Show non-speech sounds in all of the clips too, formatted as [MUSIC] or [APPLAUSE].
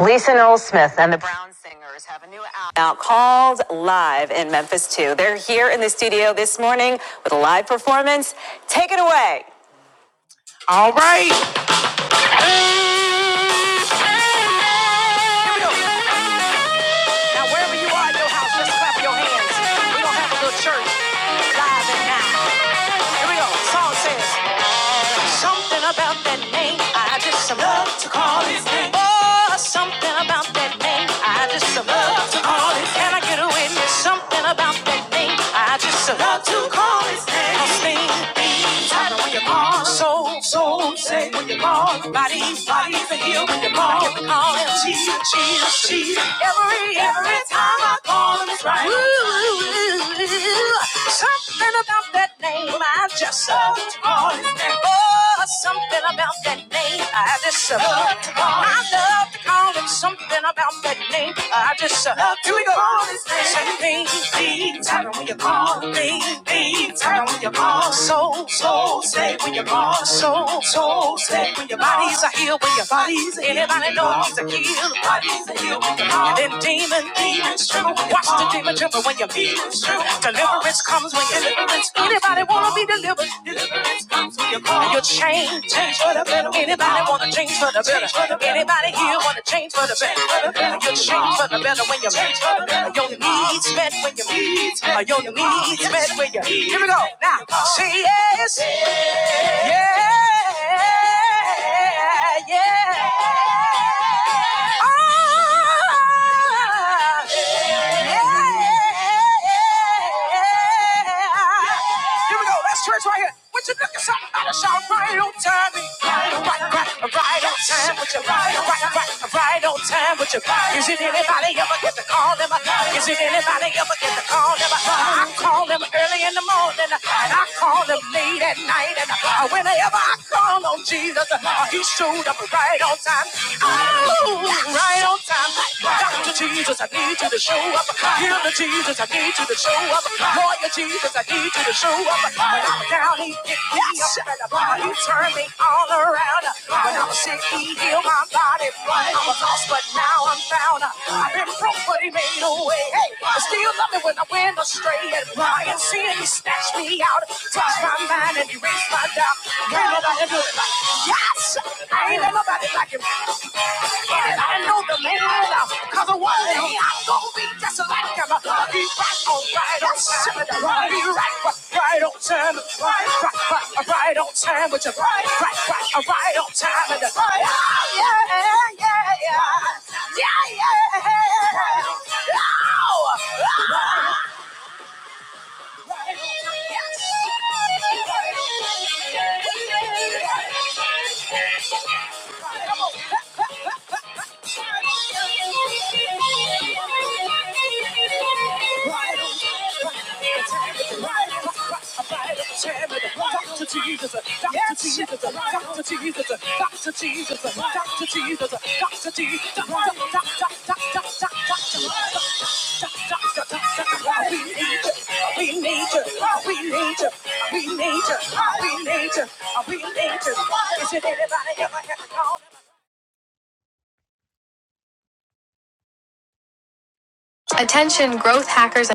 Lisa Noel Smith and the Brown Singers have a new album out called Live in Memphis 2. They're here in the studio this morning with a live performance. Take it away. All right. Here we go. Now, wherever you are in your house, just clap your hands. We're going to have a little church live and now. Here we go. Song says, Something about that name, I just love to call his name. Oh, something about that name, I just love to call it. Can I get away? witness? Something about that name, I just love to call his name. His name. Things when you call. Soul, soul, say when you call. Body, body, for heal when you call. I can call him. Jesus, Jesus, Jesus. Every, every time I call him, it's right. Ooh, something about that name, I just love to call his name. Oh, was something about that name. I just uh, love to call I love to call it something about that name. I just uh, love here we go. Call his name. Something deep, tell when you call me. Deep, tell when you call. Soul, soul, stay when you call. soul, soul, stay when your bodies are healed. When your bodies Anybody know he's a healer? Bodies are healed when you call. And then demons demon demons true. Watch the demon tremble when your demons true. Deliverance comes when your deliverance comes. Anybody wanna be delivered? Deliverance comes when you call. Your change, change for the better. Anybody wanna change for the better? Anybody here wanna change for the better? Your change for the better when you change for the better. Your needs met when your needs met. Your needs met when you. Here we go now. She is. Yeah, yeah. yeah. Ah, yeah, yeah, yeah. Here we quiet. What you looking so out of shot right on time? Right, right, right, right on time. What you right, right, right, right on time. What you right? is it anybody ever get the call them? Is it anybody ever get the call them? I call them early in the morning and I call them late at night and whenever I call on Jesus, he showed up right on time. Oh, right on time. Doctor Jesus, I need you to show up. Healer Jesus, I need you to show up. Lawyer Jesus, I need you to show up. When I was down, he picked me up. And about he turned me all around. When I was sick, he healed my body. I was lost, but now I'm found. Right on time, right, right, right, right on time with your right, right, right, right right on time and the right. Oh, yeah, yeah, yeah, yeah, yeah. Oh, oh. Doctor Jesus, Doctor Jesus, Doctor Jesus, Doctor Jesus, Doctor Jesus, Doctor Jesus, we need you, we need you, we need you, we need you, we need you, we need you. Is it anybody ever had a call? Attention, growth hackers.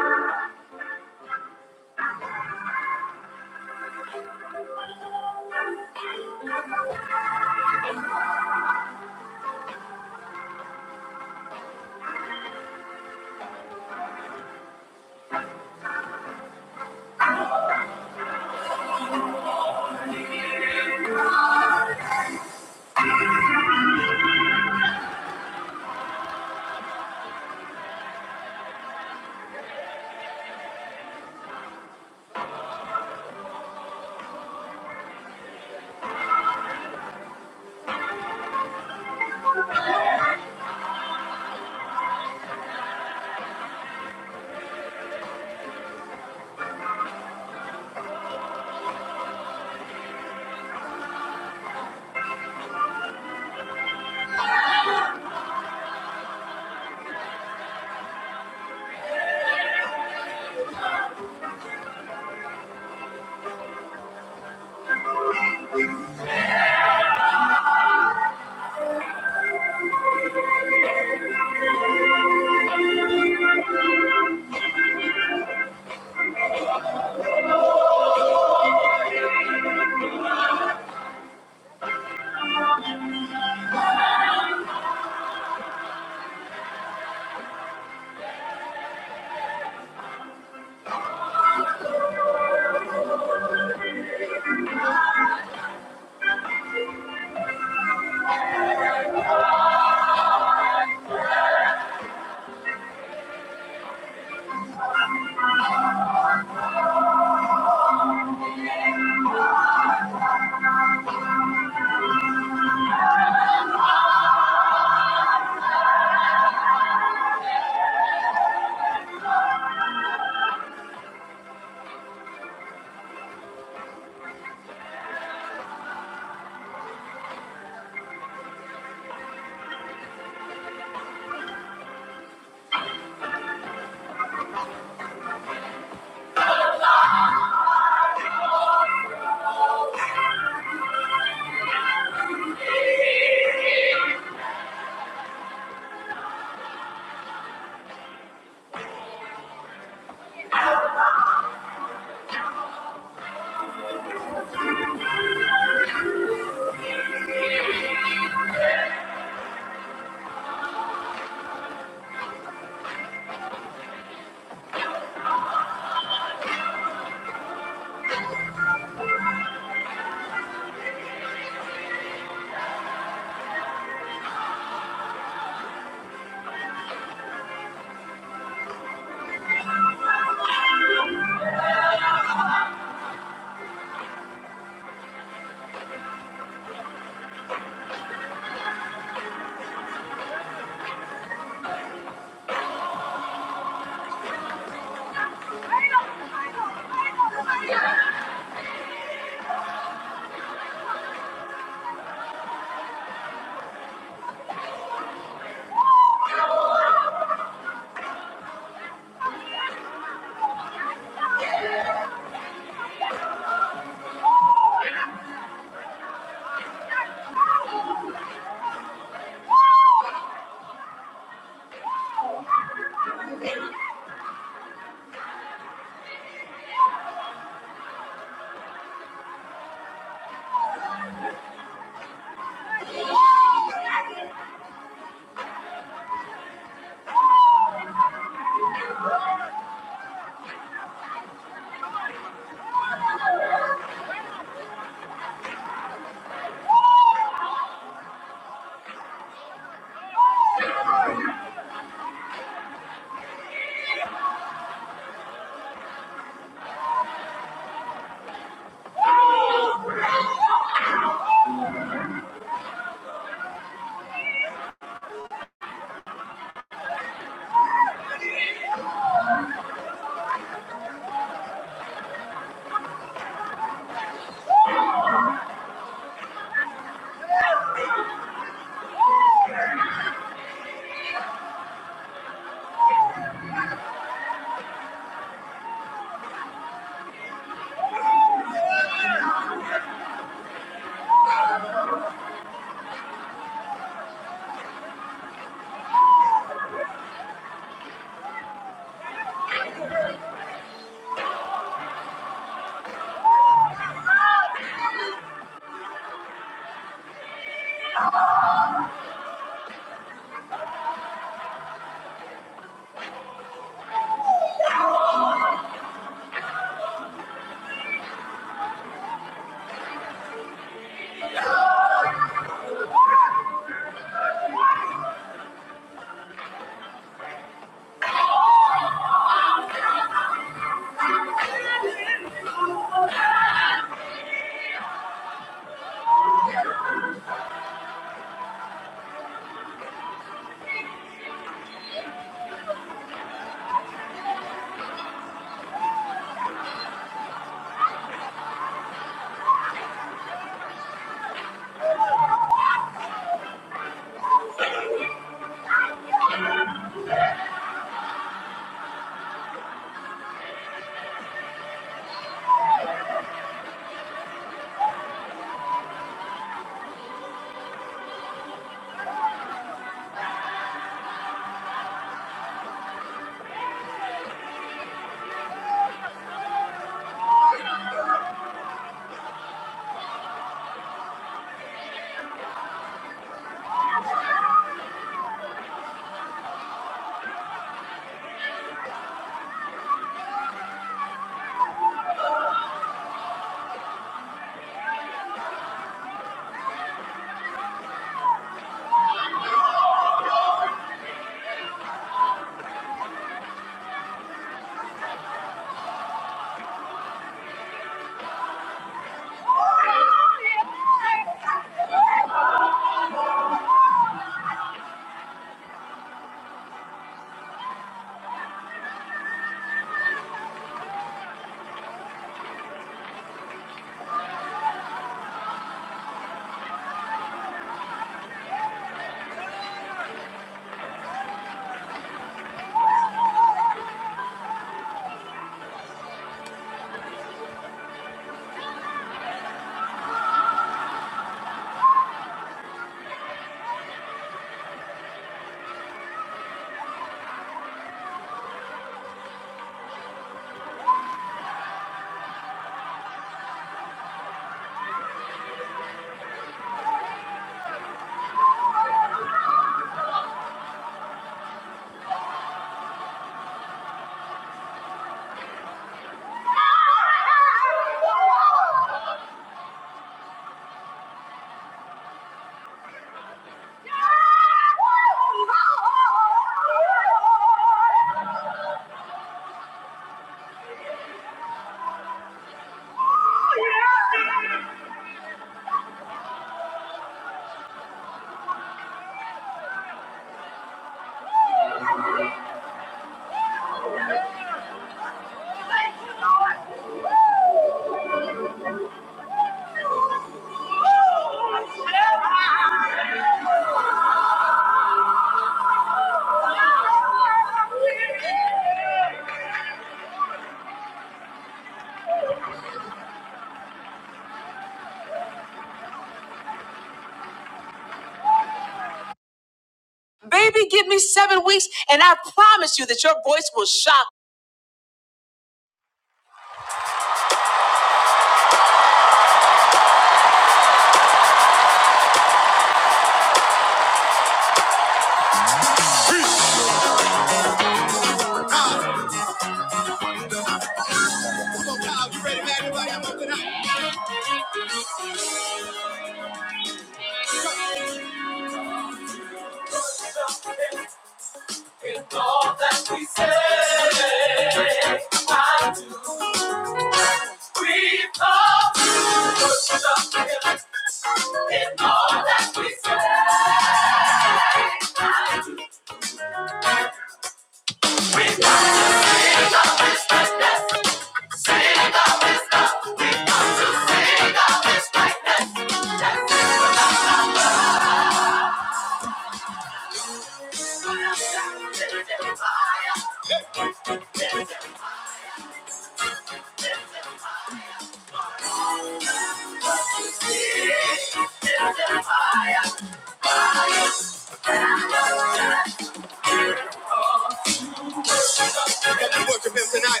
worship him tonight.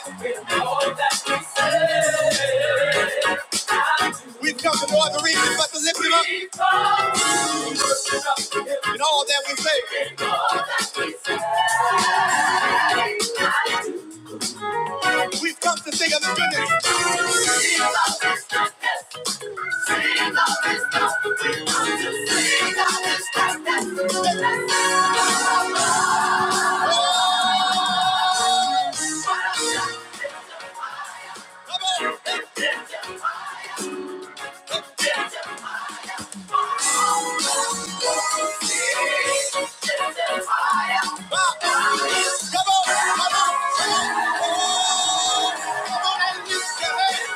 We've come for more than reasons but to lift him up in all that we say. We've come to sing of his goodness. Ah, Come on, come on, come on, come on and lift your hands in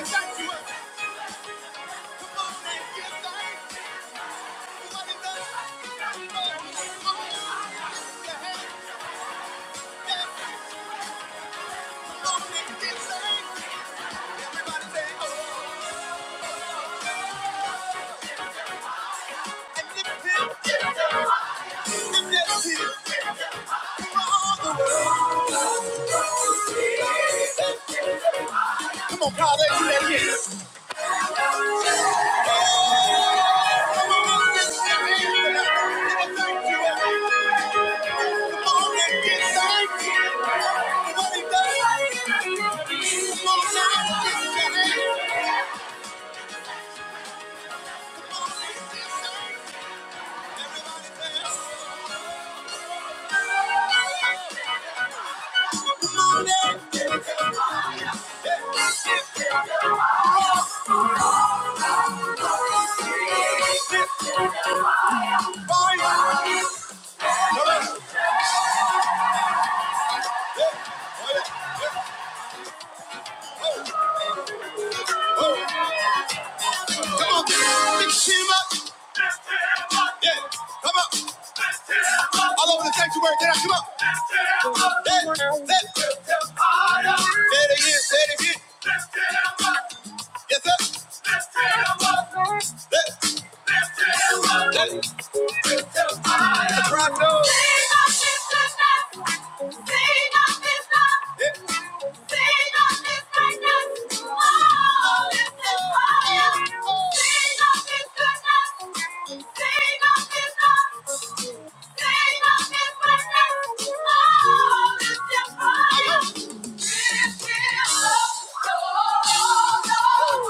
the sanctuary. Come on and give thanks. Everybody dance. Come on and give thanks. Everybody say, oh, and lift him. Lift Him, that hill. You are all the world. Come on, Kyle, let's do that again. Come on, big team up. Yeah, come on. All over the sanctuary, can I come up? Yeah, let. Say it again, say it again. Yes, sir. Let. Let. Let.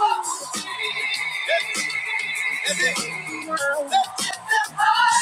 Oh, Lift them higher.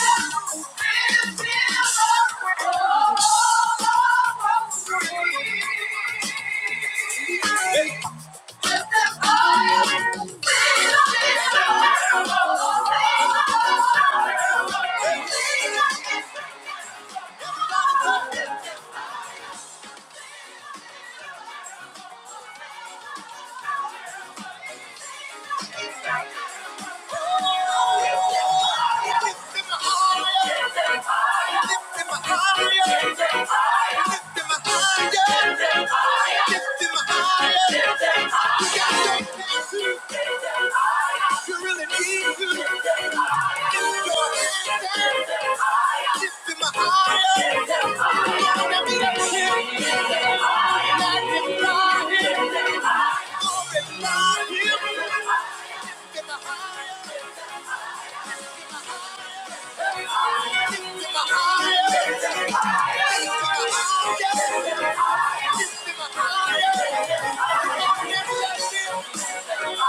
Liftin' me higher, liftin' me higher, liftin' me higher. You got to, you really need to. Liftin' me higher, liftin' me higher, liftin' me higher. Come on, let me lift you higher, let me lift you higher. Hallelujah.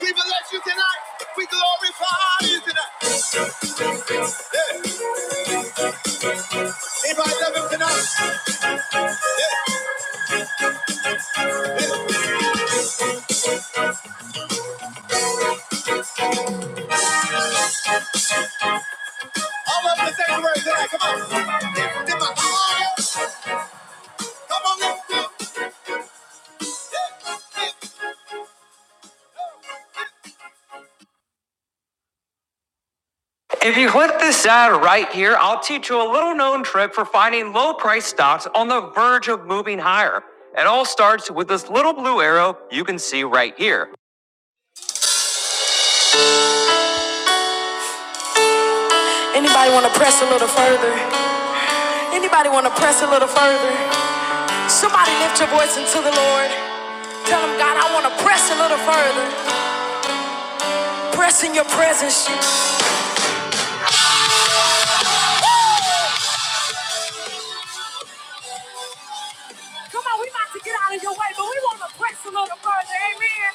We bless you tonight. We glorify you tonight. Anybody love him tonight? All of us say the word tonight. Come on. Lift him Come on. Come on. If you click this ad right here, I'll teach you a little known trick for finding low price stocks on the verge of moving higher. It all starts with this little blue arrow you can see right here. Anybody want to press a little further? Anybody want to press a little further? Somebody lift your voice into the Lord. Tell him, God, I want to press a little further. Press in your presence. Come on, we about to get out of your way, but we want to press a little further. Amen.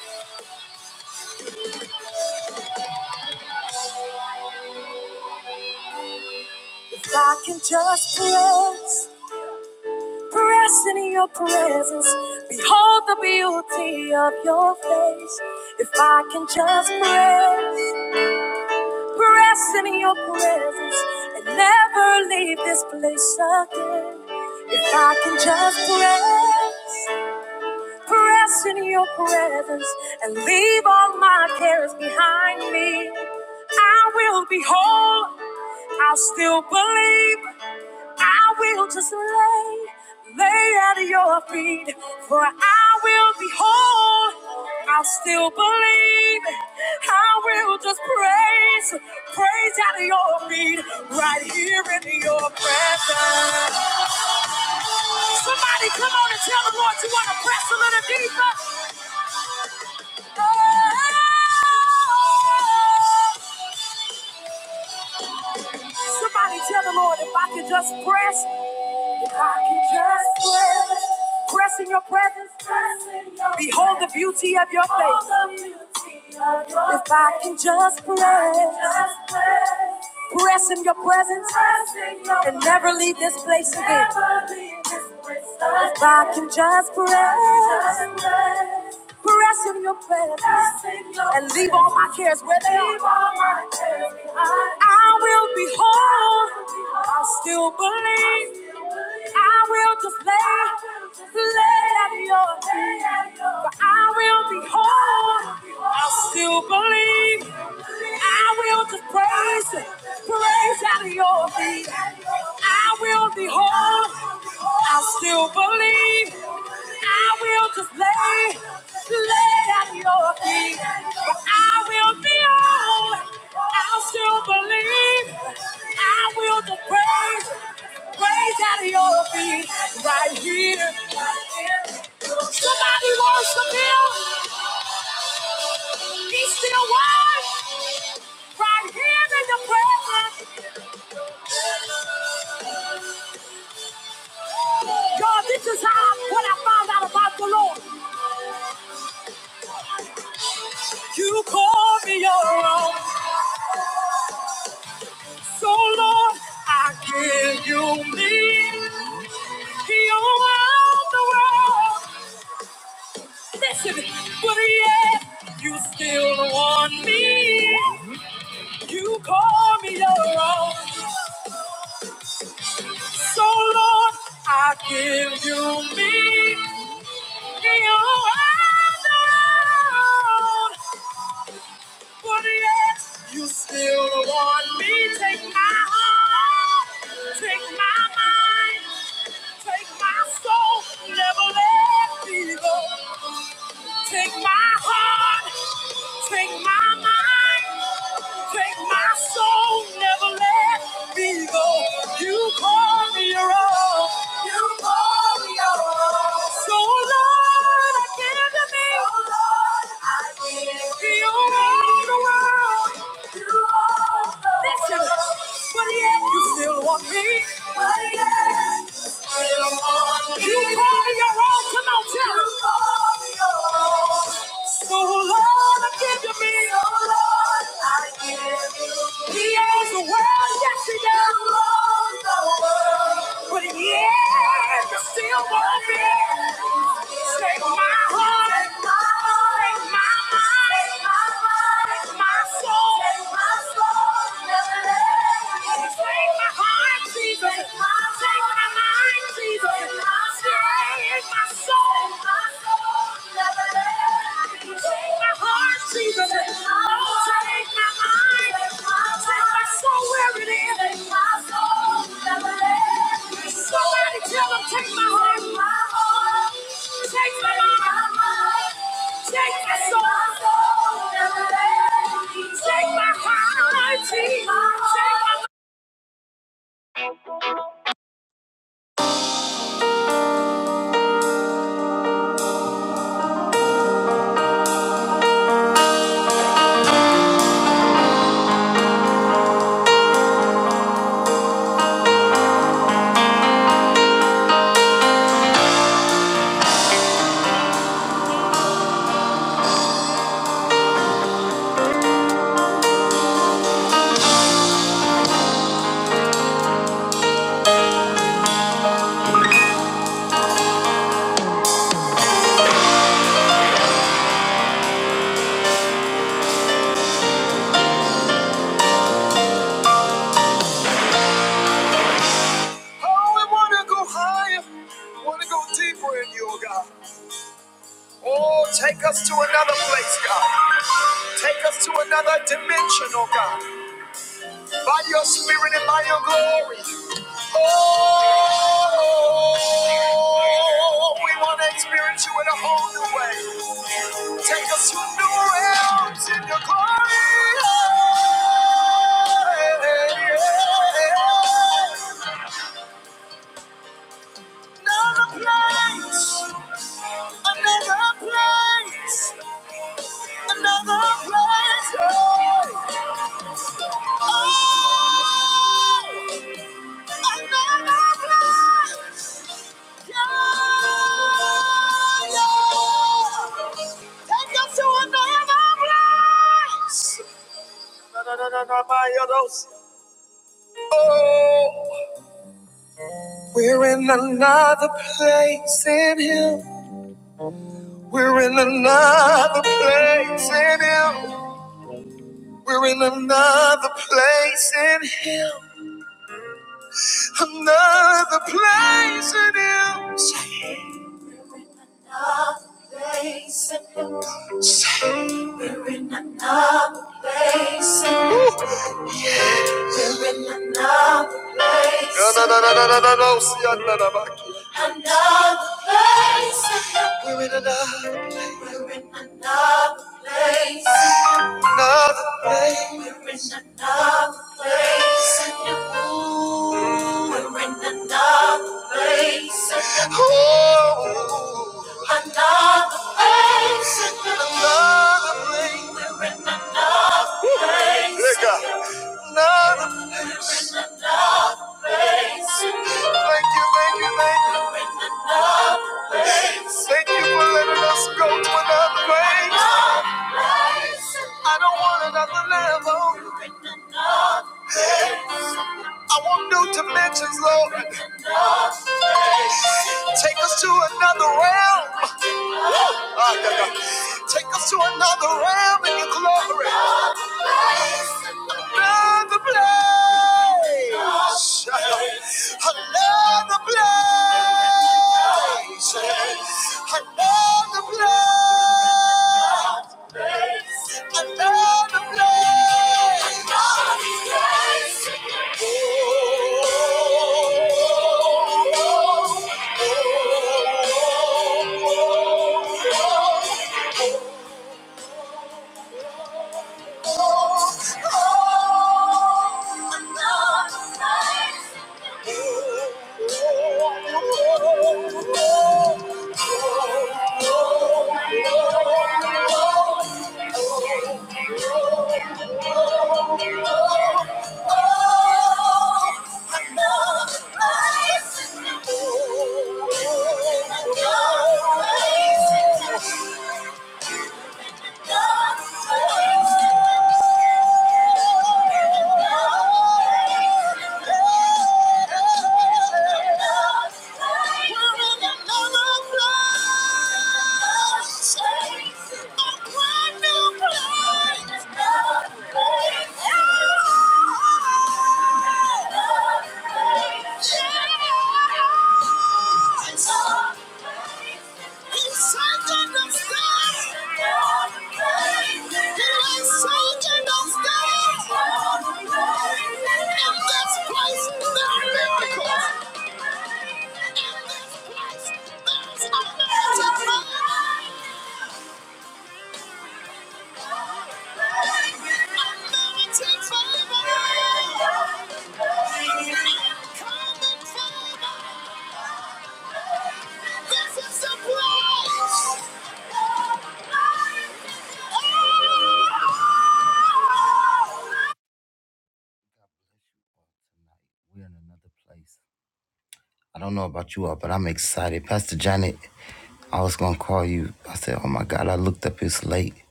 Press, press Behold the beauty of your face. If I can just press, press in your presence and never leave this place again. If I can just press, press in your presence and leave all my cares behind me, I will be whole. I'll still believe. I will just lay, lay at your feet, for I will behold, I'll still believe. I will just praise, praise at your feet, right here in your presence. Somebody come on and tell the Lord you want to press a little deeper. Oh, Somebody tell the Lord if I can just press, if I can just press, press in your presence, press in your behold presence. the beauty of your face. If I can just press, press in your presence and never leave this place again. If I can just press. Press in your presence and leave all my cares where they are. I will be whole. I still believe. I will just lay, lay at your feet. For I will be whole. I still believe. I will just praise, praise at your feet. I will be whole. I still believe. I will just lay, lay at your feet. But I will be on. I'll still believe. I will just praise, praise at your feet. Right here. right here. Somebody worship him. He still works. Right here in the presence. God, this is how what I found out about the Lord. You call me your own. So Lord, I give you me. You around the world. Listen, but yet you still want me. You call me your own. So Lord, I give you me. You around the world. what it is. You still want me? Take my heart, take my mind, take my soul. Never let me go. Take my heart, take my mind, take my soul, never let me go. You call me your own, you call me your own. So Lord, I give to me. So Lord, I give to you. You own the world. You own the Listen, world. but yet you still want me. But yet you call me your own. Come on, tell me. So, Lord, I give you me. Oh, Lord, I give you. He ain't putting you still want me. Take my heart, take my mind, take my soul. Never let Take my heart, Jesus. Take my mind, Jesus. Take my soul. Never let me. Take my heart, Jesus. Take us to another place, God. Take us to another dimension, oh God. by your spirit and by your glory. Oh, we want to experience you in a whole new way. Take us to new realms in your glory. Another place, another place, another place. Oh. oh. We're in another place in Him. We're in another place in Him. We're in another place in Him. Another place in Him. No, no, no, no, no, no, no, no. See, I'm not about to. We're in another, another place. Ooh, oh, another place. another up. Another. Thank you, thank you, thank you. Thank you for letting us go to another place. I don't want another level. I want new dimensions, Lord. Take us to another realm. Ah, yeah, yeah. Take us to another realm in your glory. Another place. Another place. Another place. Another place. Oh, oh. Thank you. How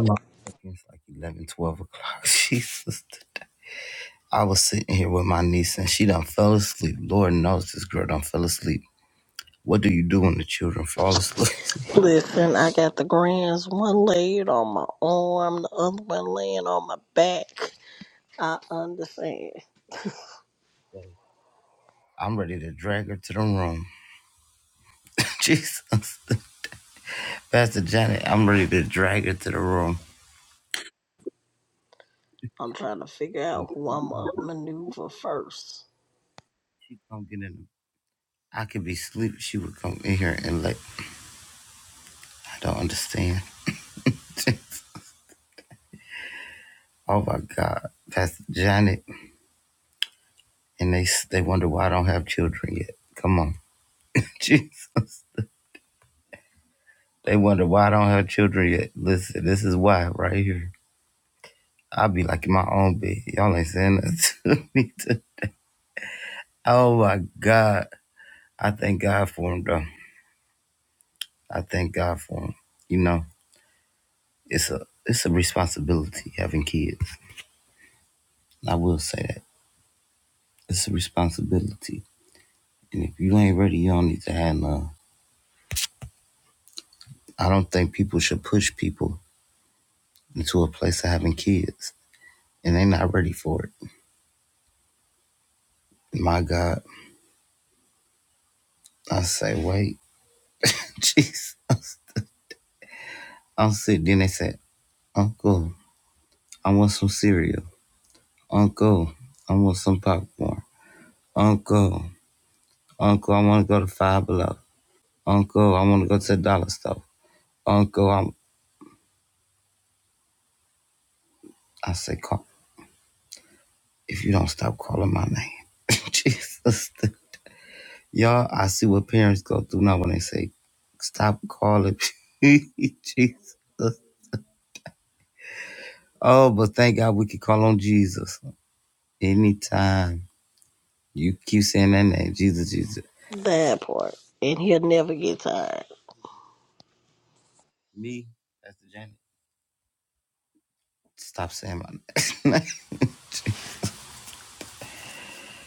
long? It's like eleven, twelve o'clock. [LAUGHS] Jesus. I was sitting here with my niece and she done fell asleep. Lord knows this girl done fell asleep. What do you do when the children fall asleep? [LAUGHS] Listen, I got the grands, one laid on my arm, the other one laying on my back. I understand. I'm ready to drag her to the room. [LAUGHS] Jesus. Pastor Janet, I'm ready to drag her to the room. I'm trying to figure out who I'm going to maneuver first. She come get in. I could be asleep. She would come in here and like, I don't understand. [LAUGHS] oh my God, Pastor Janet, and they they wonder why I don't have children yet. Come on, [LAUGHS] Jesus. They wonder why I don't have children yet. Listen, this is why right here. I'll be like in my own bed. Y'all ain't saying nothing [LAUGHS] to me. Too. Oh my God, I thank God for him though. I thank God for him. You know, it's a it's a responsibility having kids. I will say that it's a responsibility And if you ain't ready, you don't need to have none. I don't think people should push people into a place of having kids and they not ready for it. My God, I say, wait, [LAUGHS] Jesus. I'm sick. Then they said, Uncle, I want some cereal. Uncle, I want some popcorn. Uncle, Uncle, I want to go to Five Below. Uncle, I want to go to the dollar store. Uncle, I'm, I say, call. If you don't stop calling my name, [LAUGHS] Jesus. Y'all, I see what parents go through now when they say, stop calling [LAUGHS] Jesus. Oh, but thank God we can call on Jesus anytime. You keep saying that name, Jesus, Jesus. That part. And he'll never get tired. Me, Pastor Janet. Stop saying my name.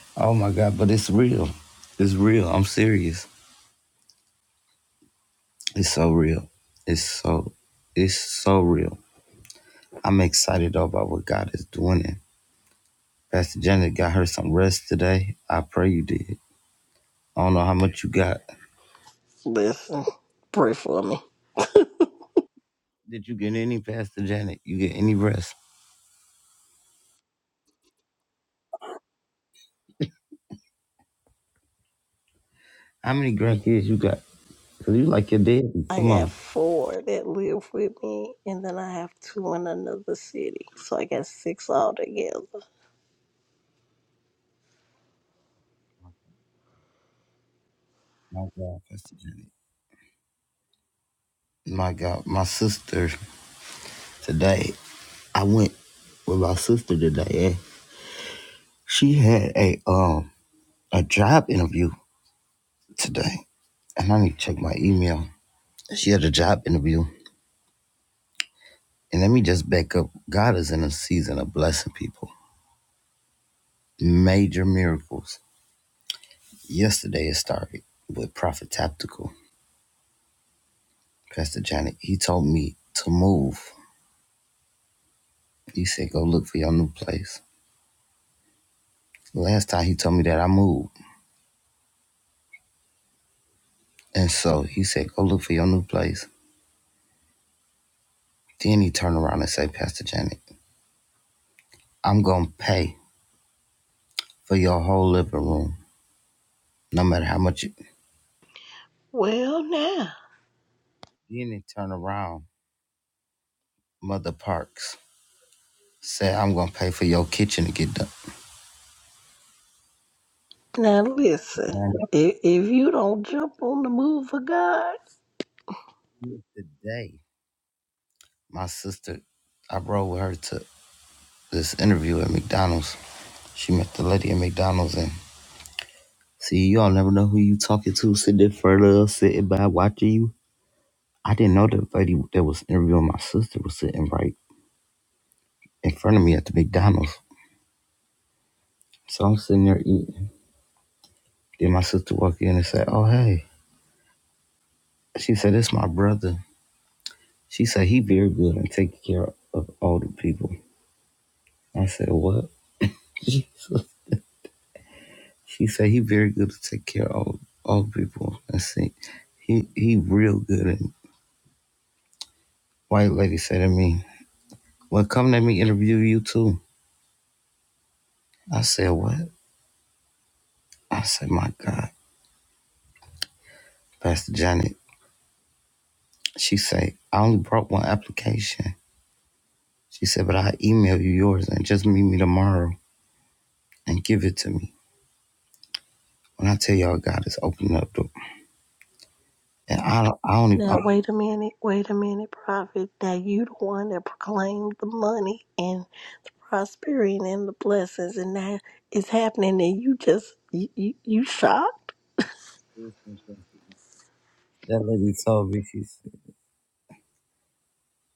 [LAUGHS] oh my God, but it's real. It's real. I'm serious. It's so real. It's so, it's so real. I'm excited though about what God is doing. And Pastor Janet got her some rest today. I pray you did. I don't know how much you got. Listen, pray for me. Did you get any Pastor Janet? You get any rest? How many grandkids you got? Cause you like your daddy. I Come on. got four that live with me, and then I have two in another city. So I got six altogether. My God, Pastor Janet. My God, my sister today. I went with my sister today. And she had a um a job interview today, and I need to check my email. She had a job interview, and let me just back up. God is in a season of blessing people, major miracles. Yesterday it started with Prophet Tactical. Pastor Johnny, he told me to move. He said, go look for your new place. Last time he told me that I moved. And so he said, go look for your new place. Then he turned around and said, Pastor Johnny, I'm going to pay for your whole living room, no matter how much. You... Well, now, Then he turned around, Mother Parks, said, I'm going to pay for your kitchen to get done. now listen. Johnny, If, if you don't jump on the move of God, today, my sister, I rode with her to this interview at McDonald's. She met the lady at McDonald's and See, you all never know who you talking to, sitting there further, sitting by watching you. I didn't know that lady that was interviewing my sister was sitting right in front of me at the McDonald's. So I'm sitting there eating. Then my sister walked in and said, Oh, hey. She said, It's my brother. She said, He very good and take care of older people. I said, What? [LAUGHS] she said, He very good to take care of old old people. I said, He he real good. And white lady said to me, Well, come let me interview you too. I said, What? I said, my God, Pastor Janet, she said, I only brought one application. She said, but I'll email you yours and just meet me tomorrow and give it to me. When I tell y'all God is opening up door. And I don't, I don't even, I Now don't- wait a minute, wait a minute, prophet. Now you the one that proclaimed the money and the prosperity and the blessings, and now it's happening, and you just you you, you shocked. that lady told me, she said,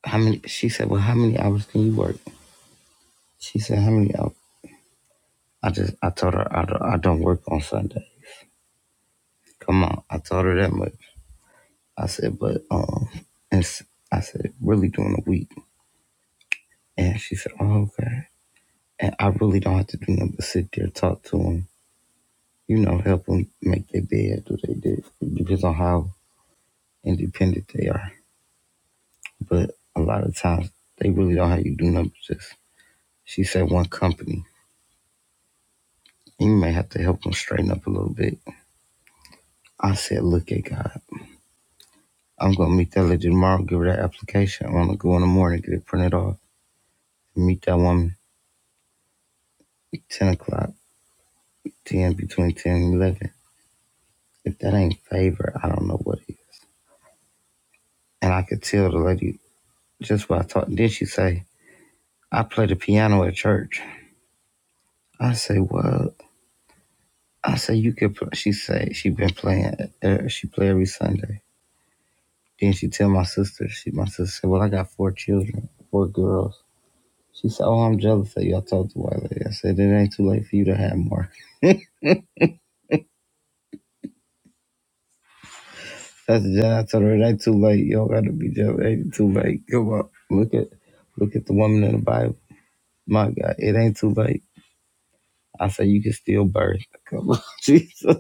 how many, she said, well, how many hours can you work? She said, how many hours? I just, I told her, I don't, I don't work on Sunday. Come on. I told her that much. I said, but, um, it's, I said, really during the week. And she said, oh, okay. And I really don't have to do nothing but sit there, talk to them, you know, help them make their bed, do they do. It depends on how independent they are. But a lot of times, they really don't have you do nothing but just, she said, one company. And you may have to help them straighten up a little bit. I said, look at God. I'm going to meet that lady tomorrow, give her that application. I'm going to go in the morning, get it printed off, meet that woman at 10 o'clock, 10, between 10 and 11. If that ain't favor, I don't know what it is. And I could tell the lady just what I talked. Then she say, I play the piano at church. I say, well, I say you could. Play. She say she been playing. Uh, she play every Sunday. Then she tell my sister. She my sister said, well, I got four children, four girls. She said, oh, I'm jealous of you. I told the white lady. I said, it ain't too late for you to have more. [LAUGHS] That's the I told her it ain't too late. You don't gotta be jealous. It ain't too late. Come on, look at, look at the woman in the Bible. My God, it ain't too late. I say you can still birth. Come on, [LAUGHS] Jesus.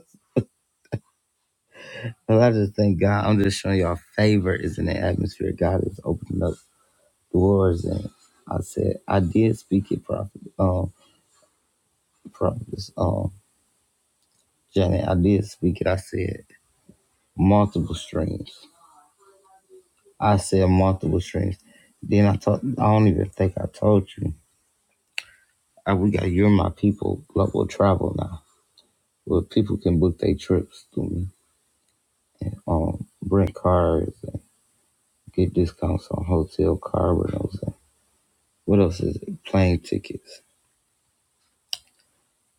Well, I just thank God. I'm just showing y'all favor is in the atmosphere. God is opening up doors, and I said I did speak it, prophet, um, prophetess, um, Janet. I did speak it. I said multiple streams. I said multiple streams. Then I told. I don't even think I told you. I, we got you're my people global travel now, where people can book their trips to me, um, rent cars, and get discounts on hotel car rentals. And what else is it? Plane tickets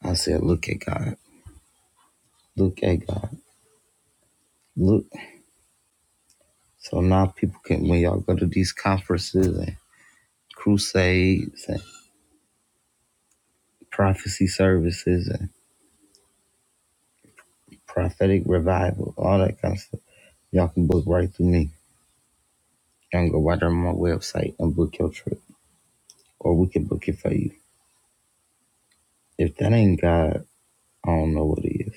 I said, look at God. Look at God. Look. So now people can, when y'all go to these conferences and crusades and prophecy services and prophetic revival, all that kind of stuff, y'all can book right through me. Y'all can go right on my website and book your trip, or we can book it for you. If that ain't God, I don't know what it is.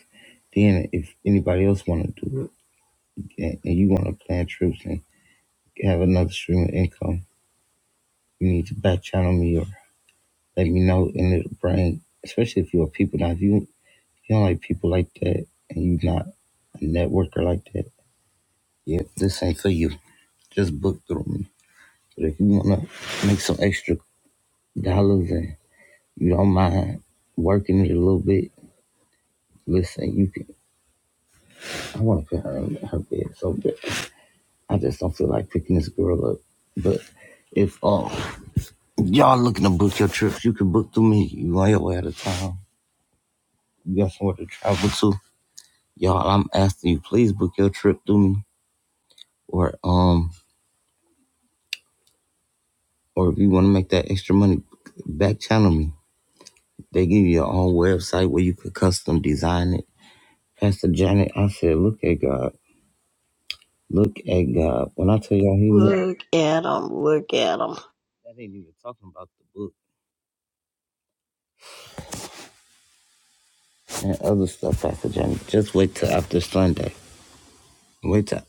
Then if anybody else want to do it and and you want to plan trips and have another stream of income, you need to back channel me or. let me know and it'll bring especially if you're a people now if you if you don't like people like that and you not a networker like that yeah this ain't for you just book through me but if you want to make some extra dollars and you don't mind working it a little bit listen you can i want to put her in her bed so bad i just don't feel like picking this girl up but if uh, y'all looking to book your trips you can book through me you on your way out of town you got somewhere to travel to y'all i'm asking you please book your trip through me or um or if you want to make that extra money back channel me they give you your own website where you could custom design it pastor janet i said look at god look at god when i tell y'all he moved Look at 'em, look at 'em. that ain't even talking about the book and other stuff pastor janet just wait till after sunday wait till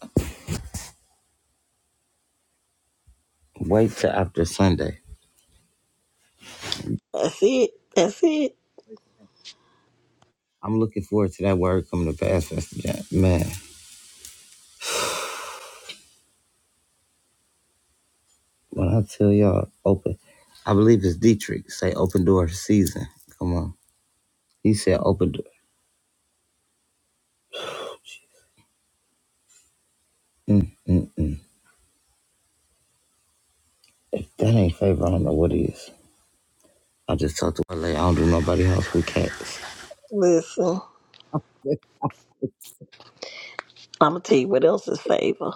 wait till after sunday That's it, that's it. i'm looking forward to that word coming to pass pastor janet man When I tell y'all open, I believe it's Dietrich say open door season. Come on. He said open door. Mm, mm, mm. If that ain't favor, I don't know what is. I just talked to LA. I don't do nobody else with cats. Listen, [LAUGHS] I'm gonna tell you what else is favor.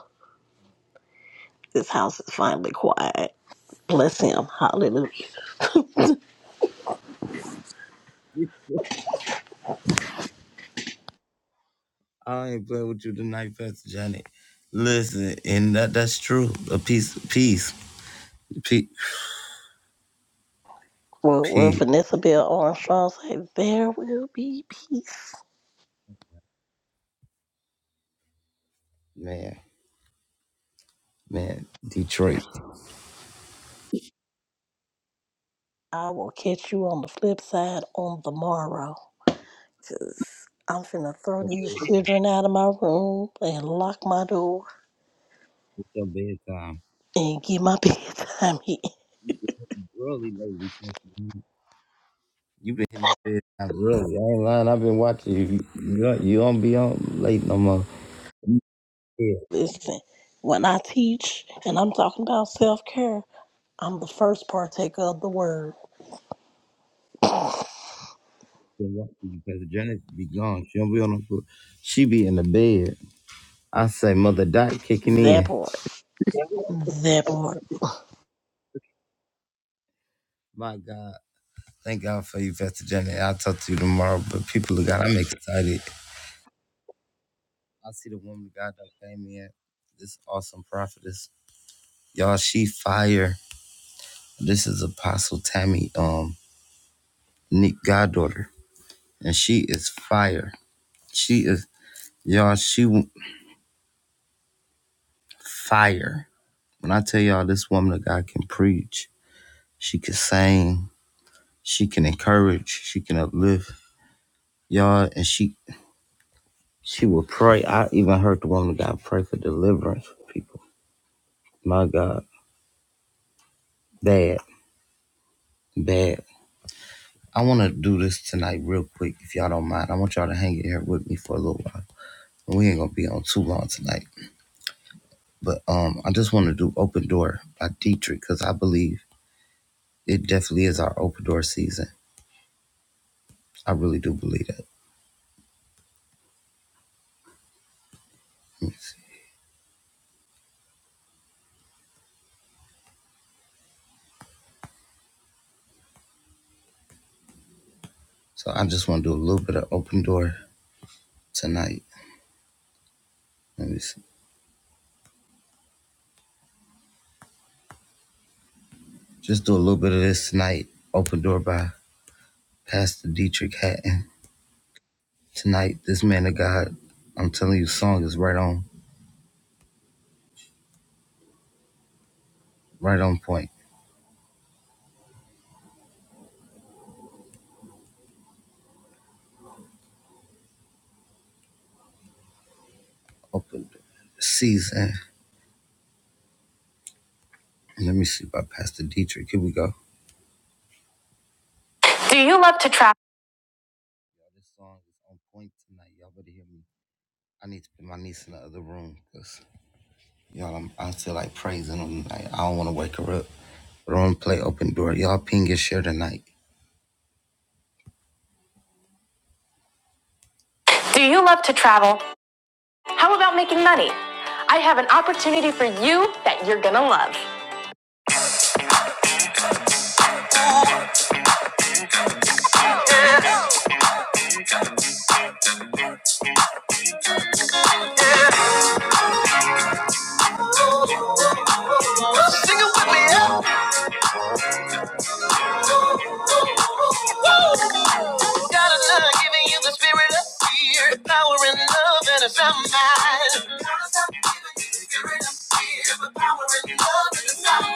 This house is finally quiet. Bless him, hallelujah. I ain't playing with you tonight, Pastor Johnny. Listen, and that that's true. A piece, peace, peace, Well, well, peace. Vanessa Bell Armstrong said, "There will be peace." Man, man, Detroit. I will catch you on the flip side on the morrow. Cause I'm finna throw these It's children out of my room and lock my door your bedtime. and get my [LAUGHS] bedtime in. You get up early lately. Pastor Johnny. You've been hitting my bed now, really. I ain't lying. I've been watching you. You don't, you don't be on late no more. You Yeah, Listen, when I teach and I'm talking about self care, I'm the first partaker of the word. been watching you because Janet be gone. She don't be on the foot. She be in the bed. I say, Mother Doc kicking That in. part. That part. My God. Thank God for you, Pastor Janet. I'll talk to you tomorrow. But people of God, I'm excited. I see the woman of God that came in. This awesome prophetess. Y'all, she fire. This is Apostle Tammy, um, Nick goddaughter. And she is fire. She is. Y'all, she w- fire. When I tell y'all this woman of God can preach, she can sing, she can encourage, she can uplift. Y'all, and she she will pray. I even heard the woman of God pray for deliverance for people. My God. Bad. Bad. I wanna do this tonight real quick, if y'all don't mind. I want y'all to hang in here with me for a little while. We ain't gonna be on too long tonight. But um I just wanna do Open Door by Dietrich, because I believe it definitely is our open door season. I really do believe that. Let me see. So I just want to do a little bit of open door tonight. Let me see. Just do a little bit of this tonight. Open door by Pastor Dietrich Hatton. Tonight, this man of God, I'm telling you, song is right on, right on point. Open door. season. Let me see by Pastor Dietrich. Here we go. Tonight, y'all better hear me. I need to put my niece in the other room because y'all, I'm, I feel like praising them. Like, I don't want to wake her up. But I'm gonna play open door. Y'all ping and share tonight. Sing it with me, God, I'm not giving you the spirit of fear, the power and love and a sound God, I'm not giving you the spirit of fear, but power and love and a sound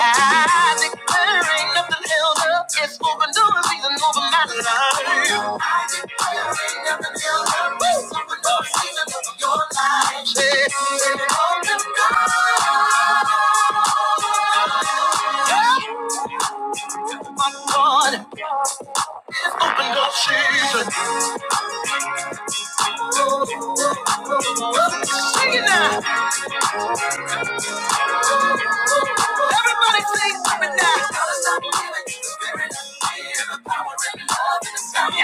I declare ain't nothing held up. It's open doors, season over my life. I declare ain't nothing held up. It's open doors, season over your life. Yeah. Open doors. Yeah. My God, it's open up season. Sing it now. Everybody sing with me now. Oh. She's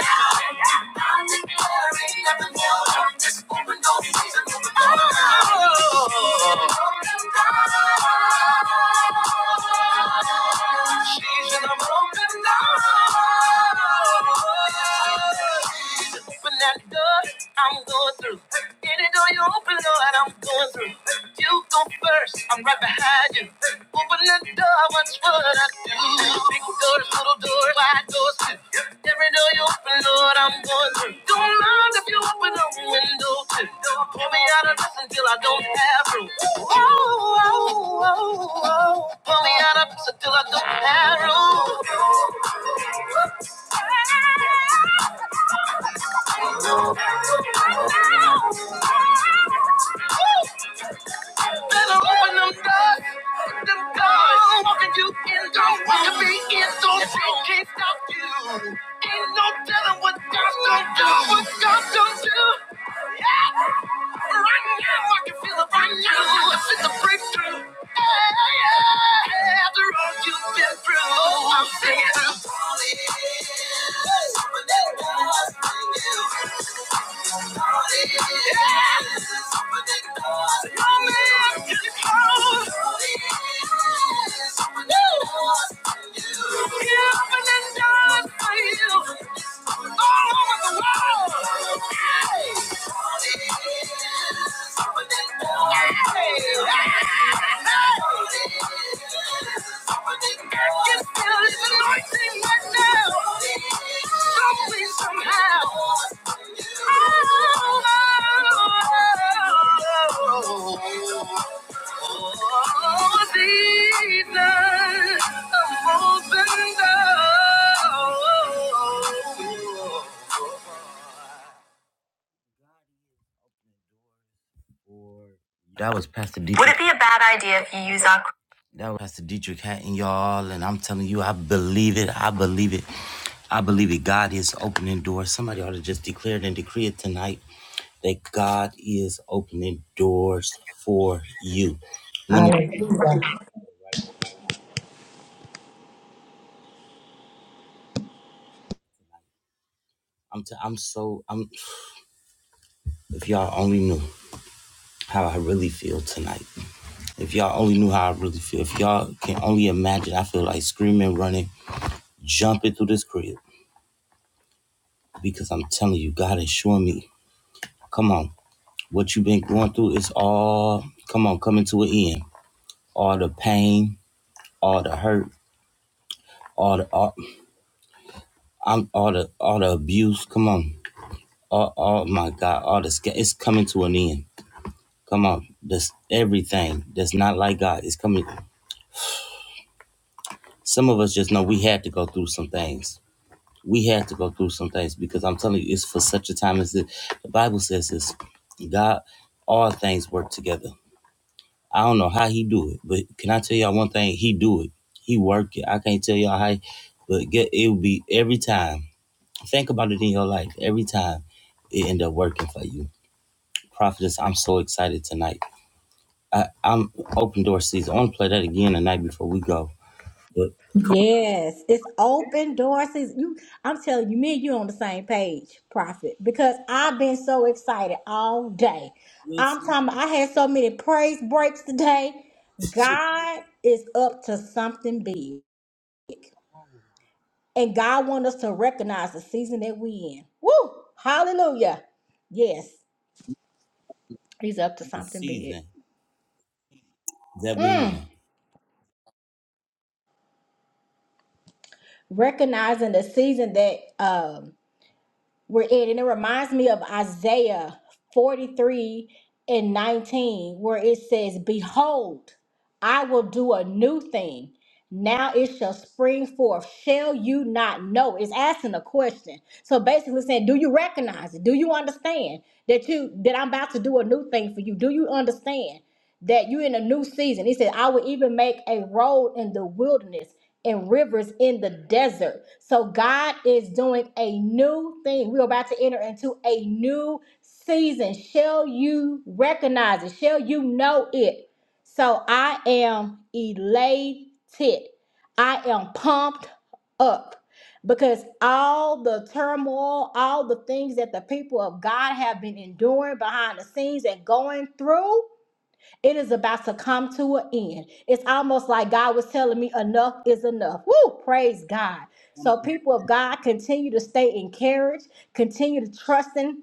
in a moment now. She's open that door, door through. Get it Open up what I'm going through. You go first, I'm right behind you. Open the door, watch what I do. Big doors, little doors, wide doors too. Every door you open, Lord, I'm going through. Don't mind if you open a window too. Pull me out of this until I don't have room. Pull me out of this until I don't have room. Woo! Hey! Hey! Hey! Hey! That was Pastor Dietrich. Would it be a bad idea if you use our That was Pastor Dietrich Hatton, y'all. And I'm telling you, I believe it. I believe it. I believe it. God is opening doors. Somebody ought to just declare it and decree it tonight that God is opening doors for you. When it, Hallelujah. I'm, t- I'm so I'm. If y'all only knew how I really feel tonight. If y'all only knew how I really feel. If y'all can only imagine, I feel like screaming, running, jumping through this crib because I'm telling you, God is showing me. Come on. What you've been going through is all, come on, coming to an end. All the pain, all the hurt, all the, all, I'm, all the, all the abuse. Come on. All, oh my God, all the, sca- it's coming to an end. Come on. This, everything that's not like God is coming. Some of us just know we had to go through some things. We had to go through some things because I'm telling you, it's for such a time as this. The Bible says this God, all things work together I don't know how he do it, but can I tell y'all one thing? He do it. He work it. I can't tell y'all how, but get it will be every time. Think about it in your life. Every time it end up working for you. Prophetess, I'm so excited tonight. I, I'm open door season. I want to play that again the night before we go. But Yes, it's open door season. You, I'm telling you, me and you on the same page, Prophet, because I've been so excited all day. this is I'm talking. about- I had so many praise breaks today. God is up to something big, and God wants us to recognize the season that we in. Woo! Hallelujah. Yes, He's up to the something season big. that we Mm. in. Recognizing the season that um we're in. And it reminds me of Isaiah 43 and 19, where it says, Behold, I will do a new thing. Now it shall spring forth. Shall you not know? It's asking a question. So basically saying, Do you recognize it? Do you understand that you that I'm about to do a new thing for you? Do you understand? that you're in a new season. He said, I will even make a road in the wilderness and rivers in the desert. So God is doing a new thing. We're about to enter into a new season. Shall you recognize it? Shall you know it? So I am elated. I am pumped up because all the turmoil, all the things that the people of God have been enduring behind the scenes and going through. It is about to come to an end. It's almost like God was telling me enough is enough. Woo! Praise God. So, people of God, continue to stay encouraged, continue to trust in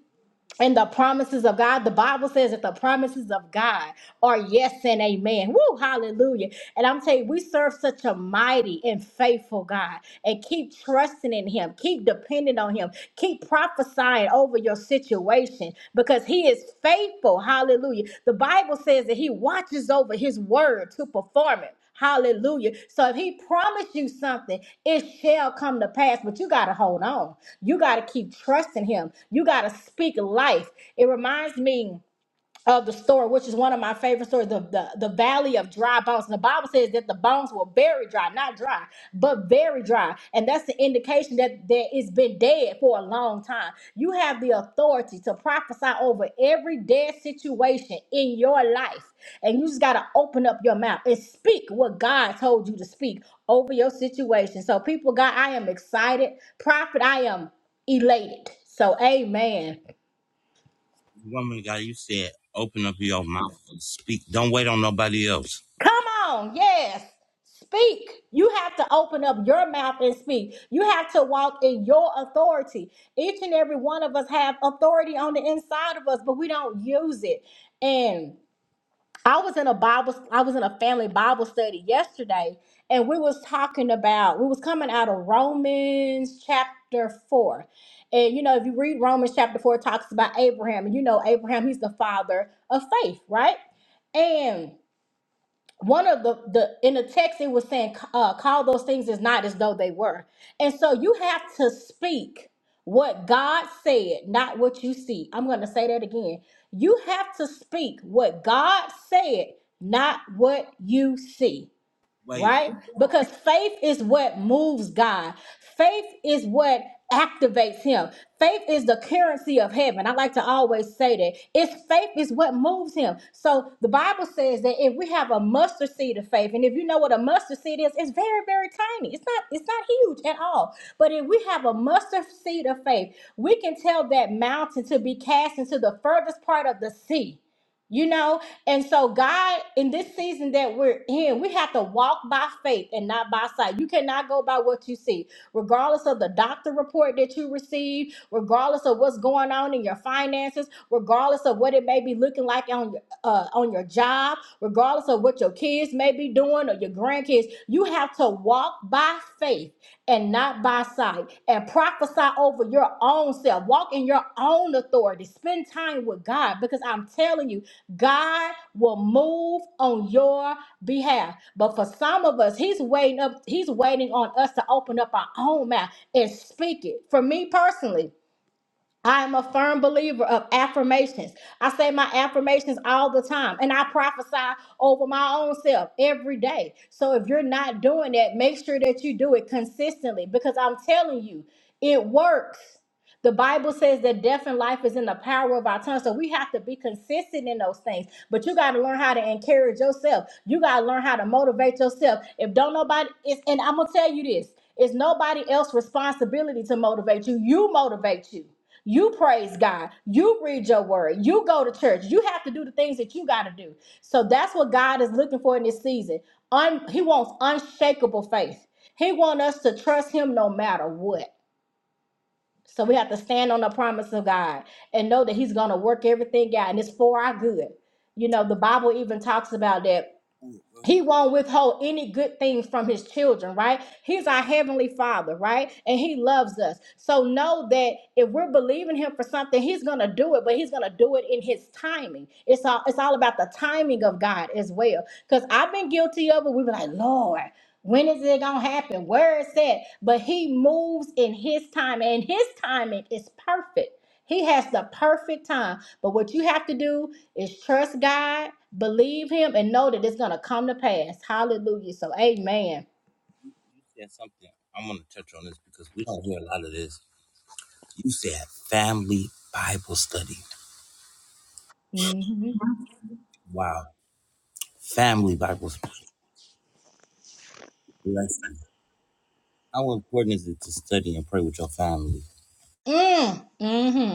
and the promises of God. The Bible says that the promises of God are yes and amen. Woo, hallelujah. And I'm telling you, we serve such a mighty and faithful God. And keep trusting in Him, keep depending on Him, keep prophesying over your situation because He is faithful. Hallelujah. The Bible says that He watches over His word to perform it. Hallelujah. So if he promised you something, it shall come to pass, but you got to hold on. You got to keep trusting him. You got to speak life. It reminds me of the story, which is one of my favorite stories, the, the, the valley of dry bones. And the Bible says that the bones were very dry, not dry, but very dry. And that's the indication that, that it's been dead for a long time. You have the authority to prophesy over every dead situation in your life. And you just got to open up your mouth and speak what God told you to speak over your situation. So, people, God, I am excited. Prophet, I am elated. So, amen. Woman of God, you said open up your mouth and speak. Don't wait on nobody else. Come on, yes. Speak. You have to open up your mouth and speak. You have to walk in your authority. Each and every one of us have authority on the inside of us, but we don't use it. And I was in a Bible I was in a family Bible study yesterday and we was talking about we was coming out of Romans chapter 4. And you know, if you read Romans chapter 4 it talks about Abraham and you know Abraham he's the father of faith, right? And one of the the in the text it was saying uh, call those things as not as though they were and so you have to speak what god said not what you see i'm going to say that again you have to speak what god said not what you see Wait, you right? Because faith is what moves God. Faith is what activates him. Faith is the currency of heaven. I like to always say that. It's faith is what moves him. So the Bible says that if we have a mustard seed of faith, and if you know what a mustard seed is, it's very, very tiny. It's not, it's not huge at all. But if we have a mustard seed of faith, we can tell that mountain to be cast into the furthest part of the sea. You know, and so, God, in this season that we're in, we have to walk by faith and not by sight. You cannot go by what you see, regardless of the doctor report that you receive, regardless of what's going on in your finances, regardless of what it may be looking like on your uh, on your job, regardless of what your kids may be doing or your grandkids. You have to walk by faith and not by sight, and prophesy over your own self. Walk in your own authority. Spend time with God because I'm telling you, God will move on your behalf. But for some of us, He's waiting up, He's waiting on us to open up our own mouth and speak it. For me personally, I am a firm believer of affirmations. I say my affirmations all the time, and I prophesy over my own self every day. So if you're not doing that, make sure that you do it consistently because I'm telling you, it works. The Bible says that death and life is in the power of our tongue. So we have to be consistent in those things. But you got to learn how to encourage yourself. You got to learn how to motivate yourself. If don't nobody, it's, and I'm going to tell you this it's nobody else's responsibility to motivate you. You motivate you. You praise God. You read your word. You go to church. You have to do the things that you got to do. So that's what God is looking for in this season. Un- he wants unshakable faith. He wants us to trust Him no matter what. So we have to stand on the promise of God and know that He's going to work everything out and it's for our good. You know, the Bible even talks about that he won't withhold any good thing from his children, right? He's our heavenly father, right? And he loves us. So know that if we're believing him for something, he's gonna do it, but he's gonna do it in his timing. It's all it's all about the timing of God as well. Because I've been guilty of it. We've been like, Lord, when is it gonna happen? Where is that? But he moves in his time, and his timing is perfect. He has the perfect time. But what you have to do is trust God, believe Him, and know that it's going to come to pass. Hallelujah. So, amen. said something. I'm gonna touch on this because we don't hear a lot of this. You said family Bible study. Mm-hmm. Wow. Family Bible lesson. How important is it to study and pray with your family? Mm, hmm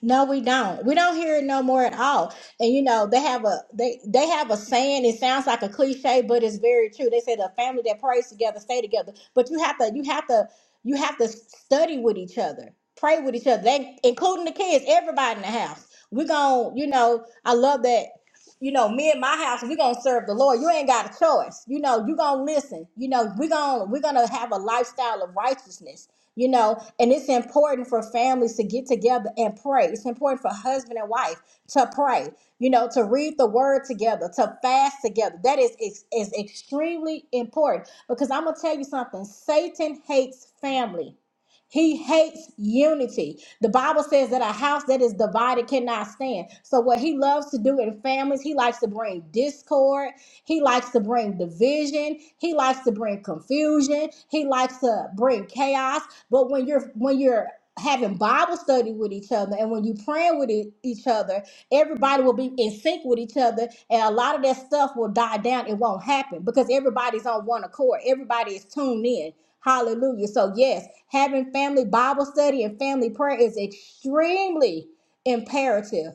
No, we don't. We don't hear it no more at all. And you know, they have a they they have a saying. It sounds like a cliche, but it's very true. They say the family that prays together stay together. But you have to you have to you have to study with each other, pray with each other, they, including the kids, everybody in the house. We're gonna, you know, I love that. You know, me and my house, we're gonna serve the Lord. You ain't got a choice. You know, you gonna listen. You know, we're gonna we're gonna have a lifestyle of righteousness you know, and it's important for families to get together and pray. It's important for husband and wife to pray, you know, to read the word together, to fast together. That is, is, is extremely important because I'm going to tell you something Satan hates family. He hates unity. The Bible says that a house that is divided cannot stand. So, what he loves to do in families, he likes to bring discord. He likes to bring division. He likes to bring confusion. He likes to bring chaos. But when you're when you're having Bible study with each other and when you praying with e- each other, everybody will be in sync with each other and a lot of that stuff will die down. It won't happen because everybody's on one accord. Everybody is tuned in. Hallelujah. So yes, having family Bible study and family prayer is extremely imperative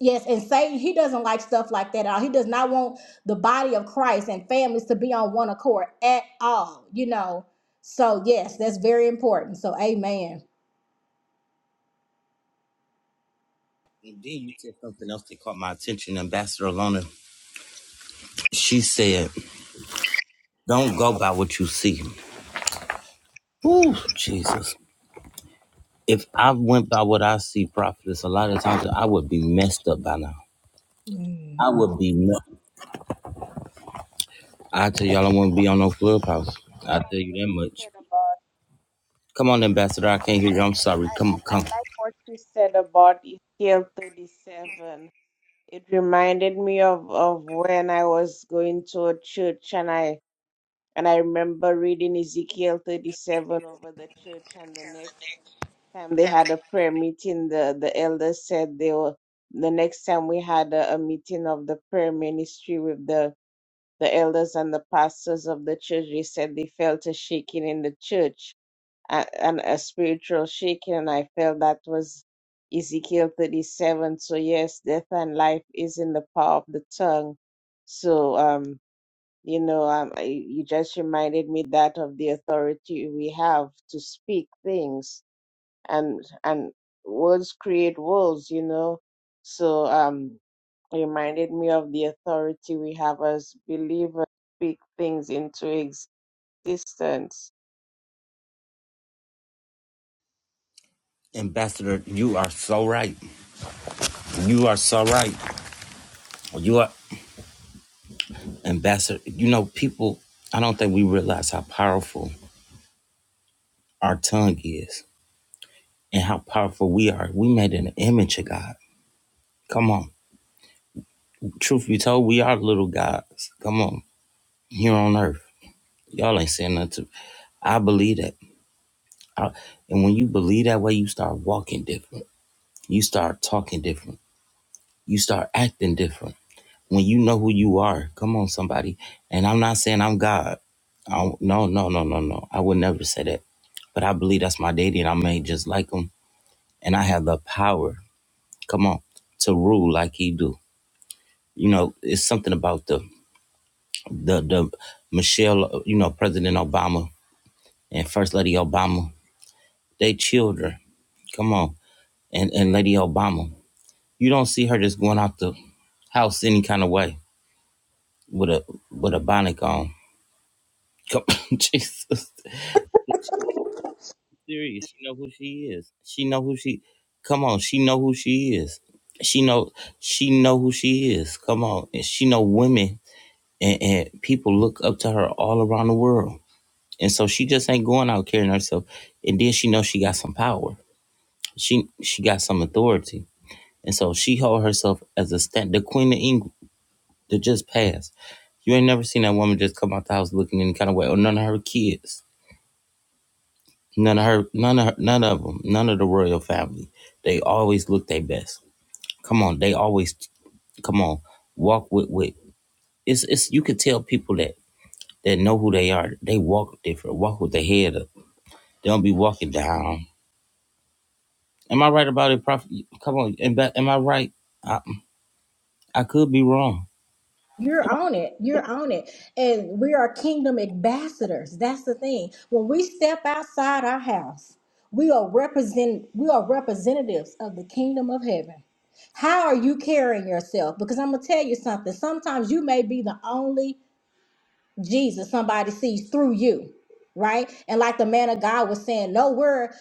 Yes, and Satan, he doesn't like stuff like that at all. He does not want the body of Christ and families to be on one accord at all, you know. So, yes, that's very important. So, amen. And then you said something else that caught my attention, Ambassador Alona. She said, Don't go by what you see. Ooh, Jesus. If I went by what I see, prophetess, a lot of times I would be messed up by now. Mm. I would be. me- I tell y'all, I wouldn't be on no clubhouse. I tell you that much. said about Come on, Ambassador. I can't hear you. I'm sorry. Come, I, I come. like what you said about Ezekiel 37. It reminded me of, of when I was going to a church and I and I remember reading Ezekiel 37 over the church and the next time they had a prayer meeting the the elders said they were the next time we had a, a meeting of the prayer ministry with the the elders and the pastors of the church they said they felt a shaking in the church a- and a spiritual shaking. And I felt that was Ezekiel 37. So, yes, death and life is in the power of the tongue. So, um, you know, um, I, you just reminded me that of the authority we have to speak things and, and words create worlds, you know. So, um, it reminded me of the authority we have as believers to speak things into existence Ambassador, you are so right. You are so right. You are ambassador. You know, people. I don't think we realize how powerful our tongue is and how powerful we are. We made in the image of God. Come on. Truth be told, we are little gods. Come on. Here on earth, y'all ain't saying nothing. To, I believe that. I- and when you believe that way, you start walking different. You start talking different. You start acting different. When you know who you are, come on, somebody. And I'm not saying I'm God. I don't- no, no, no, no, no. I would never say that. But I believe that's my daddy, and I'm made just like him. And I have the power, come on, to rule like he do. You know, it's something about the the the Michelle, you know, President Obama and First Lady Obama. They children, come on, and and Lady Obama. You don't see her just going out the house any kind of way with a with a bonnet on. Come [LAUGHS] Jesus. Serious. She know who she is. She know who she come on, she know who she is. She know she know who she is. Come on. And she know women and, and people look up to her all around the world. And so she just ain't going out carrying herself. And then she know she got some power. She she got some authority. And so she hold herself as a stand the Queen of England that just passed. You ain't never seen that woman just come out the house looking any kind of way or none of her kids None of her, none of her, none of them, none of the royal family. They always look their best. Come on, they always, come on, walk with with. It's it's you can tell people that that know who they are. They walk different, walk with their head up. They don't be walking down. Am I right about it, Prophet? Come on, am, that- am I right? I I could be wrong. You're on it. You're on it. And we are kingdom ambassadors. That's the thing. When we step outside our house, we are represent we are representatives of the kingdom of heaven. How are you carrying yourself? Because I'm gonna tell you something. Sometimes you may be the only Jesus, somebody sees through you, right? And like the man of God was saying, no, we're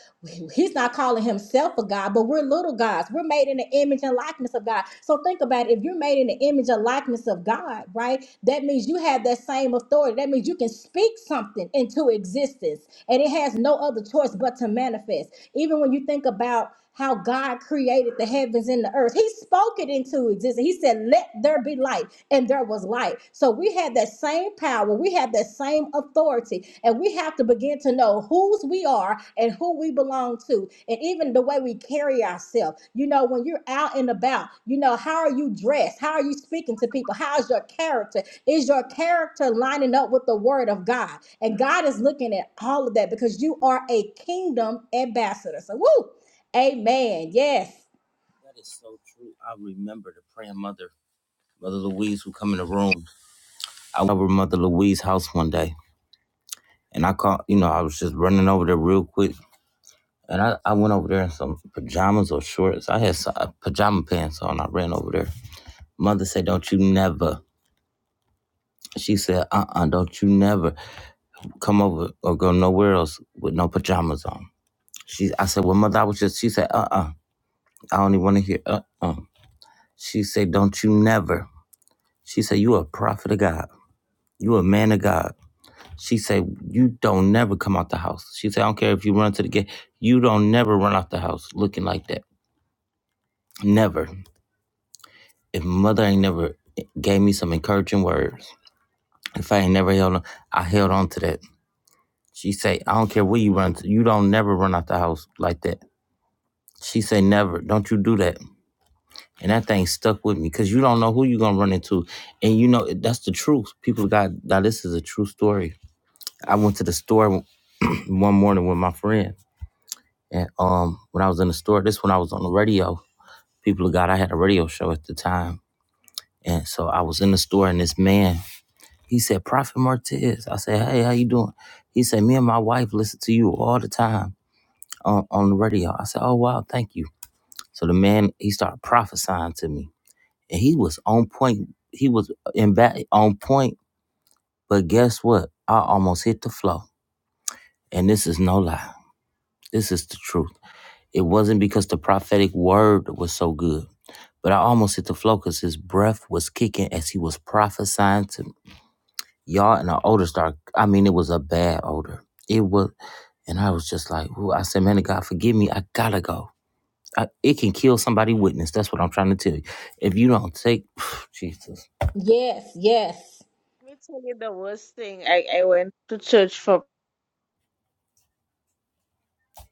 he's not calling himself a God, but we're little gods. We're made in the image and likeness of God. So think about it. If you're made in the image and likeness of God, right? That means you have that same authority. That means you can speak something into existence. And it has no other choice but to manifest. Even when you think about how God created the heavens and the earth. He spoke it into existence. He said, Let there be light, and there was light. So we have that same power, we have that same authority, and we have to begin to know whose we are and who we belong to, and even the way we carry ourselves. You know, when you're out and about, you know, how are you dressed? How are you speaking to people? How's your character? Is your character lining up with the word of God? And God is looking at all of that because you are a kingdom ambassador. So, woo! Amen. Yes. That is so true. I remember the praying mother, Mother Louise, who come in the room. I was over Mother Louise's house one day, and I caught, you know, I was just running over there real quick And I, I went over there in some pajamas or shorts. I had some uh, pajama pants on. I ran over there. Mother said, Don't you never. She said, Uh uh do not you never come over or go nowhere else with no pajamas on. She, I said, Well, Mother, I was just, she said, Uh uh I don't even want to hear uh uh She said, Don't you never. She said, You a prophet of God. You a man of God. She said, You don't never come out the house. She said, I don't care if you run to the gate. You don't never run out the house looking like that. Never. if mother ain't never gave me some encouraging words, if I ain't never held on, I held on to that. She say, I don't care where you run to, you don't never run out the house like that. She say, never, don't you do that. And that thing stuck with me because you don't know who you gonna run into. And you know, that's the truth. People got, now this is a true story. I went to the store [CLEARS THROAT] one morning with my friend. And um, when I was in the store, this when I was on the radio. People got, I had a radio show at the time. And so I was in the store and this man He said, Prophet Martez. I said, Hey, how you doing? He said, Me and my wife listen to you all the time on, on the radio. I said, Oh wow, thank you. So the man he started prophesying to me. And he was on point. He was in back on point. But guess what? I almost hit the floor. And this is no lie. This is the truth. It wasn't because the prophetic word was so good. But I almost hit the floor because his breath was kicking as he was prophesying to me. y'all and the odor started. I mean, it was a bad odor. It was, and I was just like, ooh, I said, man, of God, forgive me. I gotta go. I, it can kill somebody witness. That's what I'm trying to tell you. If you don't take, [SIGHS] Jesus, Yes. Yes. Let me tell you the worst thing. I, I went to church for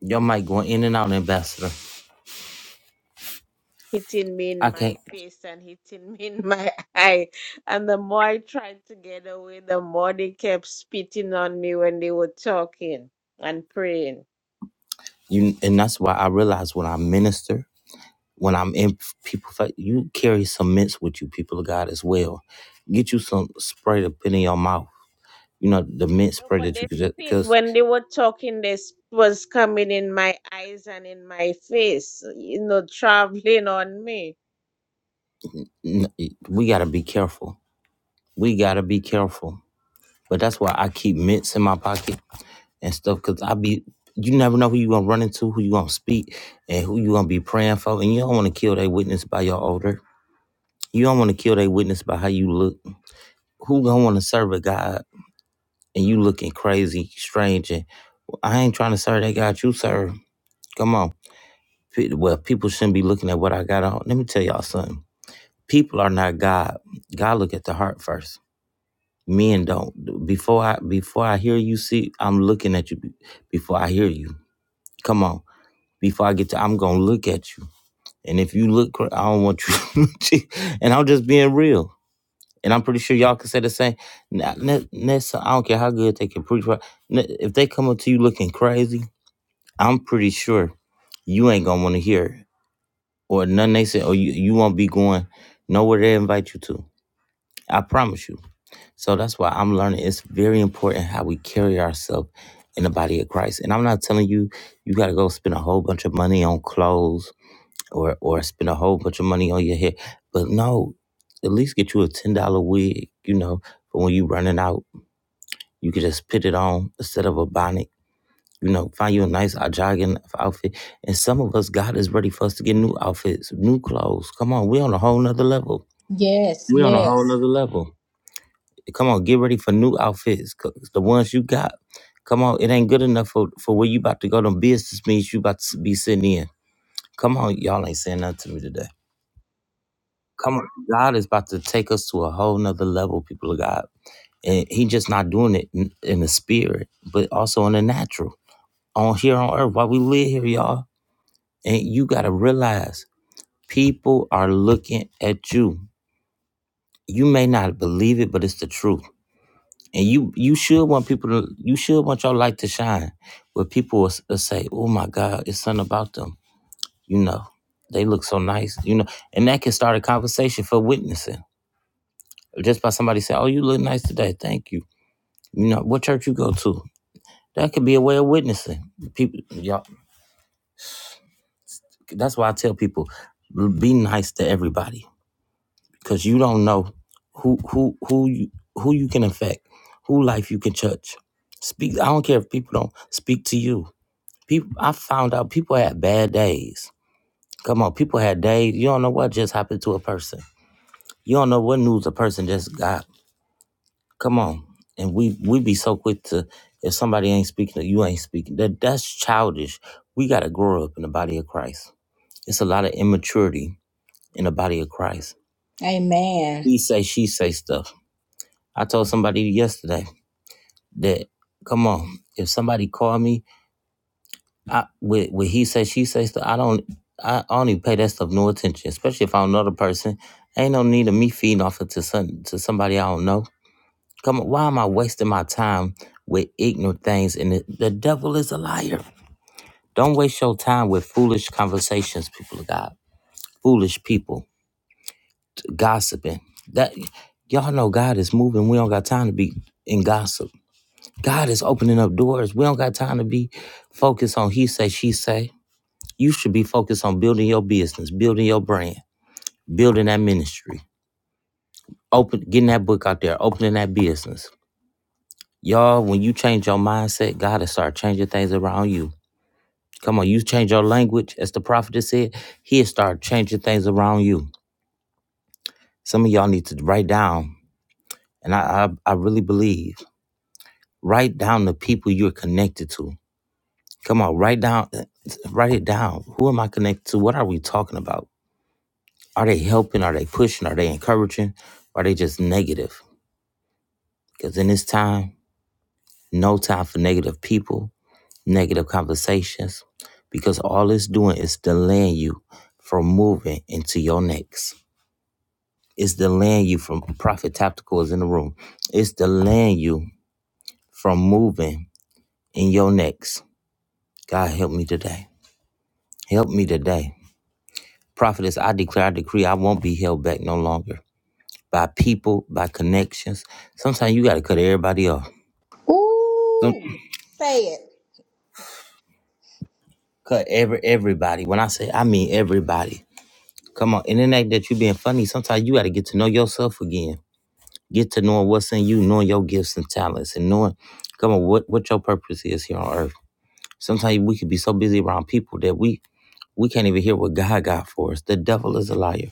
your mic going in and out, ambassador. hitting me in I my can't. face and hitting me in my [LAUGHS] eye. And the more I tried to get away, the more they kept spitting on me when they were talking and praying. You, and that's why I realize when I minister, when I'm in people, fa- you carry some mints with you, people of God, as well. Get you some spray to put in your mouth. You know, the mint No, spray but that they you could just, spit because when they were talking, they spit was coming in my eyes and in my face, you know, [LAUGHS] traveling on me. we got to be careful we gotta be careful. But that's why I keep mints in my pocket and stuff, cause I be you never know who you gonna run into, who you gonna speak, and who you gonna be praying for. And you don't wanna kill their witness by your odor. You don't wanna kill their witness by how you look. Who gonna wanna serve a God and you looking crazy, strange and I ain't trying to serve that God you serve. Come on. Well, people shouldn't be looking at what I got on. Let me tell y'all something. People are not God. God look at the heart first. Men don't. Before I before I hear you, see, I'm looking at you. be- Before I hear you, come on. Before I get to, I'm gonna look at you. And if you look, cra- I don't want you. [LAUGHS] to- and I'm just being real. And I'm pretty sure y'all can say the same. Now, ne- next, I don't care how good they can preach. but ne- If they come up to you looking crazy, I'm pretty sure you ain't gonna want to hear it. or nothing they say, or you you won't be going nowhere they invite you to. I promise you. So that's why I'm learning it's very important how we carry ourselves in the body of Christ. And I'm not telling you you got to go spend a whole bunch of money on clothes or or spend a whole bunch of money on your hair. But no, at least get you a ten dollar wig. You know, for when you running out, you can just put it on instead of a bonnet. You know, find you a nice uh, jogging outfit. And some of us, God is ready for us to get new outfits, new clothes. Come on, we're on a whole nother level. Yes. We're on a whole Yes. nother level. Come on, get ready for new outfits. 'cause The ones you got, come on, it ain't good enough for, for where you about to go. Them business meetings you about to be sitting in. Come on, y'all ain't saying nothing to me today. Come on, God is about to take us to a whole nother level, people of God. And he just not doing it in, in the spirit, but also in the natural. On here on earth, while we live here, y'all. And you gotta realize people are looking at you. You may not believe it, but it's the truth. And you you should want people to you should want your light to shine, where people will, s- will say, "Oh my God, it's something about them." You know, they look so nice. You know, and that can start a conversation for witnessing just by somebody saying, "Oh, you look nice today. Thank you." You know, what church you go to? That could be a way of witnessing people. Y'all, that's why I tell people, be nice to everybody because you don't know who who who you who you can affect, who life you can touch. Speak. I don't care if people don't speak to you People, I found out people had bad days. Come on, people had days. You don't know what just happened to a person. You don't know what news a person just got. Come on, and we we be so quick to if somebody ain't speaking, you ain't speaking. That that's childish. We gotta grow up in the body of Christ. It's a lot of immaturity in the body of Christ. Amen. He say she say stuff. I told somebody yesterday that come on, if somebody called me I with with he say she say stuff. I don't I I don't even pay that stuff no attention, especially if I don't know the person. Ain't no need of me feeding off it to some to somebody I don't know. Come on, why am I wasting my time with ignorant things? And the, the devil is a liar. Don't waste your time with foolish conversations, people of God. Foolish people gossiping. That y'all know God is moving. We don't got time to be in gossip. God is opening up doors. We don't got time to be focused on he say she say. You should be focused on building your business, building your brand, building that ministry, open getting that book out there, opening that business. Y'all, when you change your mindset, God will start changing things around you. Come on, you change your language, as the prophet has said, he'll start changing things around you. Some of y'all need to write down, and I, I, I really believe, write down the people you're connected to. Come on, write down, uh, write it down. Who am I connected to? What are we talking about? Are they helping? Are they pushing? Are they encouraging? Are they just negative? Because in this time, no time for negative people, negative conversations, because all it's doing is delaying you from moving into your next. It's delaying you from Prophet Tactical is in the room. It's delaying you from moving in your next. God help me today. Help me today. Prophetess, I declare, I decree, I won't be held back no longer by people, by connections. Sometimes you got to cut everybody off Don't Ooh. Say it. cut every everybody. When I say I mean everybody. Come on, and it ain't that you being funny. Sometimes you got to get to know yourself again. Get to knowing what's in you, knowing your gifts and talents, and knowing, come on, what what your purpose is here on earth. Sometimes we could be so busy around people that we we can't even hear what God got for us. The devil is a liar.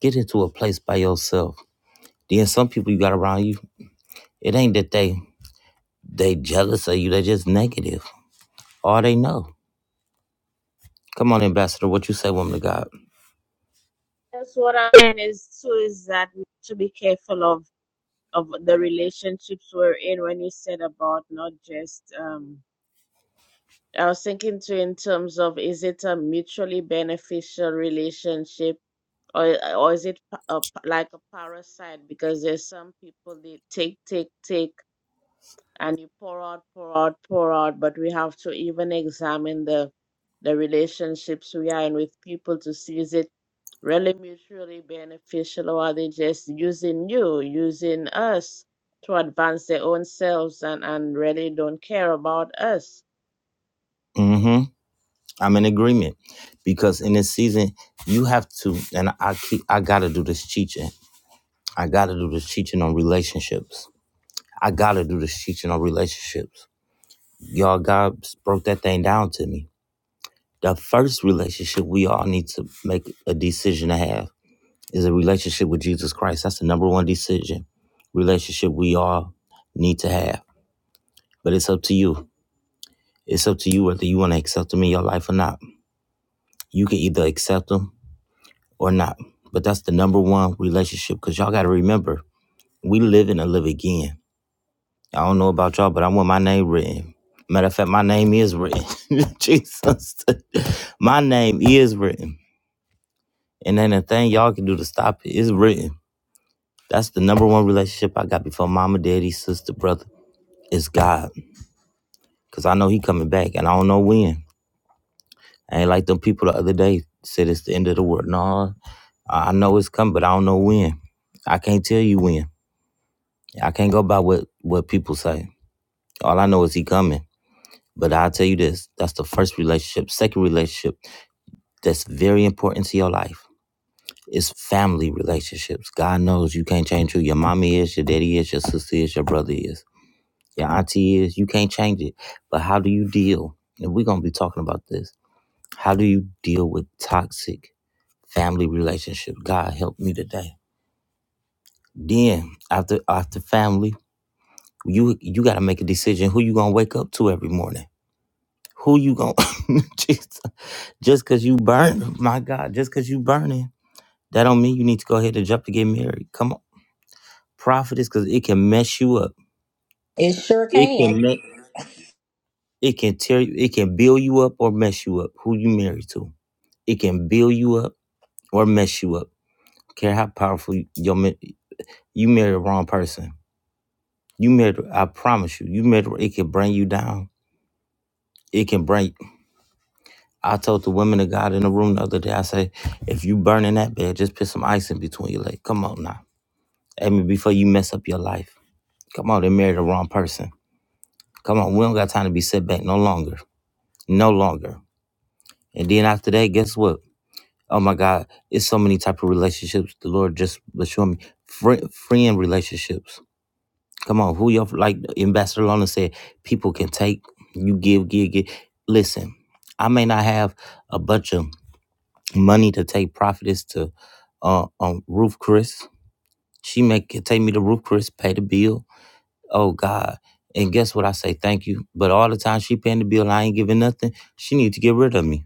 Get into a place by yourself. Then some people you got around you, it ain't that they they jealous of you. They just negative. All they know. Come on, ambassador. What you say, woman of God? That's what i mean. is too is that we have to be careful of of the relationships we're in when you said about not just um I was thinking too in terms of is it a mutually beneficial relationship or or is it pa- a, like a parasite because there's some people they take take take and you pour out, pour out, pour out, but we have to even examine the the relationships we are in with people to see is it really mutually beneficial or are they just using you, using us to advance their own selves and, and really don't care about us. Mm hmm. I'm in agreement because in this season you have to, and I keep, I gotta do this teaching. I gotta do this teaching on relationships. I gotta do this teaching on relationships. Y'all, God broke that thing down to me. The first relationship we all need to make a decision to have is a relationship with Jesus Christ. That's the number one decision relationship we all need to have. But it's up to you. It's up to you whether you want to accept him in your life or not. You can either accept him or not. But that's the number one relationship because y'all got to remember, we live in and live again. I don't know about y'all, but I want my name written. Matter of fact, my name is written. [LAUGHS] Jesus. [LAUGHS] my name is written. And then the thing y'all can do to stop it is written. That's the number one relationship I got before mama, daddy, sister, brother. It's God. Because I know he coming back and I don't know when. I ain't like them people the other day said it's the end of the world. No, I know it's coming, but I don't know when. I can't tell you when. I can't go by what what people say. All I know is he coming. But I'll tell you this, that's the first relationship. Second relationship that's very important to your life is family relationships. God knows you can't change who your mommy is, your daddy is, your sister is, your brother is, your auntie is. You can't change it. But how do you deal? And we're gonna be talking about this. How do you deal with toxic family relationships? God help me today. Then after after family, you you gotta make a decision who you gonna wake up to every morning Who you gonna [LAUGHS] Jesus. just cause you burn, my God, just cause you burning, that don't mean you need to go ahead and jump to get married. Come on. Prophetess, cause it can mess you up. It sure It can. can me- it can tear you, it can build you up or mess you up. Who you married to. It can build you up or mess you up. Care how powerful you- your ma- you married the wrong person. You married I promise you, you married it can bring you down. It can bring I told the women of God in the room the other day, I say, if you burn in that bed, just put some ice in between your legs. Come on now. Amen. Before you mess up your life. Come on, they married the wrong person. Come on, we don't got time to be set back no longer. No longer. And then after that, guess what? Oh my God, it's so many type of relationships. The Lord just was showing me friend, friend relationships. Come on, who you like Ambassador Lona said, people can take, you give, give, give. Listen, I may not have a bunch of money to take prophetess to uh, um, Roof Chris. She make take me to Roof Chris, pay the bill. Oh God. And guess what I say? Thank you. But all the time she paying the bill, I ain't giving nothing. She need to get rid of me.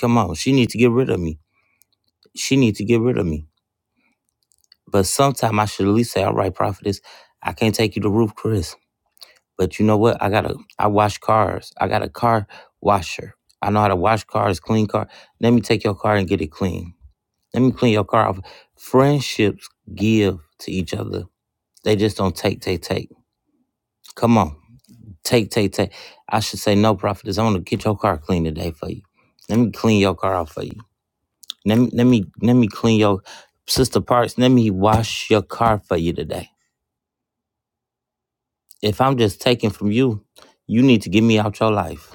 Come on, she need to get rid of me. She need to get rid of me. But sometime I should at least say, all right, prophetess, I can't take you to Roof Chris. But you know what? I gotta I wash cars. I got a car washer. I know how to wash cars, clean car. Let me take your car and get it clean. Let me clean your car off. Friendships give to each other. They just don't take, take, take. Come on. Take, take, take. I should say no, prophetess. I want to get your car clean today for you. Let me clean your car off for you. Let me let me let me clean your sister parts. Let me wash your car for you today. If I'm just taking from you, you need to get me out your life.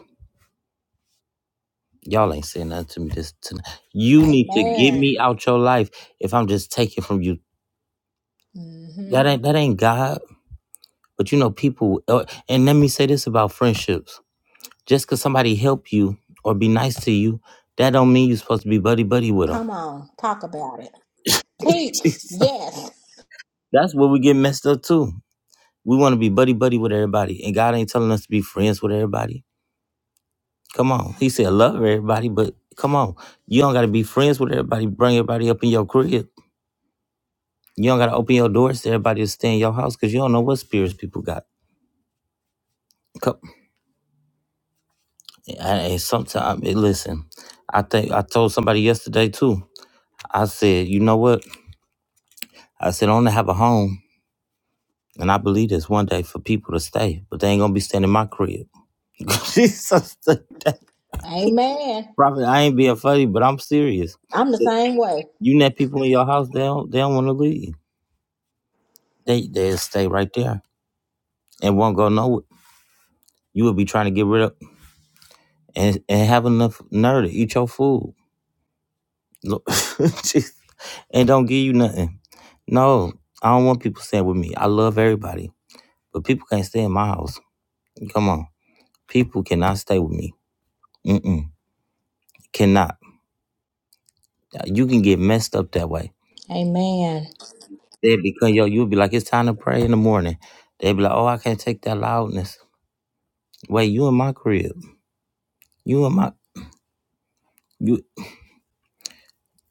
Y'all ain't saying nothing to me this tonight. You need to get Amen. me out your life if I'm just taking from you. Mm-hmm. That ain't that ain't God. But you know, people. uh, And let me say this about friendships: just because somebody help you or be nice to you, that don't mean you're supposed to be buddy buddy with them. Come on. Talk about it. Teach. [LAUGHS] Yes. That's where we get messed up too. We want to be buddy buddy with everybody, and God ain't telling us to be friends with everybody. Come on, He said love everybody, but come on, you don't got to be friends with everybody. Bring everybody up in your crib. You don't got to open your doors to everybody to stay in your house because you don't know what spirits people got. Come, and sometimes, listen, I think I told somebody yesterday too. I said, you know what? I said, I want to have a home. And I believe this one day for people to stay, but they ain't gonna be staying in my crib. [LAUGHS] Jesus, Amen. Robert, I ain't being funny, but I'm serious. I'm the same way. You net people in your house, they don't, they don't want to leave. They they stay right there and won't go nowhere. You would be trying to get rid of and and have enough nerve to eat your food, Look, [LAUGHS] Jesus. and don't give you nothing. No, I don't want people staying with me. I love everybody, but people can't stay in my house. Come on. People cannot stay with me. Mm-mm. Cannot. You can get messed up that way. Amen. They become yo. You'll be like, it's time to pray in the morning. They be like, oh, I can't take that loudness. Wait, you in my crib? You in my you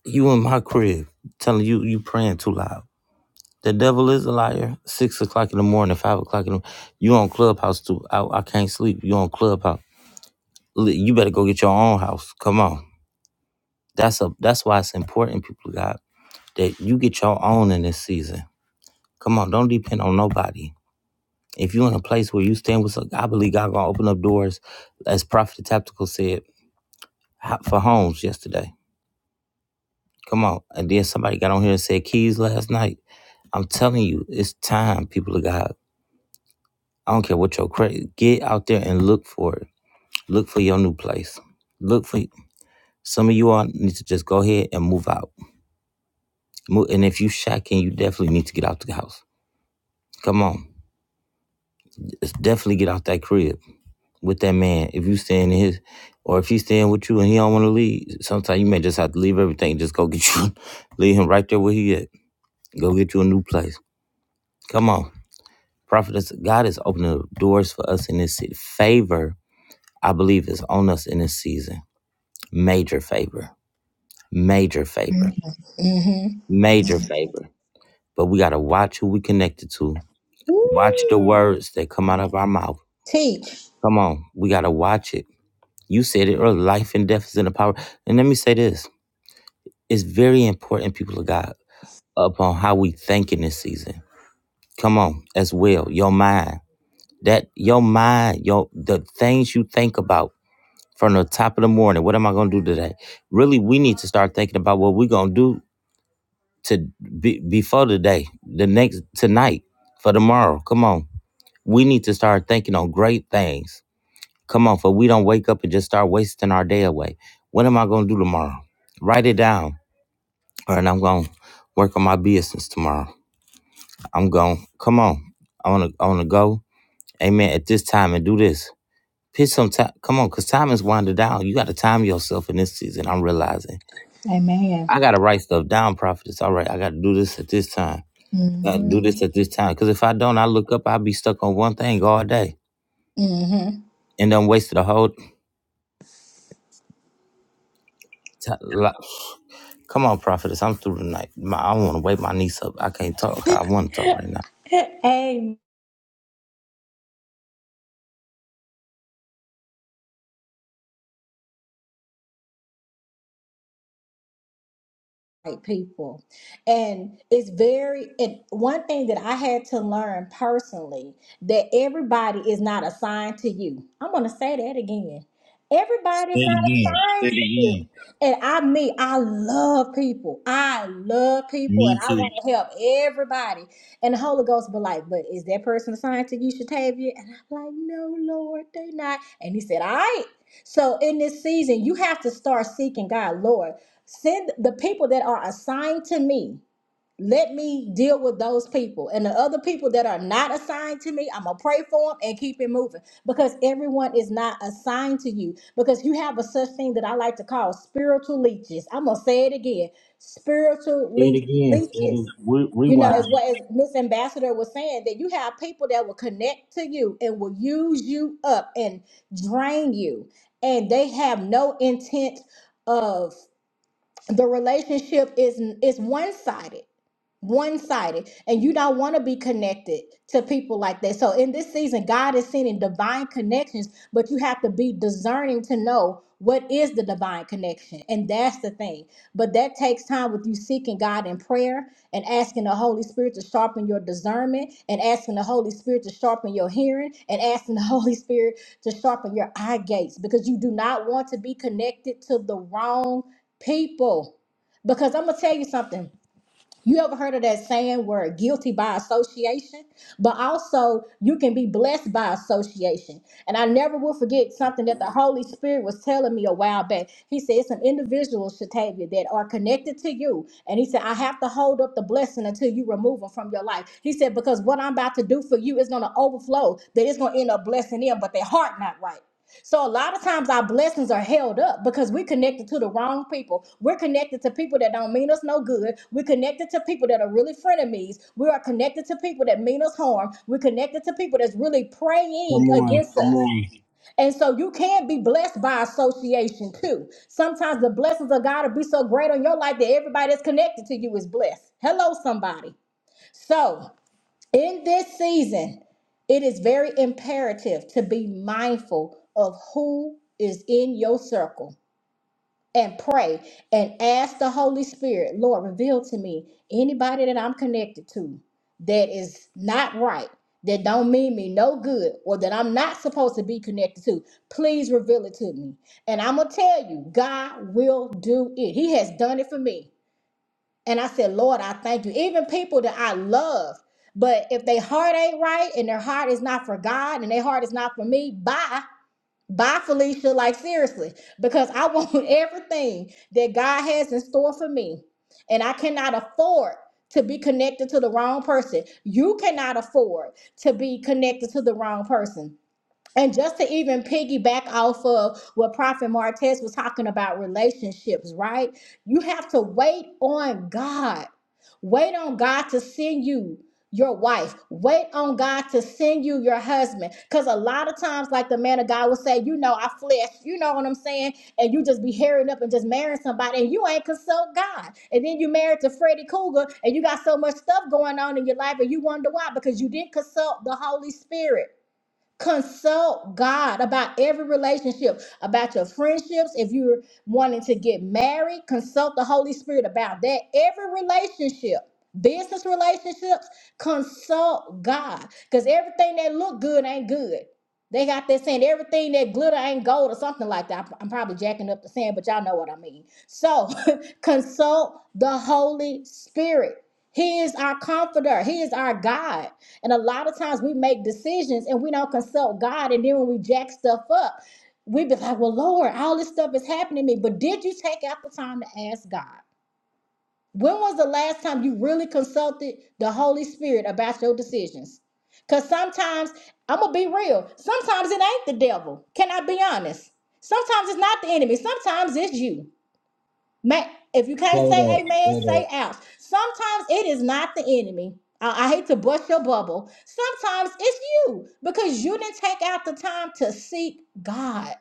you in my crib? Telling you you praying too loud. The devil is a liar. Six o'clock in the morning, five o'clock in the morning. you on clubhouse too. I, I can't sleep. You on clubhouse. Li- You better go get your own house. Come on. That's a that's why it's important, people of God, that you get your own in this season Come on, don't depend on nobody. If you're in a place where you stand with, I believe God gonna open up doors, as Prophet Tactical said for homes yesterday. Come on, and then somebody got on here and said keys last night. I'm telling you, it's time, people of God. I don't care what your credit. Get out there and look for it. Look for your new place. Look for some of you all need to just go ahead and move out. Move, and if you shacking, you definitely need to get out the house. Come on, just definitely get out that crib. with that man. If you staying in his, or if he's staying with you and he don't want to leave, sometimes you may just have to leave everything. Just go get you, [LAUGHS] leave him right there where he at. Go get you a new place. Come on, prophetess. God is opening doors for us in this city. Favor, I believe, is on us in this season. Major favor, major favor, Mm-hmm. major favor. But we gotta watch who we connected to. Watch the Woo. words that come Come out of on. our mouth. Teach. Come on, we gotta watch it. You said it earlier. Life and death is in the power. And let me say this. It's very important, people of God, upon how we think in this season. Come on, as well, your mind. That your mind, your the things you think about from the top of the morning. What am I going to do today? Really, we need to start thinking about what we're going to do to be, before the day, the next tonight, for tomorrow. Come on, we need to start thinking on great things. Come on, for we don't wake up and just start wasting our day away. What am I going to do tomorrow? Write it down. All right, I'm going to work on my business tomorrow. I'm gone. Come on. I wanna I wanna go. Amen. At this time and do this. Pitch some time. Come on, cause time is winding down. You gotta time yourself in this season. I'm realizing. Amen. I gotta write stuff down, prophetess. All right, I gotta do this at this time. I gotta Mm-hmm. do this at this time. Cause if I don't, I look up, I'll be stuck on one thing all day. Mm-hmm. And I'm wasted a whole ti li- Come on, prophetess. I'm through tonight. My, I wanna wake my niece up. I can't talk. I wanna talk right now. [LAUGHS] Amen. right people. And it's very, and one thing that I had to learn personally that everybody is not assigned to you. I'm going to say that again. Everybody is not Say assigned to it you. again. And I mean, I love people. I love people and Me I too. want Say to help everybody. And the Holy Ghost be like, but is that person assigned to you, Shatavia? And I'm like, no, Lord, they not. And he said, all right. So in this season, you have to start seeking God, Lord. Send the people that are assigned to me. Let me deal with those people. And the other people that are not assigned to me, I'm going to pray for them and keep it moving because everyone is not assigned to you. Because you have a such thing that I like to call spiritual leeches. I'm going to say it again spiritual it le- again. Say it, leeches. re- You know, rewind. as what as Miss Ambassador was saying, that you have people that will connect to you and will use you up and drain you, and they have no intent of the relationship is is one-sided one sided, and you don't want to be connected to people like that. So, in this season, God is sending divine connections, but you have to be discerning to know what is the divine connection, and that's the thing. But that takes time with you seeking God in prayer and asking the Holy Spirit to sharpen your discernment, and asking the Holy Spirit to sharpen your hearing, and asking the [LAUGHS] Holy Spirit to sharpen your eye gates because you do not want to be connected to the wrong people. Because I'm gonna tell you something. You ever heard of that saying where guilty by association? But also, you can be blessed by association. And I never will forget something that the Holy Spirit was telling me a while back. He said, Some individuals, Shatavia, that are connected to you. And he said, I have to hold up the blessing until you remove them from your life. He said, Because what I'm about to do for you is going to overflow, that it's going to end up blessing them, but their heart not right. So a lot of times our blessings are held up because we're connected to the wrong people. We're connected to people that don't mean us no good. We're connected to people that are really frenemies. We are connected to people that mean us harm. We're connected to people that's really praying against us. And so you can be blessed by association too. Sometimes the blessings of God will be so great on your life that everybody that's connected to you is blessed. Hello, somebody. So. In this season, it is very imperative to be mindful of who is in your circle and pray and ask the Holy Spirit, Lord, reveal to me anybody that I'm connected to that is not right, that don't mean me no good, or that I'm not supposed to be connected to. Please reveal it to me. And I'm going to tell you, God will do it. He has done it for me. And I said, Lord, I thank you. Even people that I love, but if their heart ain't right and their heart is not for God and their heart is not for me, bye. Bye, Felicia. Like, seriously, because I want [LAUGHS] everything that God has in store for me. And I cannot afford to be connected to the wrong person. You cannot afford to be connected to the wrong person. And just to even piggyback off of what Prophet Martez was talking about relationships, right? You have to wait on God. Wait on God to send you your wife. Wait on God to send you your husband. Because a lot of times, like the man of God would say, you know, I flesh, you know what I'm saying? And you just be hairing up and just marrying somebody and you ain't consult God. And then you married to Freddy Cougar and you got so much stuff going on in your life and you wonder why because you didn't consult the Holy Spirit. Consult God about every relationship, about your friendships. If you're wanting to get married, consult the Holy Spirit about that. Every relationship, business relationships, consult God. Because everything that look good ain't good. They got that saying, everything that glitter ain't gold or something like that. I'm I'm probably jacking up the saying, but y'all know what I mean. So [LAUGHS] consult the Holy Spirit. He is our comforter. He is our God. And a lot of times we make decisions and we don't consult God. And then when we jack stuff up, we be like, well, Lord, all this stuff is happening to me. But did you take out the time to ask God? When was the last time you really consulted the Holy Spirit about your decisions? Because sometimes, I'm going to be real, sometimes it ain't the devil. Can I be honest? Sometimes it's not the enemy, sometimes it's you. Ma- if you can't say amen, say ouch. Sometimes it is not the enemy. I, I hate to bust your bubble. Sometimes it's you because you didn't take out the time to seek God.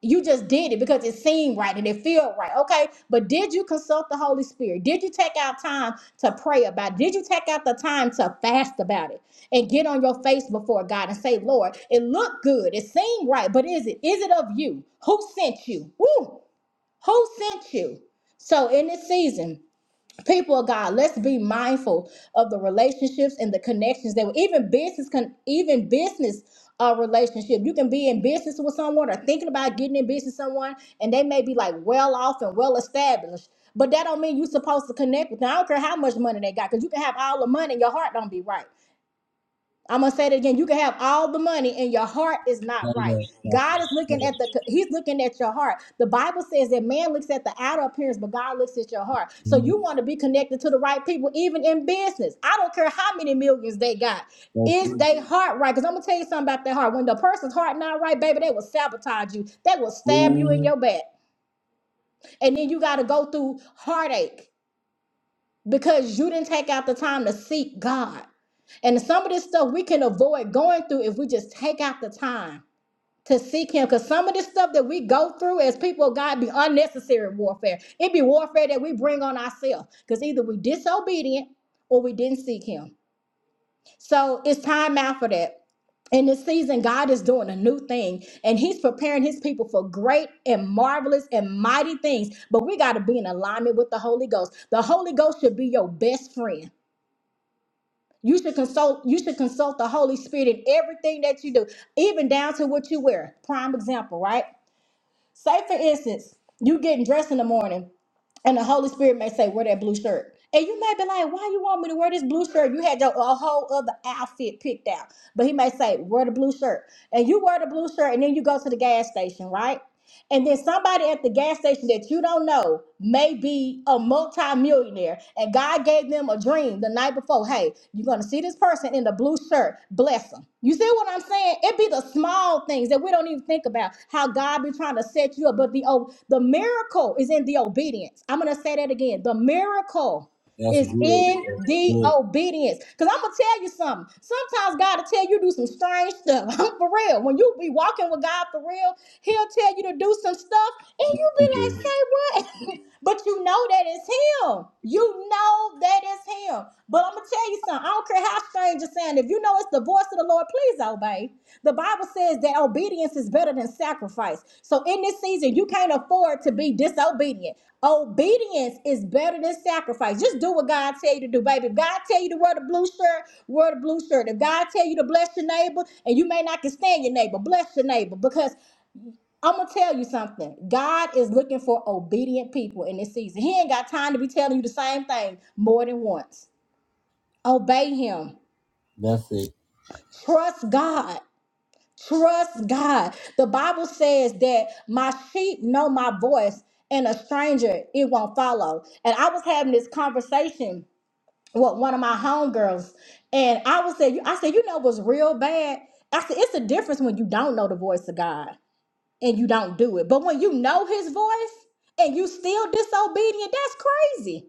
You just did it because it seemed right and it felt right. Okay. But did you consult the Holy Spirit? Did you take out time to pray about it? Did you take out the time to fast about it and get on your face before God and say, Lord, it looked good. It seemed right. But is it? Is it of you? Who sent you? Woo! Who sent you? So, in this season, people of God, let's be mindful of the relationships and the connections that even business can even business uh, relationship. You can be in business with someone or thinking about getting in business with someone, and they may be like well off and well established. But that don't mean you're supposed to connect with them. I don't care how much money they got, because you can have all the money and your heart don't be right. I'm gonna say it again. You can have all the money and your heart is not right. God is looking at the He's looking at your heart. The Bible says that man looks at the outer appearance, but God looks at your heart. So you want to be connected to the right people, even in business. I don't care how many millions they got. Is their heart right? Because I'm gonna tell you something about their heart. When the person's heart not right, baby, they will sabotage you. They will stab you in your back, and then you got to go through heartache because you didn't take out the time to seek God. And some of this stuff we can avoid going through if we just take out the time to seek Him. Because some of this stuff that we go through as people of God be unnecessary warfare. It be warfare that we bring on ourselves because either we disobedient or we didn't seek Him. So it's time out for that. In this season, God is doing a new thing and He's preparing His people for great and marvelous and mighty things. But we got to be in alignment with the Holy Ghost. The Holy Ghost should be your best friend. You should consult, you should consult the Holy Spirit in everything that you do, even down to what you wear. Prime example, right? Say, for instance, you getting dressed in the morning, and the Holy Spirit may say, "Wear that blue shirt," and you may be like, "Why you want me to wear this blue shirt? You had your a whole other outfit picked out." But He may say, "Wear the blue shirt," and you wear the blue shirt, and then you go to the gas station, right? And then somebody at the gas station that you don't know may be amongst multi-millionaire and God gave them a dream the night before. Hey, you're gonna see this person in the blue shirt. Bless them. You see what I'm saying? It be the small things that we don't even think about. How God be trying to set you up, but the oh, the miracle is in the obedience. I'm gonna say that again. The miracle That's is in good. the obedience. Because I'm gonna tell you something. Sometimes God will tell you to do some strange stuff. [LAUGHS] for real. When you be walking with God for real, He'll tell you to do some stuff, and you be like, say what? [LAUGHS] but you know that it's Him. You know that it's Him. But I'm gonna tell you something. I don't care how strange it sounds. If you know it's the voice of the Lord, please obey. The Bible says that obedience is better than sacrifice. So in this season, you can't afford to be disobedient. Obedience is better than sacrifice. Just do what God tell you to do, baby. If God tell you to wear the blue shirt, wear the blue shirt. If God tell you to bless your neighbor, and you may not can stand your neighbor, bless your neighbor. Because I'm gonna tell you something. God is looking for obedient people in this season. He ain't got time to be telling you the same thing more than once. Obey him. That's it. Trust God. Trust God. The Bible says that my sheep know my voice, and a stranger it won't follow. And I was having this conversation well, one of my homegirls, and I was said. I said, you know, what's real bad. I said, it's a difference when you don't know the voice of God and you don't do it, but when you know His voice and you still disobedient, that's crazy.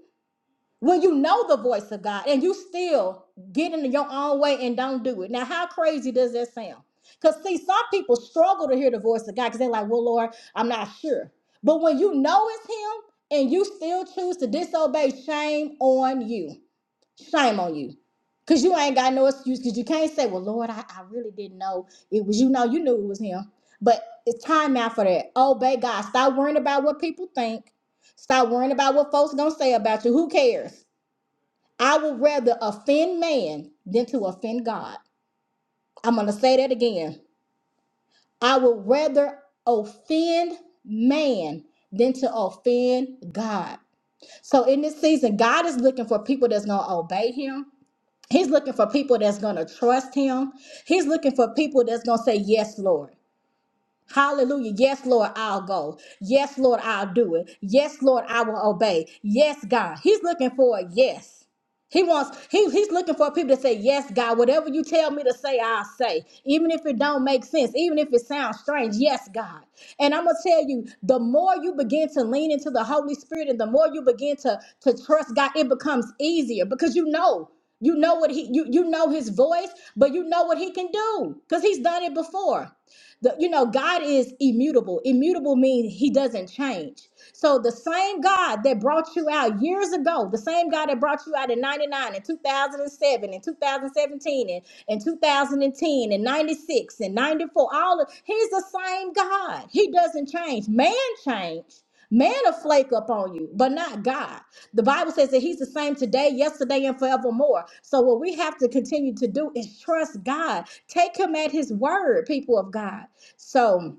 When you know the voice of God and you still get in your own way and don't do it, now how crazy does that sound? Because see, some people struggle to hear the voice of God because they're like, well, Lord, I'm not sure. But when you know it's Him and you still choose to disobey, shame on you Shame on you. Cause you ain't got no excuse. Cause you can't say, "Well, Lord, I, I really didn't know it was you." Know you knew it was him. But it's time now for that. Obey God. Stop worrying about what people think. Stop worrying about what folks gonna say about you. Who cares? I would rather offend man than to offend God. I'm gonna say that again. I would rather offend man than to offend God. So in this season, God is looking for people that's gonna obey Him He's looking for people that's going to trust him. He's looking for people that's going to say, Yes, Lord. Hallelujah. Yes, Lord, I'll go. Yes, Lord, I'll do it. Yes, Lord, I will obey. Yes, God. He's looking for a yes. He wants, he, he's looking for people to say, Yes, God, whatever you tell me to say, I'll say. Even if it don't make sense, even if it sounds strange, yes, God. And I'm gonna tell you, the more you begin to lean into the Holy Spirit and the more you begin to, to trust God, it becomes easier because you know. You know what he you you know his voice, but you know what he can do because he's done it before. The, you know, God is immutable. Immutable means he doesn't change. So the same God that brought you out years ago, the same God that brought you out in 99 and 2007 and 2017 and, two thousand seventeen and 2010 and ten and 96 and 94, all of he's the same God. He doesn't change. Man changed. Man will flake up on you, but not God. The Bible says that He's the same today, yesterday, and forevermore. So, what we have to continue to do is trust God. Take Him at His word, people of God. So,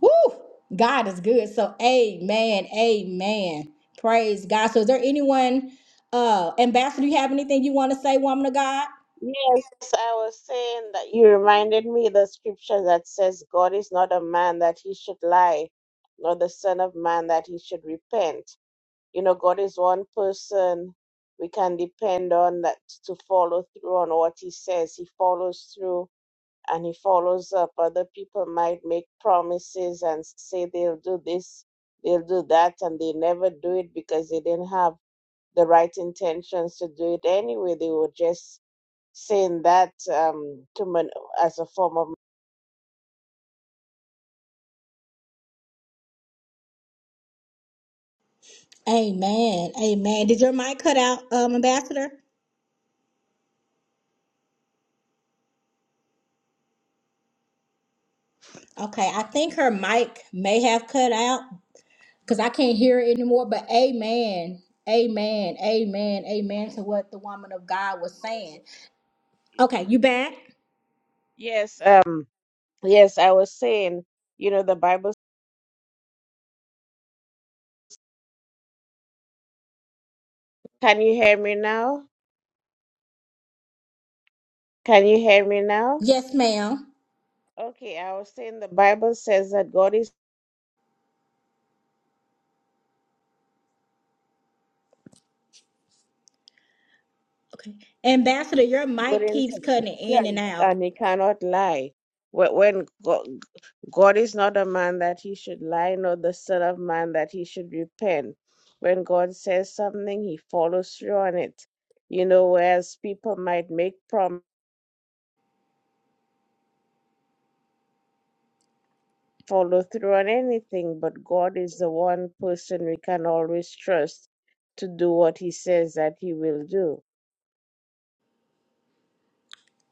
whoo, God is good. So, amen, amen. Praise God. So, is there anyone, uh, Ambassador, you have anything you want to say, woman of God? Yes, I was saying that you reminded me the scripture that says, God is not a man that he should lie, nor the Son of Man that he should repent. You know, God is one person we can depend on that to follow through on what He says. He follows through and He follows up. Other people might make promises and say they'll do this, they'll do that, and they never do it because they didn't have the right intentions to do it anyway. They were just saying that um, to man- as a form of Amen, amen. Did your mic cut out, um, Ambassador? Okay, I think her mic may have cut out. because I can't hear it anymore. But amen, amen, amen, amen to what the woman of God was saying. Okay, you back? yes, um, yes. I was saying, you know, the Bible. Can you hear me now? Can you hear me now? Yes, ma'am. Okay, I was saying the Bible says that God is Okay, Ambassador, your good mic and keeps cutting yes. in and out. and he cannot lie. Wh- When God, God is not a man that he should lie, nor the son of man that he should repent. When God says something, he follows through on it. You know, whereas people might make prom follow through on anything, but God is the one person we can always trust to do what he says that he will do.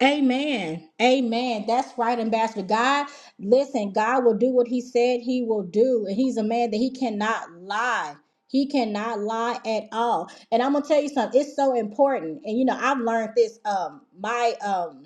Amen. Amen. That's right, Ambassador. God, listen, God will do what He said He will do. And He's a man that He cannot lie. He cannot lie at all. And I'm gonna tell you something, it's so important. And you know, I've learned this. Um, my um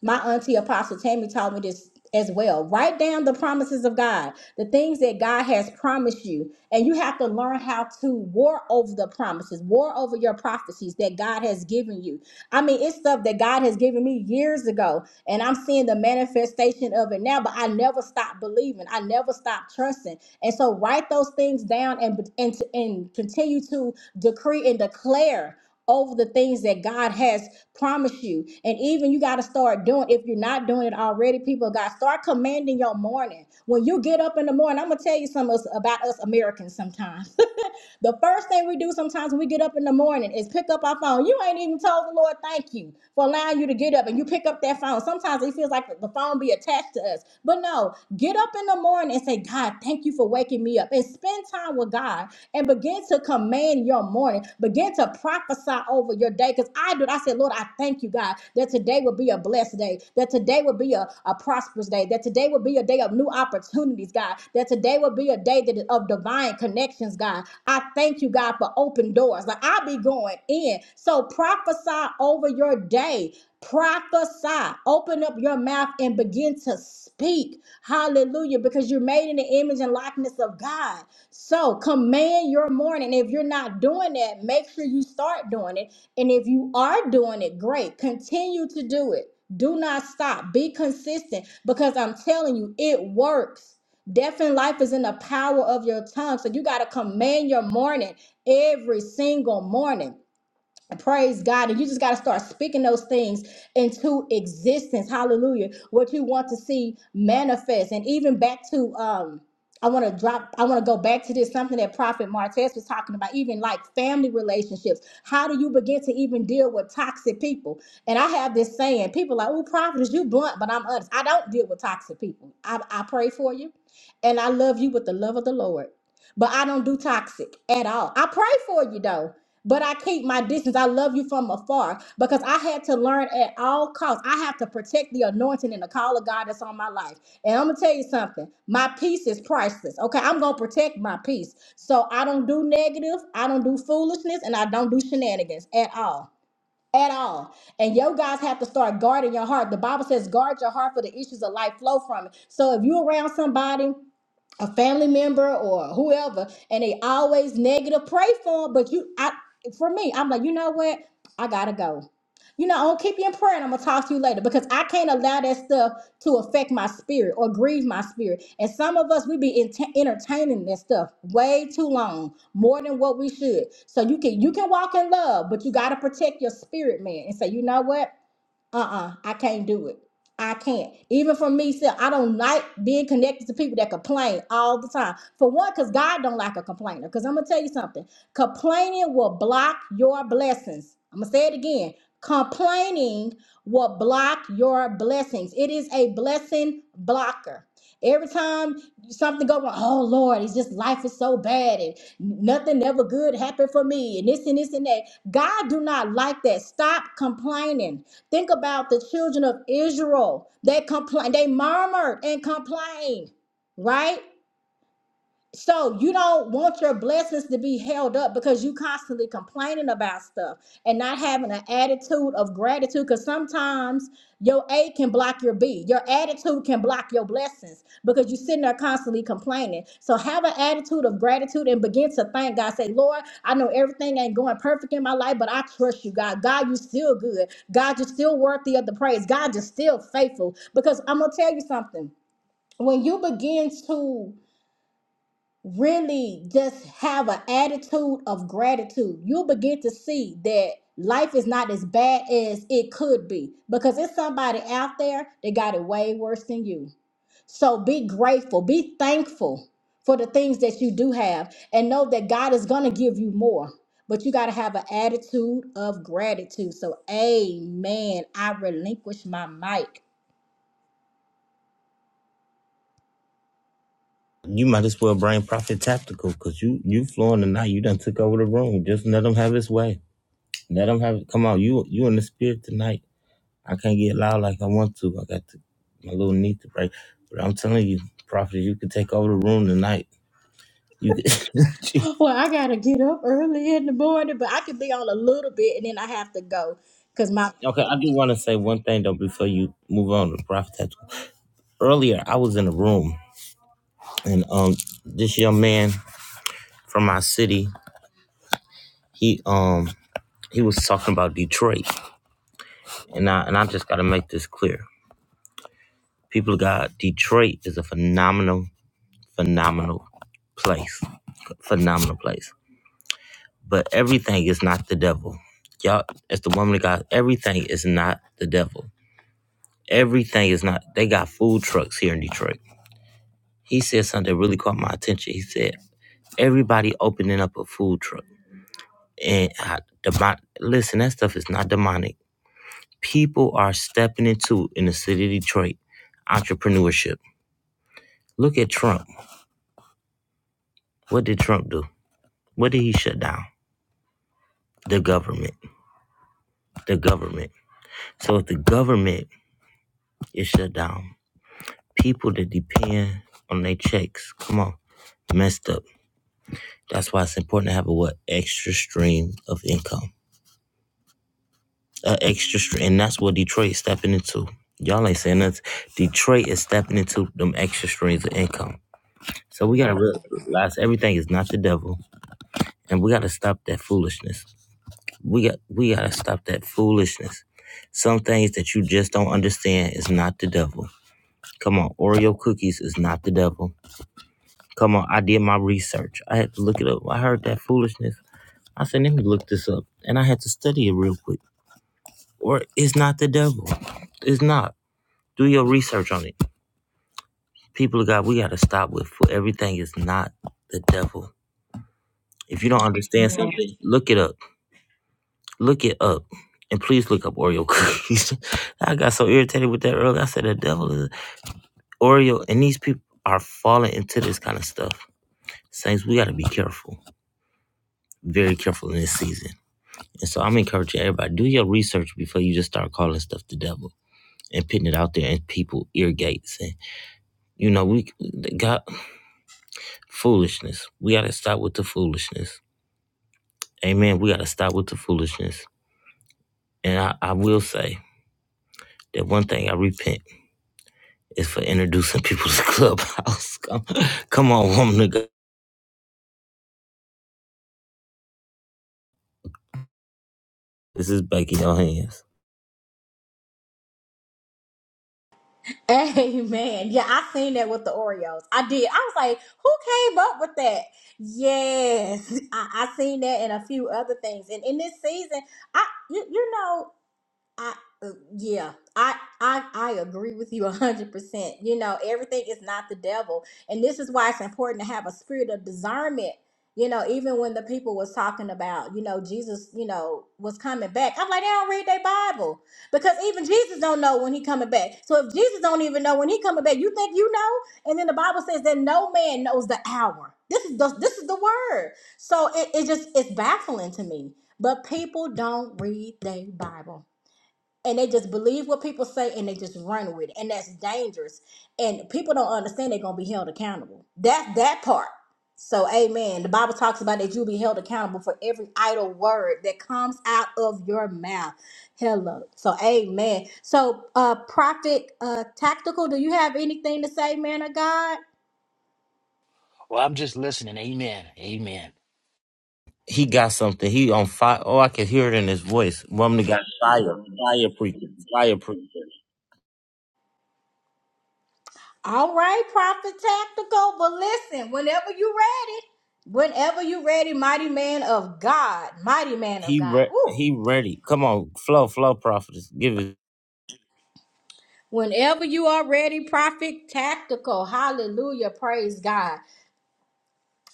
My auntie Apostle Tammy taught me this as well. Write down the promises of God, the things that God has promised you. And you have to learn how to war over the promises, war over your prophecies that God has given you. I mean, it's stuff that God has given me years ago, and I'm seeing the manifestation of it now, but I never stopped believing. I never stopped trusting. And so write those things down and, and, and continue to decree and declare over the things that God has promised you. And even you got to start doing, if you're not doing it already, people of God, start commanding your morning. When you get up in the morning, I'm going to tell you something us- about us Americans sometimes. [LAUGHS] the first thing we do sometimes when we get up in the morning is pick up our phone. You ain't even told the Lord thank you for allowing you to get up and you pick up that phone. Sometimes it feels like the phone be attached to us. But no, get up in the morning and say, God, thank you for waking me up. And spend time with God and begin to command your morning. Begin to prophesy prophesy over your day because I do. I said, Lord, I thank you, God, that today will be a blessed day, that today will be a, a prosperous day, that today will be a day of new opportunities, God, that today will be a day that is of divine connections, God. I thank you, God, for open doors. Like I'll be going in. So prophesy over your day. Prophesy. Open up your mouth and begin to speak. Hallelujah. Because you're made in the image and likeness of God. So command your morning. If you're not doing that, make sure you start doing it. And if you are doing it, great. Continue to do it. Do not stop. Be consistent because I'm telling you, it works. Death and life is in the power of your tongue. So you got to command your morning every single morning. Praise God. And you just got to start speaking those things into existence. Hallelujah. What you want to see manifest. And even back to um I want to drop, I want to go back to this something that Prophet Martez was talking about, even like family relationships. How do you begin to even deal with toxic people? And I have this saying, people are like, oh, Prophet, is you blunt, but I'm honest. I don't deal with toxic people. I, I pray for you and I love you with the love of the Lord but I don't do toxic at all. I pray for you though, but I keep my distance. I love you from afar because I had to learn at all costs. I have to protect the anointing and the call of God that's on my life. And I'm gonna tell you something. My peace is priceless. Okay, I'm gonna protect my peace. So I don't do negative. I don't do foolishness, and I don't do shenanigans at all. At all. And you guys have to start guarding your heart. The Bible says, guard your heart for the issues of life flow from it. So if you're around somebody a family member or whoever, and they always negative. Pray for 'em, but you, I, for me, I'm like, you know what? I gotta go. You know, i will keep you in prayer, and I'm gonna talk to you later because I can't allow that stuff to affect my spirit or grieve my spirit. And some of us, we be ent- entertaining that stuff way too long, more than what we should. So you can you can walk in love, but you gotta protect your spirit, man, and say, you know what? uh-uh i can't do it i can't even for me self i don't like being connected to people that complain all the time for one because god don't like a complainer because i'm gonna tell you something complaining will block your blessings i'm gonna say it again complaining will block your blessings it is a blessing blocker every time something go wrong oh lord it's just life is so bad and nothing ever good happened for me and this and this and that god do not like that stop complaining Think about the children of Israel. They complained, they murmured and complained, right? So you don't want your blessings to be held up because you constantly complaining about stuff and not having an attitude of gratitude. Because sometimes your A can block your B. Your attitude can block your blessings because you're sitting there constantly complaining. So have an attitude of gratitude and begin to thank God. Say, Lord, I know everything ain't going perfect in my life, but I trust you, God. God, you still good. God, you're still worthy of the praise. God, you're still faithful. Because I'm gonna tell you something. When you begin to really just have an attitude of gratitude, you'll begin to see that life is not as bad as it could be because it's somebody out there that got it way worse than you. So be grateful, be thankful for the things that you do have, and know that God is going to give you more. But you got to have an attitude of gratitude. So, amen. I relinquish my mic. You might as well bring Prophet Tactical because you you flowing tonight. You done took over the room. Just let him have his way. Let him have it. Come on, you you in the spirit tonight. I can't get loud like I want to. I got to, my little knee to break. But I'm telling you, Prophet, you can take over the room tonight. You can. [LAUGHS] Jeez. [GASPS] Well, I got to get up early in the morning, but I could be on a little bit and then I have to go because my okay, I do want to say one thing though before you move on to Prophet Tactical. Earlier, I was in a room and um this young man from our city, he um he was talking about Detroit And I and I just got to make this clear. People of God, Detroit is a phenomenal, phenomenal place. Phenomenal place. But everything is not the devil. Y'all, as the woman of God, everything is not the devil. Everything is not. They got food trucks here in Detroit. He said something that really caught my attention. He said, everybody opening up a food truck. And I, demon, listen, that stuff is not demonic. People are stepping into, in the city of Detroit, entrepreneurship Look at Trump. What did Trump do? What did he shut down? The government. The government. So if the government is shut down, people that depend on their checks, come on, messed up. That's why it's important to have a what extra stream of income. A extra stream, and that's what Detroit's stepping into. Y'all ain't saying that. Detroit is stepping into them extra streams of income. So we gotta Amen. realize everything is not the devil, and we gotta stop that foolishness. we got we gotta stop that foolishness. Some things that you just don't understand is not the devil. Come on, Oreo cookies is not the devil. Come on, I did my research. I had to look it up. I heard that foolishness. I said, let me look this up, and I had to study it real quick. Or it's not the devil. It's not. Do your research on it. People of God, we gotta stop with for everything is not the devil. If you don't understand something, look it up. Look it up. And please look up Oreo cookies. [LAUGHS] I got so irritated with that earlier. I said the devil is Oreo and these people are falling into this kind of stuff. Saints, we gotta be careful. Very careful in this season. And so I'm encouraging everybody, do your research before you just start calling stuff the devil and putting it out there in people ear gates. And you know, we got foolishness. We gotta stop with the foolishness. Amen. We gotta stop with the foolishness. And I, I will say that one thing I repent Is for introducing people to Clubhouse. [LAUGHS] come, come on, woman. of God. This is back in your hands. Amen. Yeah, I seen that with the Oreos. I did. I was like, who came up with that? Yes. [LAUGHS] I, I seen that and a few other things. And in this season, I you, you know. I uh, yeah, I I I agree with you 100%. You know, everything is not the devil. And this is why it's important to have a spirit of discernment. You know, even when the people was talking about, you know, Jesus, you know, was coming back. I'm like, they don't read their Bible because even Jesus don't know when he coming back. So if Jesus don't even know when he coming back, you think you know? And then the Bible says that no man knows the hour. This is the this is the word. So it, it just it's baffling to me. But people don't read their Bible and they just believe what people say and they just run with it and that's dangerous and people don't understand they're going to be held accountable that that part so amen the bible talks about that you'll be held accountable for every idle word that comes out of your mouth hello so amen so uh prophet uh tactical do you have anything to say man of god Well, I'm just listening. Amen. Amen. He got something. He on fire. Oh, I can hear it in his voice. Woman of God, fire, fire preacher, fire preacher. all right prophet tactical but listen whenever you're ready whenever you're ready mighty man of god mighty man of He god re- Woo. he ready. Come on, flow, flow, prophetess. Give it. Whenever you are ready, prophet tactical. Hallelujah. Praise God.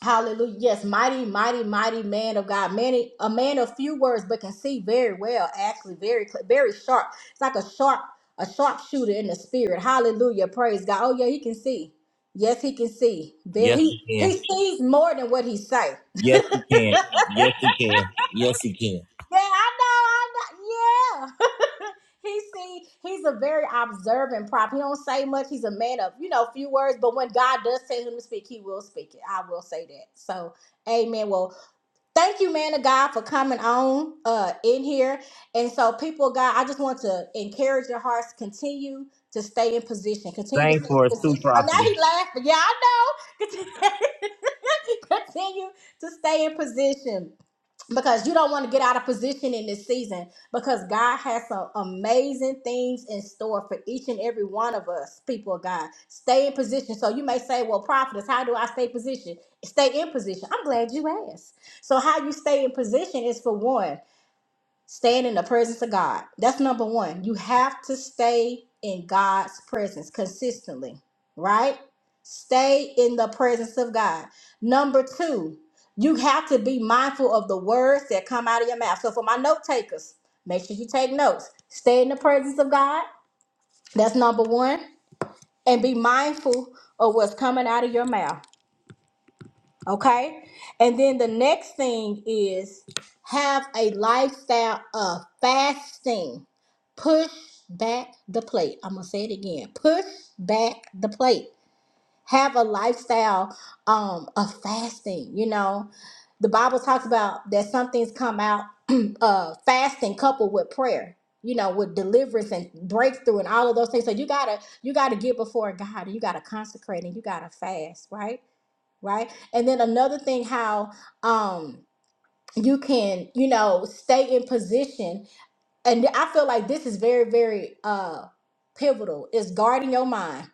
Hallelujah. Yes, mighty, mighty, mighty man of God. Many a man of few words, but can see very well, actually, very cl- very sharp. It's like a sharp, a sharp shooter in the spirit. Hallelujah. Praise God. Oh, yeah, he can see. Yes, he can see. Very Yes, he you can. he sees more than what he say. Yes, you can. [LAUGHS] Yes, you can. Yes, you can. Yeah, I know. I know. Yeah. [LAUGHS] he see, he's a very observant prop. He don't say much. He's a man of, you know, few words. But when God does tell him to speak, he will speak it. I will say that. So, amen. Well, thank you, man of God, for coming on uh in here. And so, people of God, I just want to encourage your hearts, continue to stay in position. Continue to Sing stay in for us too, position. Oh, prophetess. now he laughing. Yeah, I know. [LAUGHS] Continue to stay in position because you don't want to get out of position in this season because God has some amazing things in store for each and every one of us, people of God. Stay in position. So you may say, Well, prophetess, how do I stay position? Stay in position. I'm glad you asked. So how you stay in position is for one staying in the presence of God. That's number one. You have to stay in God's presence consistently, right? Stay in the presence of God. Number two, you have to be mindful of the words that come out of your mouth. So, for my note takers, make sure you take notes. Stay in the presence of God. That's number one. And be mindful of what's coming out of your mouth. Okay. And then the next thing is have a lifestyle of fasting. Push back the plate. I'm gonna say it again. Push back the plate. Have a lifestyle um of fasting, you know. The Bible talks about that some things come out [CLEARS THROAT] uh fasting coupled with prayer, you know, with deliverance and breakthrough and all of those things. So you gotta you gotta get before God and you gotta consecrate and you gotta fast, right? right? And then another thing, how um you can you know stay in position, and I feel like this is very very uh pivotal is guarding your mind.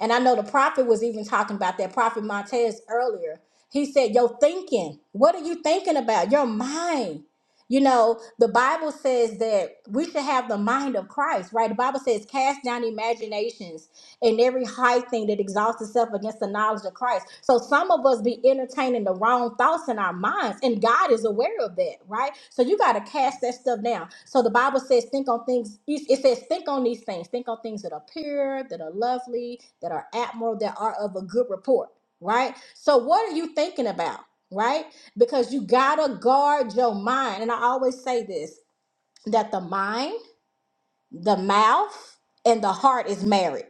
And I know the prophet was even talking about that prophet Montez earlier. He said, "Your thinking. What are you thinking about? Your mind." You know, the Bible says that we should have the mind of Christ, right? The Bible says, cast down imaginations and every high thing that exalts itself against the knowledge of Christ. So some of us be entertaining the wrong thoughts in our minds, and God is aware of that, right? So you got to cast that stuff down. So the Bible says, think on things. It says, think on these things. Think on things that are pure, that are lovely, that are admirable, that are of a good report, right? So what are you thinking about, right? Because you gotta guard your mind, and I always say this: that the mind the mouth and the heart is married.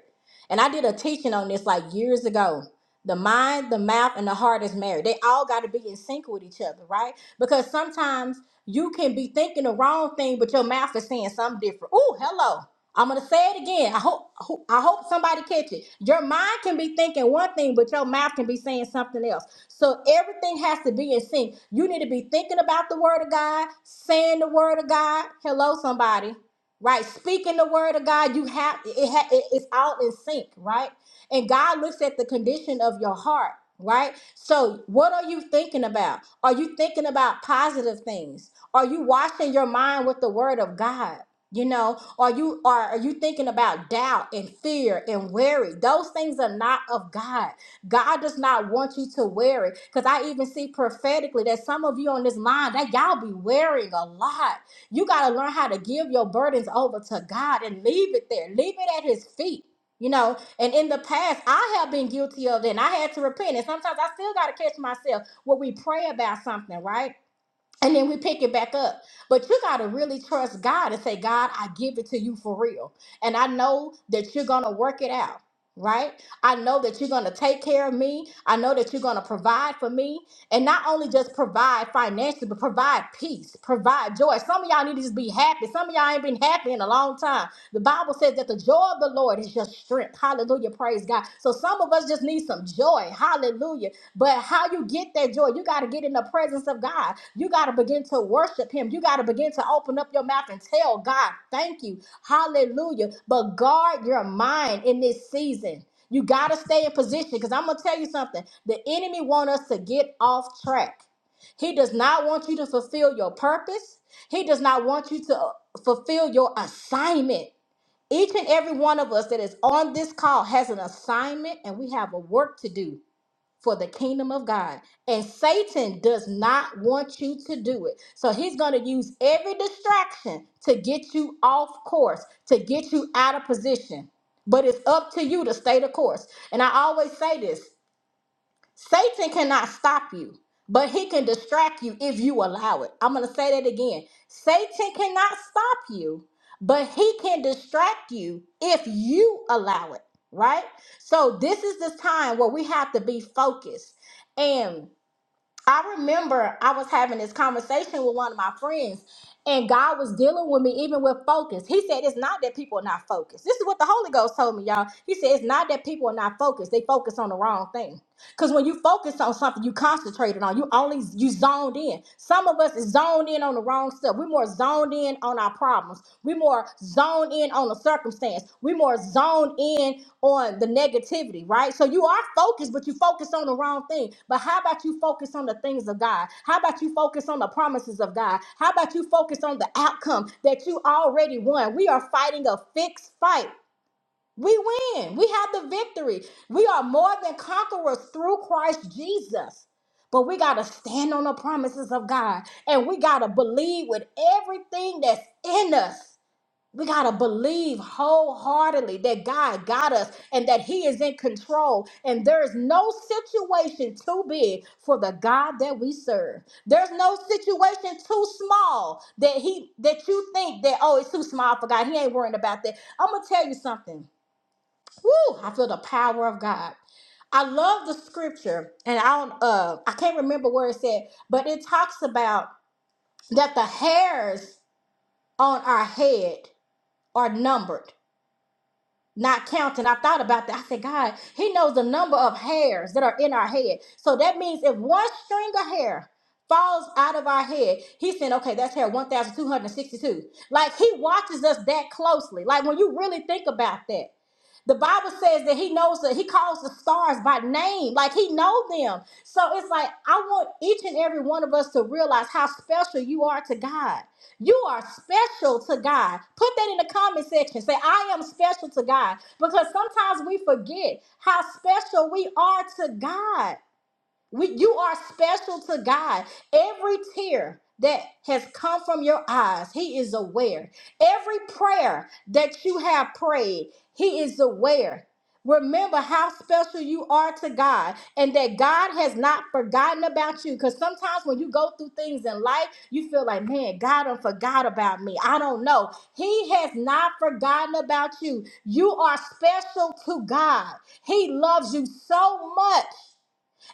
And I did a teaching on this like years ago. The mind, the mouth, and the heart is married. They all got to be in sync with each other, right? Because sometimes you can be thinking the wrong thing, but your mouth is saying something different. Oh, hello. I'm gonna say it again. I hope I hope I hope somebody catch it. Your mind can be thinking one thing, but your mouth can be saying something else. So everything has to be in sync. You need to be thinking about the word of God, saying the word of God. Hello, somebody right? Speaking the word of God, you have it, ha, it- it's all in sync, right? And God looks at the condition of your heart, right? So, what are you thinking about? Are you thinking about positive things? Are you washing your mind with the word of God? You know, are you are are you thinking about doubt and fear and worry? Those things are not of God. God does not want you to worry. Because I even see prophetically that some of you on this line that y'all be wearing a lot you got to learn how to give your burdens over to God and leave it there. Leave it at His feet. You know, and in the past, I have been guilty of it and I had to repent. And sometimes I still got to catch myself when we pray about something, right? and then we pick it back up. But you got to really trust God and say, God, I give it to you for real. And I know that you're going to work it out, right? I know that you're going to take care of me. I know that you're going to provide for me. And not only just provide financially, but provide peace, provide joy. Some of y'all need to just be happy. Some of y'all ain't been happy in a long time. The Bible says that the joy of the Lord is your strength. Hallelujah. Praise God. So some of us just need some joy. Hallelujah but how you get that joy, you got to get in the presence of God. You got to begin to worship Him. You got to begin to open up your mouth and tell God, thank you. Hallelujah. But guard your mind in this season. You got to stay in position because I'm going to tell you something. The enemy want us to get off track. He does not want you to fulfill your purpose. He does not want you to uh, fulfill your assignment. Each and every one of us that is on this call has an assignment and we have a work to do for the kingdom of God. And Satan does not want you to do it. So he's going to use every distraction to get you off course, to get you out of position. But it's up to you to stay the course. And I always say this Satan cannot stop you, but he can distract you if you allow it. I'm going to say that again. Satan cannot stop you, but he can distract you if you allow it, right? So this is the time where we have to be focused. And I remember I was having this conversation with one of my friends, and God was dealing with me even with focus. He said, It's not that people are not focused. This is what the Holy Ghost told me, y'all. He said, It's not that people are not focused, they focus on the wrong thing. Because when you focus on something, you concentrated on. You only you zoned in. Some of us is zoned in on the wrong stuff. We're more zoned in on our problems. We're more zoned in on the circumstance. We're more zoned in on the negativity, right? So you are focused, but you focus on the wrong thing. But how about you focus on the things of God? How about you focus on the promises of God? How about you focus on the outcome that you already won? We are fighting a fixed fight we win. We have the victory. We are more than conquerors through Christ Jesus. But we got to stand on the promises of God and we got to believe with everything that's in us. We got to believe wholeheartedly that God got us and that He is in control. And there is no situation too big for the God that we serve. There's no situation too small that He that you think that, oh, it's too small for God. He ain't worrying about that. I'm gonna tell you something. Woo, I feel the power of God. I love the scripture, and I don't, uh, I can't remember where it said, but it talks about that the hairs on our head are numbered, not counted. I thought about that. I said, God, He knows the number of hairs that are in our head. So that means if one string of hair falls out of our head, He said, okay, that's hair 1,262. Like He watches us that closely. Like when you really think about that. The Bible says that he knows that he calls the stars by name, like he know them. So it's like I want each and every one of us to realize how special you are to God. You are special to God. Put that in the comment section. Say, I am special to God. Because sometimes we forget how special we are to God. We, you are special to God. Every tear that has come from your eyes, He is aware. Every prayer that you have prayed, He is aware. Remember how special you are to God and that God has not forgotten about you. Because sometimes when you go through things in life, you feel like, man, God done forgot about me. I don't know. He has not forgotten about you. You are special to God. He loves you so much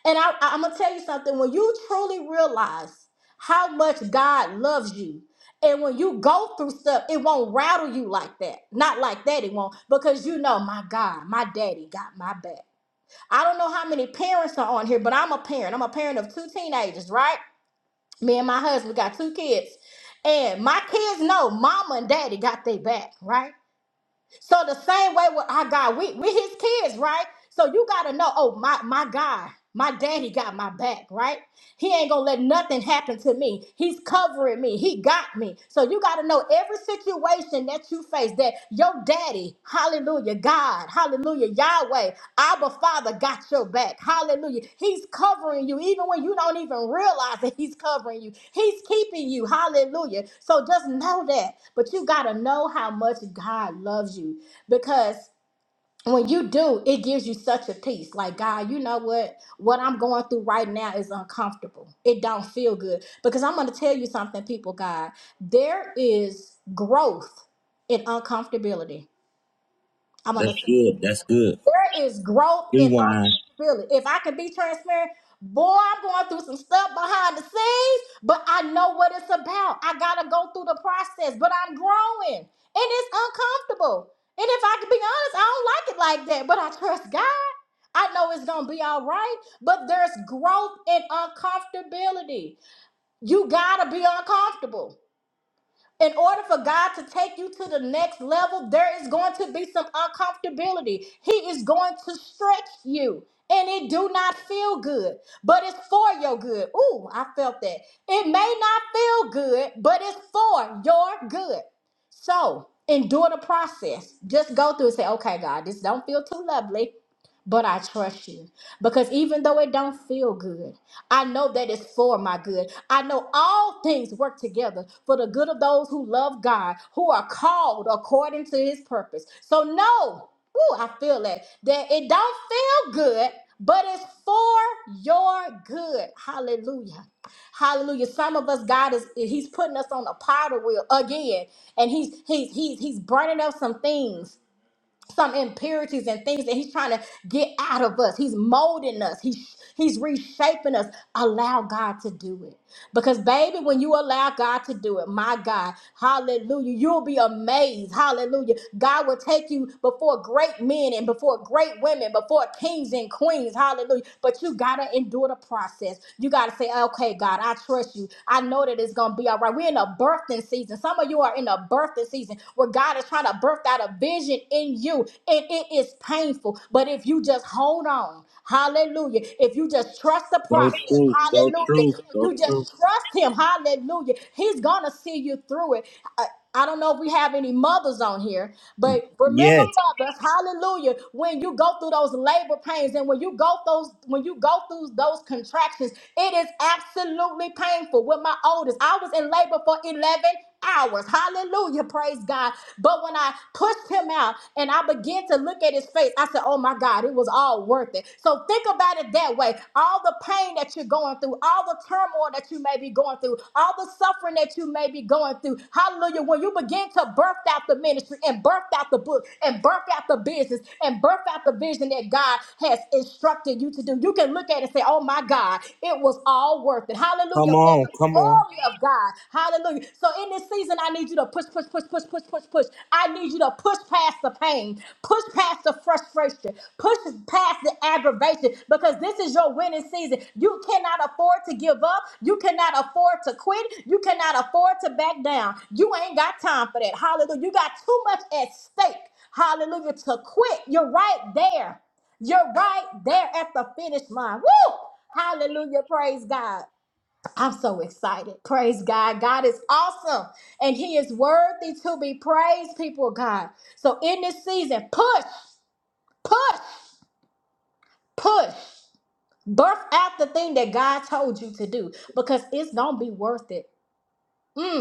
and I, am gonna tell you something. When you truly realize how much God loves you, and when you go through stuff, it won't rattle you like that. Not like that, it won't, because you know, my God, my daddy got my back. I don't know how many parents are on here, but I'm a parent. I'm a parent of two teenagers, right? Me and my husband got two kids. And my kids know mama and daddy got their back, right? So the same way with our God, we we his kids, right? So you gotta know, oh my my God, my daddy got my back, right? He ain't gonna let nothing happen to me. He's covering me. He got me. So you gotta know every situation that you face that your daddy, hallelujah, God, hallelujah, Yahweh, Abba Father got your back. Hallelujah. He's covering you even when you don't even realize that he's covering you. He's keeping you. Hallelujah. So just know that. But you gotta know how much God loves you because when you do, it gives you such a peace. Like, God, you know what? What I'm going through right now is uncomfortable. It don't feel good. Because I'm going to tell you something, people, God. There is growth in uncomfortability I'm That's gonna say it good. again. That's good. There is growth in Rewind. uncomfortability. If I can be transparent, boy, I'm going through some stuff behind the scenes, but I know what it's about. I gotta go through the process, but I'm growing and it's uncomfortable. And if I can be honest, I don't like it like that, but I trust God. I know it's gonna be all right, but there's growth in uncomfortability. You gotta be uncomfortable. In order for God to take you to the next level, there is going to be some uncomfortability. He is going to stretch you, and it do not feel good, but it's for your good. Ooh, I felt that. It may not feel good, but it's for your good. So endure the process. Just go through and say, okay, God, this don't feel too lovely, but I trust you because even though it don't feel good i know that it's for my good i know all things work together for the good of those who love god who are called according to his purpose so no woo, i feel that that it don't feel good but it's for your good hallelujah hallelujah some of us god is he's putting us on a powder wheel again and he's he's he's he's burning up some things some impurities and things that he's trying to get out of us. He's molding us. He's he's reshaping us. Allow God to do it. Because baby, when you allow God to do it, my God, hallelujah, you'll be amazed. Hallelujah. God will take you before great men and before great women, before kings and queens. Hallelujah. But you got to endure the process. You got to say, "Okay, God, I trust you. I know that it's going to be all right." We're in a birthing season. Some of you are in a birthing birth this season where God is trying to birth out a vision in you, and it is painful. But if you just hold on, hallelujah. If you just trust the Go process, true. Go hallelujah. If true. Go you true. just trust Him, hallelujah. He's gonna see you through it. I, I don't know if we have any mothers on here, but remember Yes. mothers, hallelujah, when you go through those labor pains and when you go those when you go through those contractions, it is absolutely painful. With my oldest, I was in labor for 11 hours. Hallelujah. Praise God. But when I pushed him out and I began to look at his face, I said, Oh my God, it was all worth it. So think about it that way. All the pain that you're going through, all the turmoil that you may be going through, all the suffering that you may be going through. Hallelujah. When you begin to birth out the ministry and birth out the book and birth out the business and birth out the vision that God has instructed you to do, you can look at it and say, Oh my God, it was was all worth it. Hallelujah. For the glory of God. Hallelujah. So in this season, I need you to push, push, push, push, push, push, push. I need you to push past the pain, push past the frustration, push past the aggravation because this is your winning season. You cannot afford to give up. You cannot afford to quit. You cannot afford to back down. You ain't got time for that. Hallelujah. You got too much at stake. Hallelujah. To quit. You're right there. You're right there at the finish line. Woo! Hallelujah. Praise God. I'm so excited. Praise God. God is awesome and He is worthy to be praised, people of God. So in this season, push, push, push. Birth out the thing that God told you to do because it's going to be worth it. Mm.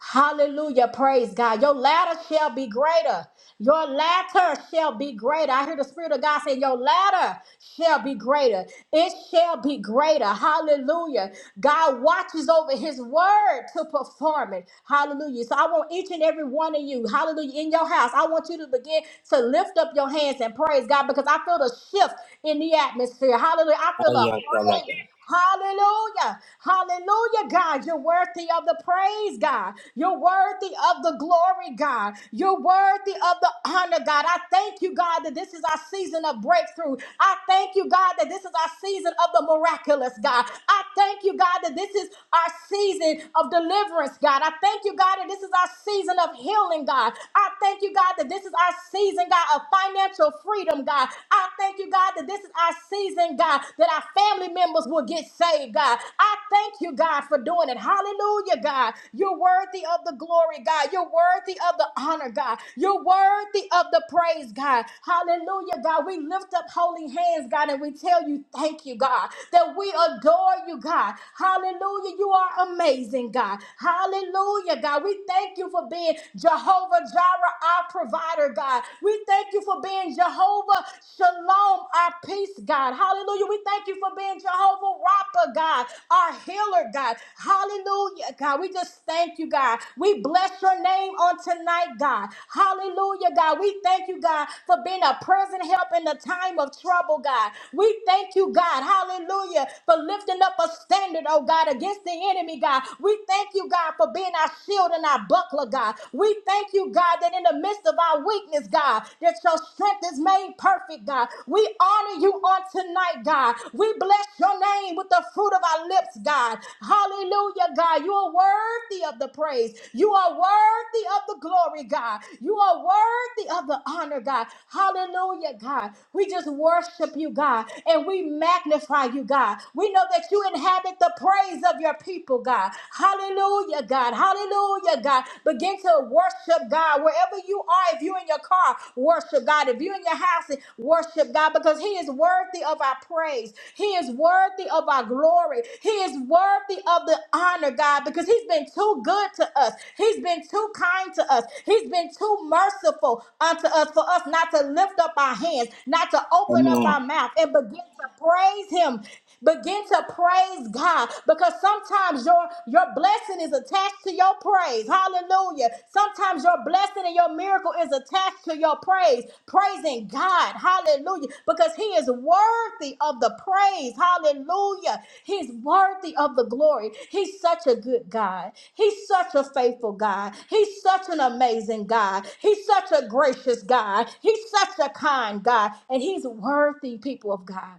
Hallelujah. Praise God. Your ladder shall be greater. Your latter shall be greater. I hear the Spirit of God saying, Your ladder shall be greater. It shall be greater. Hallelujah. God watches over his word to perform it. Hallelujah. So I want each and every one of you, hallelujah, in your house, I want you to begin to lift up your hands and praise God because I feel the shift in the atmosphere. Hallelujah. I I feel a y'all like praise that. Hallelujah. Hallelujah, God. You're worthy of the praise, God. You're worthy of the glory, God. You're worthy of the honor, God. I thank you, God, that this is our season of breakthrough. I thank you, God, that this is our season of the miraculous, God. I thank you, God, that this is our season of deliverance, God. I thank you, God, that this is our season of healing, God. I thank you, God, that this is our season, God, of financial freedom, God. I thank you, God, that this is our season, God, that our family members will get saved, God. I thank you, God, for doing it. Hallelujah, God. You're worthy of the glory, God. You're worthy of the honor, God. You're worthy of the praise, God. Hallelujah, God. We lift up holy hands, God, and we tell you thank you, God, that we adore you, God. Hallelujah. You are amazing, God. Hallelujah, God. We thank you for being Jehovah Jireh, our provider, God. We thank thank you for being Jehovah Shalom, our peace, God. Hallelujah. We thank you for being Jehovah Rapha, God, our healer, God. Hallelujah, God. We just thank you, God. We bless your name on tonight, God. Hallelujah, God. We thank you, God, for being a present help in the time of trouble, God. We thank you, God. Hallelujah, for lifting up a standard, oh God, against the enemy, God. We thank you, God, for being our shield and our buckler, God. We thank you, God, that in the midst of our weakness, God, that your strength is made perfect, God. We honor you on tonight, God. We bless your name with the fruit of our lips, God. Hallelujah, God. You are worthy of the praise. You are worthy of the glory, God. You are worthy of the honor, God. Hallelujah, God. We just worship you, God, and we magnify you, God. We know that you inhabit the praise of your people, God. Hallelujah. Hallelujah, God. Hallelujah, God. Begin to worship God wherever you are. If you're in your car, worship God. If you're in your house, worship God because He is worthy of our praise. He is worthy of our glory. He is worthy of the honor, God, because He's been too good to us. He's been too kind to us. He's been too merciful unto us for us not to lift up our hands, not to Come open up on. our mouth and begin to praise Him Begin to praise God because sometimes your, your blessing is attached to your praise. Hallelujah. Sometimes your blessing and your miracle is attached to your praise. Praising God. Hallelujah. Because He is worthy of the praise. Hallelujah. He's worthy of the glory. He's such a good God. He's such a faithful God. He's such an amazing God. He's such a gracious God. He's such a kind God. And He's worthy, people of God.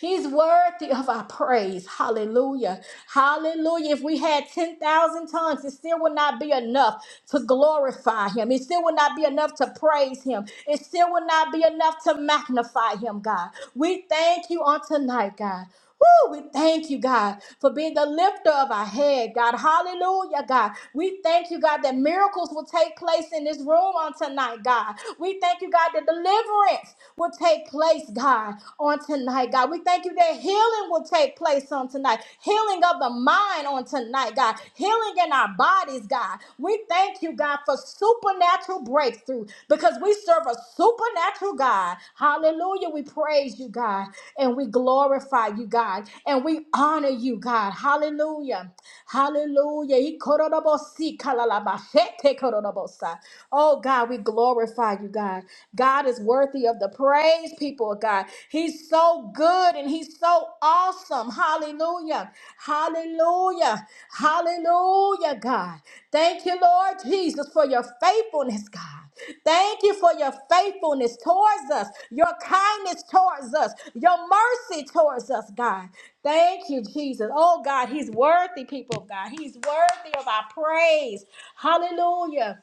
He's worthy of our praise. Hallelujah. Hallelujah. If we had 10,000 tongues, it still would not be enough to glorify him. It still would not be enough to praise him. It still would not be enough to magnify him, God. We thank you on tonight, God. Woo, we thank you, God, for being the lifter of our head, God. Hallelujah, God. We thank you, God, that miracles will take place in this room on tonight, God. We thank you, God, that deliverance will take place, God, on tonight, God. We thank you that healing will take place on tonight, healing of the mind on tonight, God, healing in our bodies, God. We thank you, God, for supernatural breakthrough because we serve a supernatural God. Hallelujah. We praise you, God, and we glorify you, God, and we honor you, God. Hallelujah. Hallelujah. Ikorodobosi kalalabashete korodobosa. Oh, God, we glorify you, God. God is worthy of the praise, people of God. He's so good and he's so so awesome. Hallelujah. Hallelujah. Hallelujah, God. Thank you, Lord Jesus, for your faithfulness, God. Thank you for your faithfulness towards us, your kindness towards us, your mercy towards us, God. Thank you, Jesus. Oh, God, He's worthy, people of God. He's worthy of our praise. Hallelujah.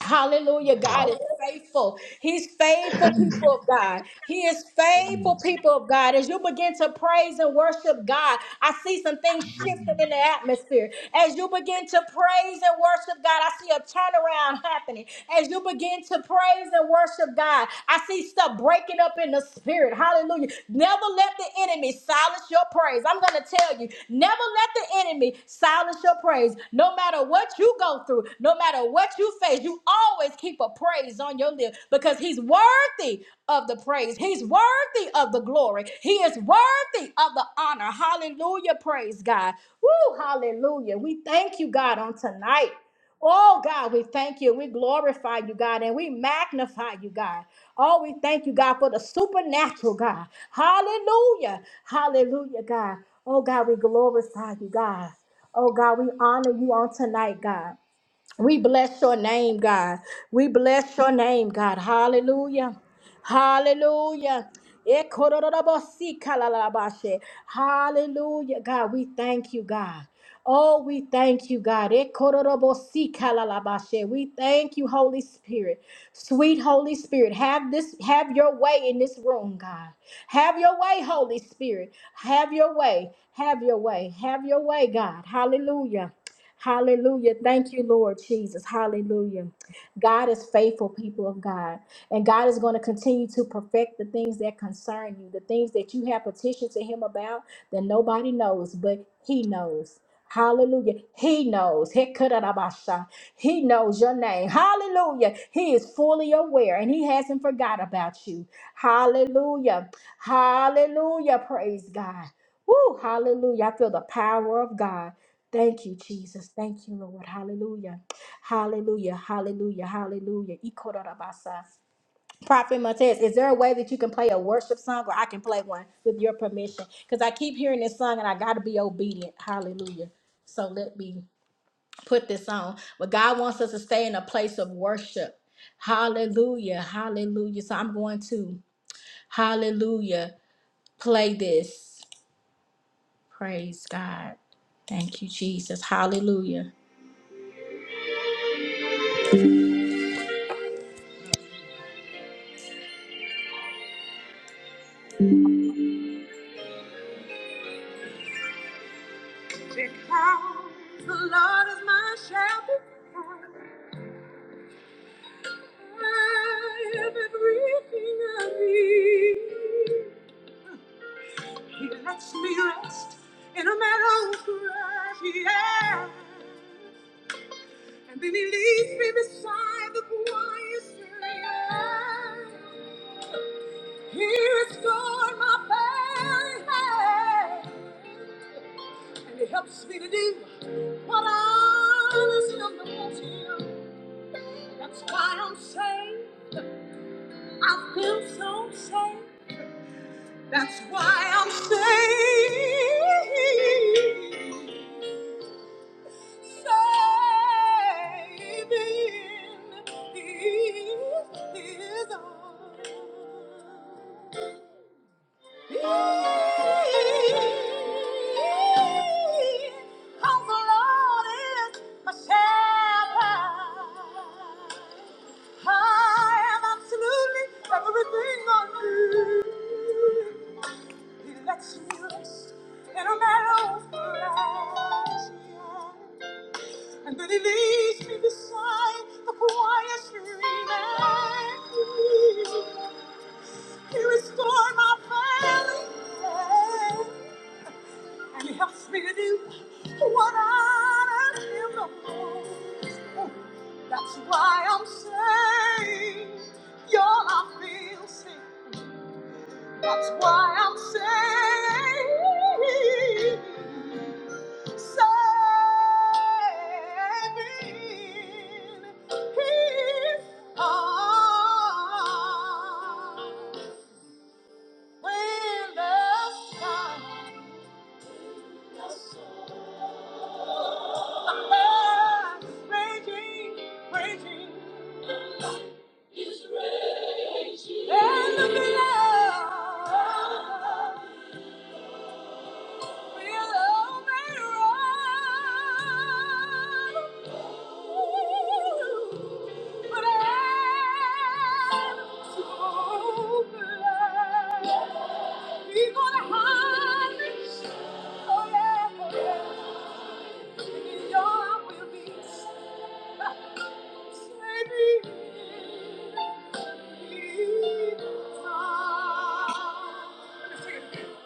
Hallelujah. God is faithful. He's faithful, people of God. He is faithful, people of God. As you begin to praise and worship God, I see some things wind shifting in the atmosphere. As you begin to praise and worship God, I see a turnaround happening. As you begin to praise and worship God, I see stuff breaking up in the spirit. Hallelujah. Never let let the enemy silence your praise. I'm going to tell you, never let the enemy silence your praise. No matter what you go through, no matter what you face, you always keep a praise on your lips because he's worthy of the praise. He's worthy of the glory. He is worthy of the honor. Hallelujah. Praise God. Woo, hallelujah. We thank you, God, on tonight. Oh God, we thank you. We glorify you, God, and we magnify you, God. Oh, we thank you, God, for the supernatural, God. Hallelujah. Hallelujah, God. Oh God, we glorify you, God. Oh God, we honor you on tonight, God. We bless your name, God. We bless your name, God. Hallelujah. Hallelujah. Ekororobosikalalabashe. Hallelujah, God. We thank you, God. Oh, we thank you, God. Ekororobosikalalabashe. We thank you, Holy Spirit. Sweet Holy Spirit, have this have your way in this room, God. Have your way, Holy Spirit. Have your way. Have your way. Have your way, God. Hallelujah. Hallelujah. Thank you, Lord Jesus. Hallelujah. God is faithful, people of God. And God is going to continue to perfect the things that concern you, the things that you have petitioned to Him about that nobody knows, but He knows. Hallelujah. He knows. Hekarabasha. He knows your name. Hallelujah. He is fully aware and He hasn't forgot about you. Hallelujah. Hallelujah. Praise God. Woo, hallelujah. I feel the power of God. Thank you, Jesus. Thank you, Lord. Hallelujah. Hallelujah. Hallelujah. Hallelujah. Ikorabasa. Prophet Montez, is there a way that you can play a worship song or I can play one with your permission? Because I keep hearing this song and I got to be obedient. Hallelujah. So let me put this on. But God wants us to stay in a place of worship. Hallelujah. Hallelujah. So I'm going to, hallelujah, play this. Praise God. Thank you, Jesus. Hallelujah. Because the Lord is my shepherd, I have everything I need. He lets me rest in a meadow grass, yeah. And then he leads me beside the quiet stream. He restored my faith, and he helps me to do what I was not to do. That's why I'm saved. I feel so safe. That's why I'm saved. Saved in His arms. He lets you rest in a meadow of grass. And then he leads me beside the quiet stream and green. He restored my failing faith, And he helps me to do what I am no more. That's why I'm saying, y'all, I feel safe. That's why I'm saying, saving his arms. When the sun is raging, raging, and the blood. Thank you.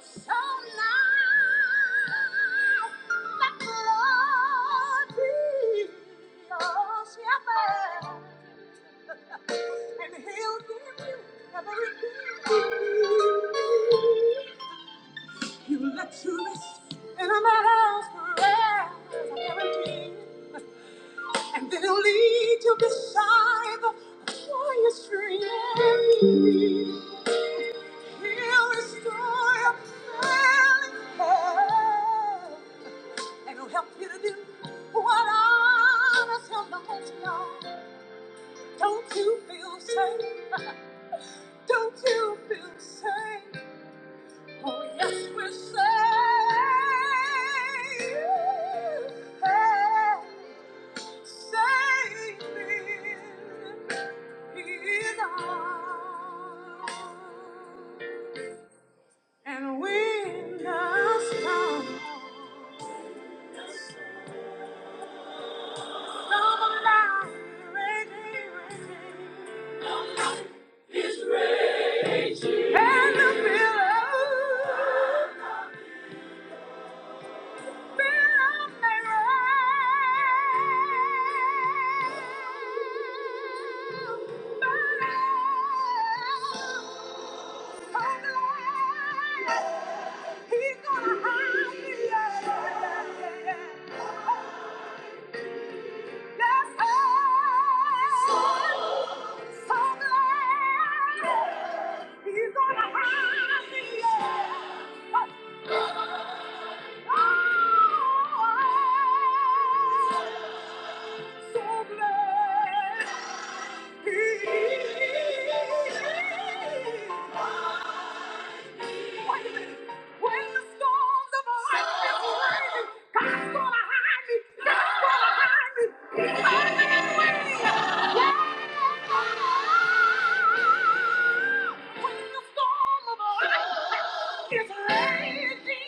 So now, let the Lord be your shepherd, and He'll give you everything you need. He'll let you rest in a man's grass, I guarantee and they'll lead you beside the quiet stream. He'll restore your failing health, and he'll help you to do what others have lost. Now, don't you feel safe? [LAUGHS] Don't you feel safe? Oh yes, we're safe. Safe. And when the storm storm arrives, raging, raging, and the billows He's gonna hide me. Yeah, yeah, yeah he's gonna Yeah. Wait When the storms of life is raging, God's gonna hide me. God's gonna hide me. He's When the storm of life is raging,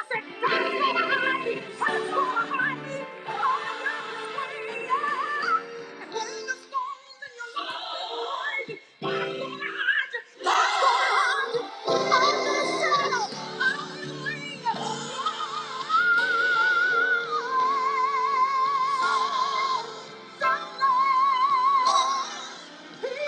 I said God's gonna hide me. Hallelujah. Yeah.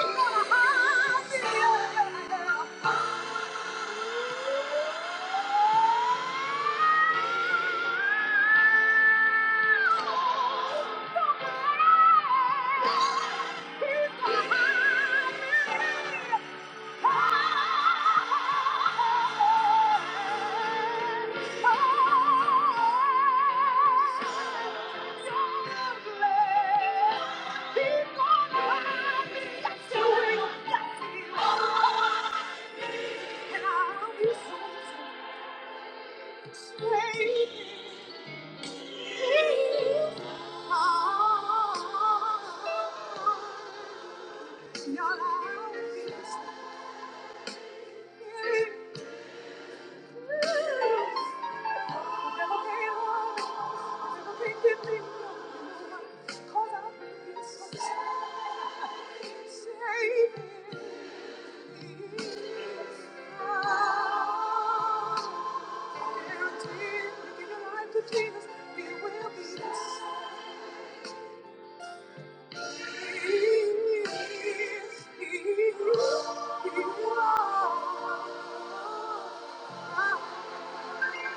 Thank you. Thank you.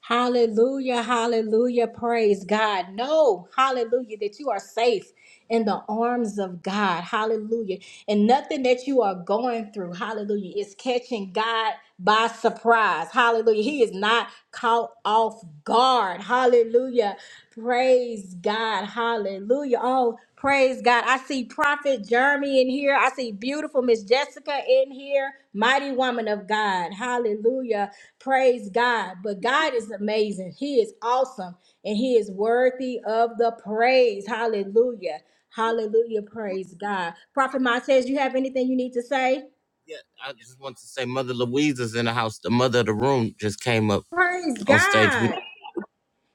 Hallelujah, hallelujah, praise God. Know, hallelujah, that you are safe in the arms of God, hallelujah. And nothing that you are going through, hallelujah, is catching God by surprise, hallelujah. He is not caught off guard, hallelujah, praise God, hallelujah. Oh, praise God. I see Prophet Jeremy in here, I see beautiful Miss Jessica in here, mighty woman of God, hallelujah. Praise God. But God is amazing. He is awesome and He is worthy of the praise. Hallelujah. Hallelujah. Praise God. Prophet Montez, you have anything you need to say? Yeah, I just want to say Mother Louise is in the house. The mother of the room just came up Praise on stage with God.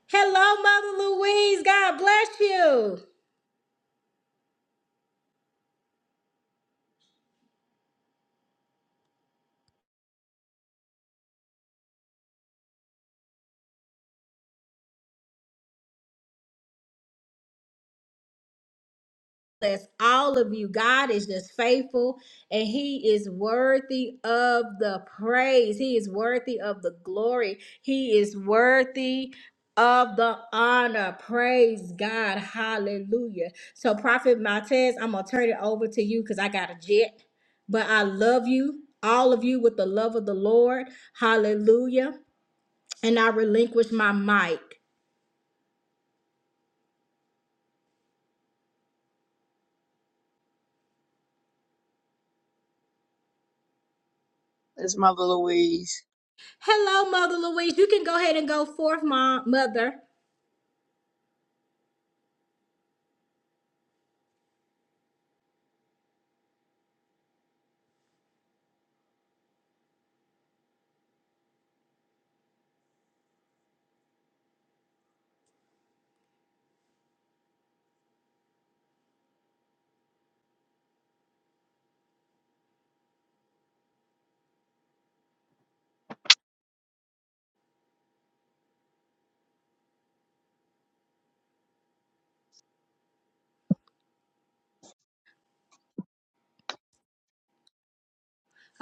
Hello, Mother Louise. God bless you. bless all of you. God is just faithful and He is worthy of the praise. He is worthy of the glory. He is worthy of the honor. Praise God. Hallelujah. So, Prophet Montez, I'm going to turn it over to you because I got a jet, but I love you, all of you, with the love of the Lord. Hallelujah. And I relinquish my mic. It's Mother Louise. Hello, Mother Louise. You can go ahead and go forth, Mom, Mother.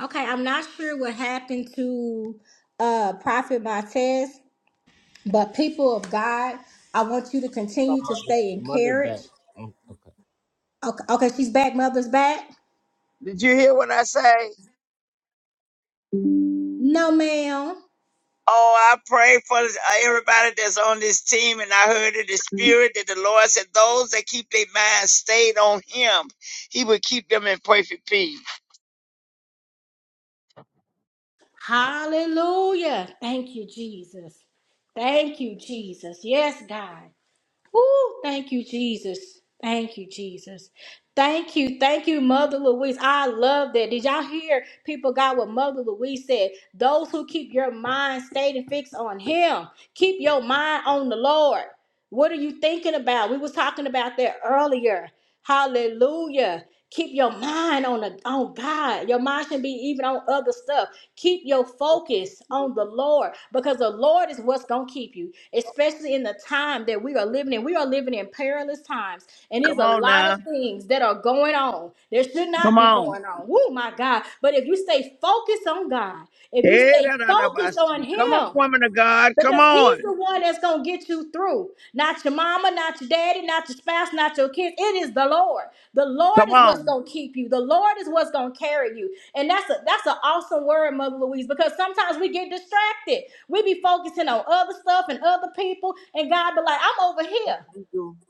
Okay, I'm not sure what happened to uh Prophet Montez, but people of God, I want you to continue to stay Mother back. encouraged. Okay, okay, she's back, mother's back. Did you hear what I say? No, ma'am. Oh, I pray for uh, everybody that's on this team, and I heard in the spirit that the Lord said, "Those that keep their minds stayed on Him, He will keep them in perfect peace." Hallelujah. Thank you, Jesus. Thank you, Jesus. Yes, God. Woo, thank you, Jesus. Thank you, Jesus. Thank you. Thank you, Mother Louise. I love that. Did y'all hear people got what Mother Louise said? Those who keep your mind stayed and fixed on him. Keep your mind on the Lord. What are you thinking about? We was talking about that earlier. Hallelujah. Keep your mind on the, on God. Your mind should not be even on other stuff. Keep your focus on the Lord because the Lord is what's going to keep you, especially in the time that we are living in. We are living in perilous times, and there's Come a on lot now, of things that are going on that should not come be on. going on. Woo, my God. But if you stay focused on God, if you Hey, stay da, da, da, ba, focused on see. Come on, Him, woman of God, come because he's the on, one that's gonna get you through. Not your mama, not your daddy, not your spouse, not your kids. It is the Lord. The Lord come is what's on, gonna keep you. The Lord is what's gonna carry you. And that's a that's an awesome word, Mother Louise, because sometimes we get distracted. We be focusing on other stuff and other people, and God be like, I'm over here.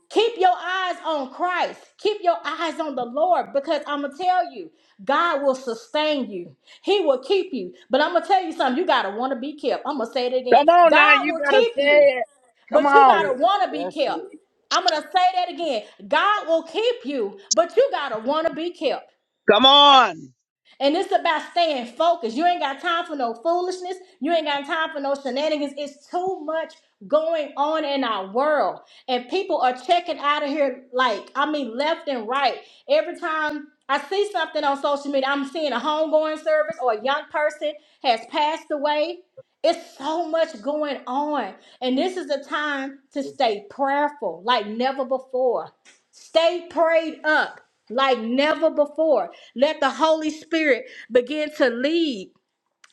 Keep your eyes on Christ. Keep your eyes on the Lord because I'm going to tell you, God will sustain you. He will keep you. But I'm going to tell you something. You got to want to be kept. I'm going to say it again. come on now. God You will better keep you, say it. Come but you got on, to want to be kept. I'm going to say that again. God will keep you, but you got to want to be kept. come on, And it's about staying focused. You ain't got time for no foolishness. You ain't got time for no shenanigans. It's too much going on in our world. And people are checking out of here like, I mean, left and right. Every time I see something on social media, I'm seeing a homegoing service or a young person has passed away. It's so much going on. And this is a time to stay prayerful like never before. Stay prayed up like never before. Let the Holy Spirit begin to lead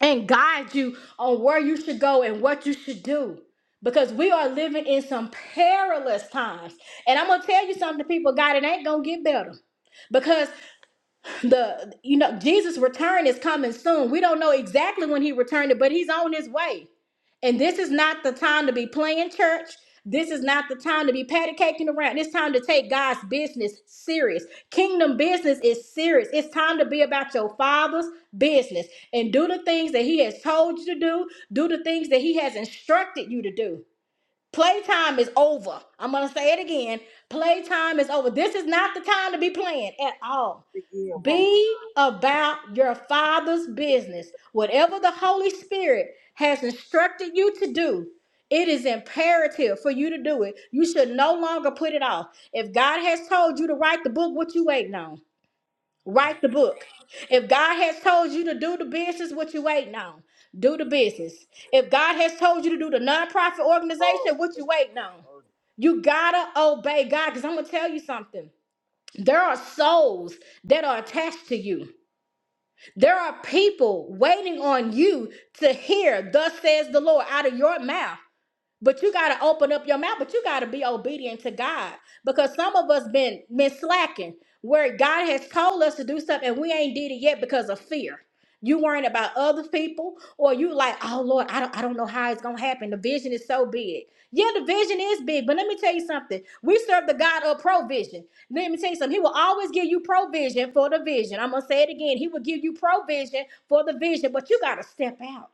and guide you on where you should go and what you should do. Because we are living in some perilous times. And I'm going to tell you something, people, God, it ain't going to get better. Because the you know jesus return is coming soon we don't know exactly when he returned but he's on his way and this is not the time to be playing church this is not the time to be patty caking around it's time to take god's business serious kingdom business is serious it's time to be about your father's business and do the things that he has told you to do do the things that he has instructed you to do playtime is over i'm gonna say it again playtime is over this is not the time to be playing at all be about your Father's business. Whatever the Holy Spirit has instructed you to do, it is imperative for you to do it. You should no longer put it off. If God has told you to write the book, what you waiting on? Write the book. If God has told you to do the business, what you waiting on? Do the business. If God has told you to do the nonprofit organization, what you waiting on? You gotta obey God because I'm gonna tell you something. There are souls that are attached to you. There are people waiting on you to hear, thus says the Lord, out of your mouth. But you gotta open up your mouth, but you gotta be obedient to God. Because some of us been been slacking where God has told us to do stuff and we ain't did it yet because of fear. You worrying about other people, or you like, oh Lord, I don't I don't know how it's gonna happen. The vision is so big. Yeah, the vision is big, but let me tell you something. We serve the God of provision. Let me tell you something. He will always give you provision for the vision. I'm gonna say it again. He will give you provision for the vision, but you gotta step out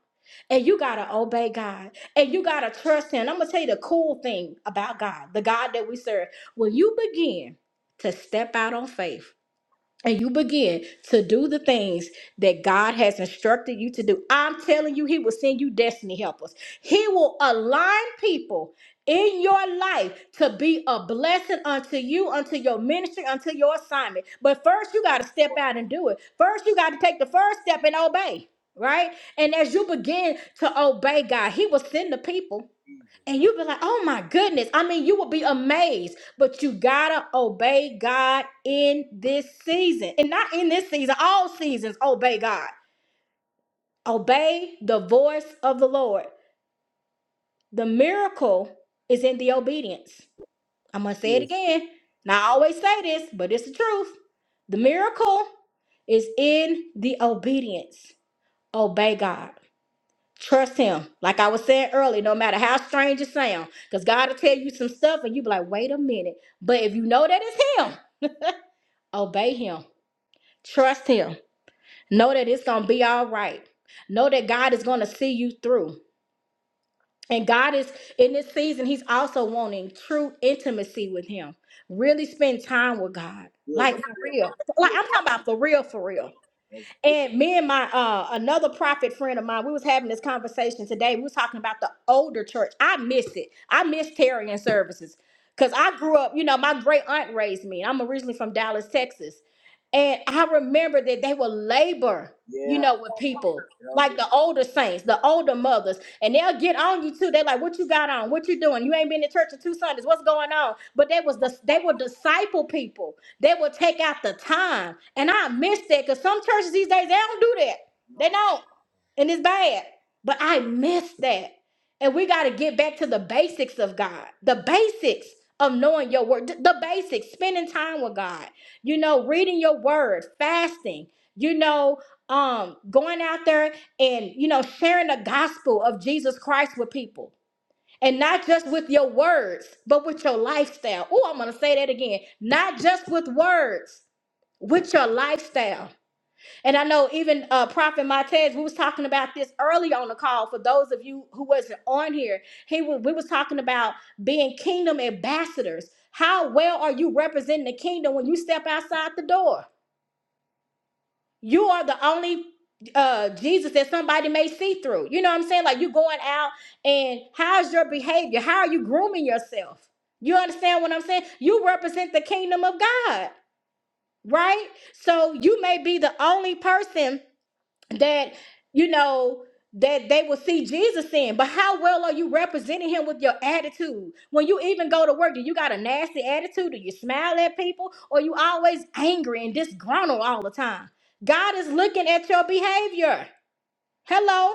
and you gotta obey God and you gotta trust Him. I'm gonna tell you the cool thing about God, the God that we serve. When you begin to step out on faith, and you begin to do the things that God has instructed you to do, I'm telling you, He will send you destiny helpers. He will align people in your life to be a blessing unto you, unto your ministry, unto your assignment. But first, you got to step out and do it. First, you got to take the first step and obey, right? And as you begin to obey God, He will send the people. And you will be like, oh my goodness. I mean, you will be amazed, but you gotta obey God in this season. And not in this season, all seasons, obey God. Obey the voice of the Lord. The miracle is in the obedience. I'm gonna say it again. Now, I always say this, but it's the truth. The miracle is in the obedience. Obey God. Trust him. Like I was saying earlier, no matter how strange it sounds, because God will tell you some stuff and you be like, wait a minute. But if you know that it's him, obey him. Trust him. Know that it's gonna be all right. Know that God is gonna see you through. And God is in this season, He's also wanting true intimacy with Him. Really spend time with God. Like for real. Like I'm talking about for real, for real. And me and my uh another prophet friend of mine, we was having this conversation today. We was talking about the older church. I miss it. I miss tarrying services. Cause I grew up, you know, my great aunt raised me. I'm originally from Dallas, Texas. And I remember that they would labor, you know, with people. Like the older saints, the older mothers, and they'll get on you too. They're like, "What you got on? What you doing? You ain't been to church in two Sundays. What's going on?" But they was the they were disciple people they will take out the time. And I miss that because some churches these days, they don't do that. They don't. And it's bad. But I miss that. And we got to get back to the basics of God, the basics of knowing your word, th- the basics, spending time with God, you know, reading your word, fasting, you know, um, going out there and, you know, sharing the gospel of Jesus Christ with people. And not just with your words, but with your lifestyle. Oh, I'm going to say that again. Not just with words, with your lifestyle. And I know even uh, Prophet Montez, we was talking about this early on the call. For those of you who wasn't on here, he wa- we was talking about being kingdom ambassadors. How well are you representing the kingdom when you step outside the door? you are the only uh Jesus that somebody may see through. You know what I'm saying? Like you going out and how's your behavior? How are you grooming yourself? You understand what I'm saying? You represent the kingdom of God, right? So you may be the only person that you know that they will see Jesus in. But how well are you representing him with your attitude? When you even go to work, do you got a nasty attitude? Do you smile at people? Or you always angry and disgruntled all the time? God is looking at your behavior. Hello.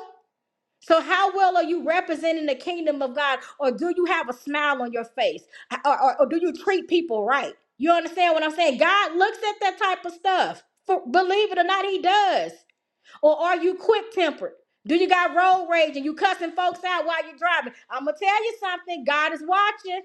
So how well are you representing the kingdom of God? Or do you have a smile on your face? Or, or, or do you treat people right? You understand what I'm saying? God looks at that type of stuff. For, believe it or not, he does. Or are you quick tempered? Do you got road rage and you cussing folks out while you're driving? I'm gonna tell you something. God is watching.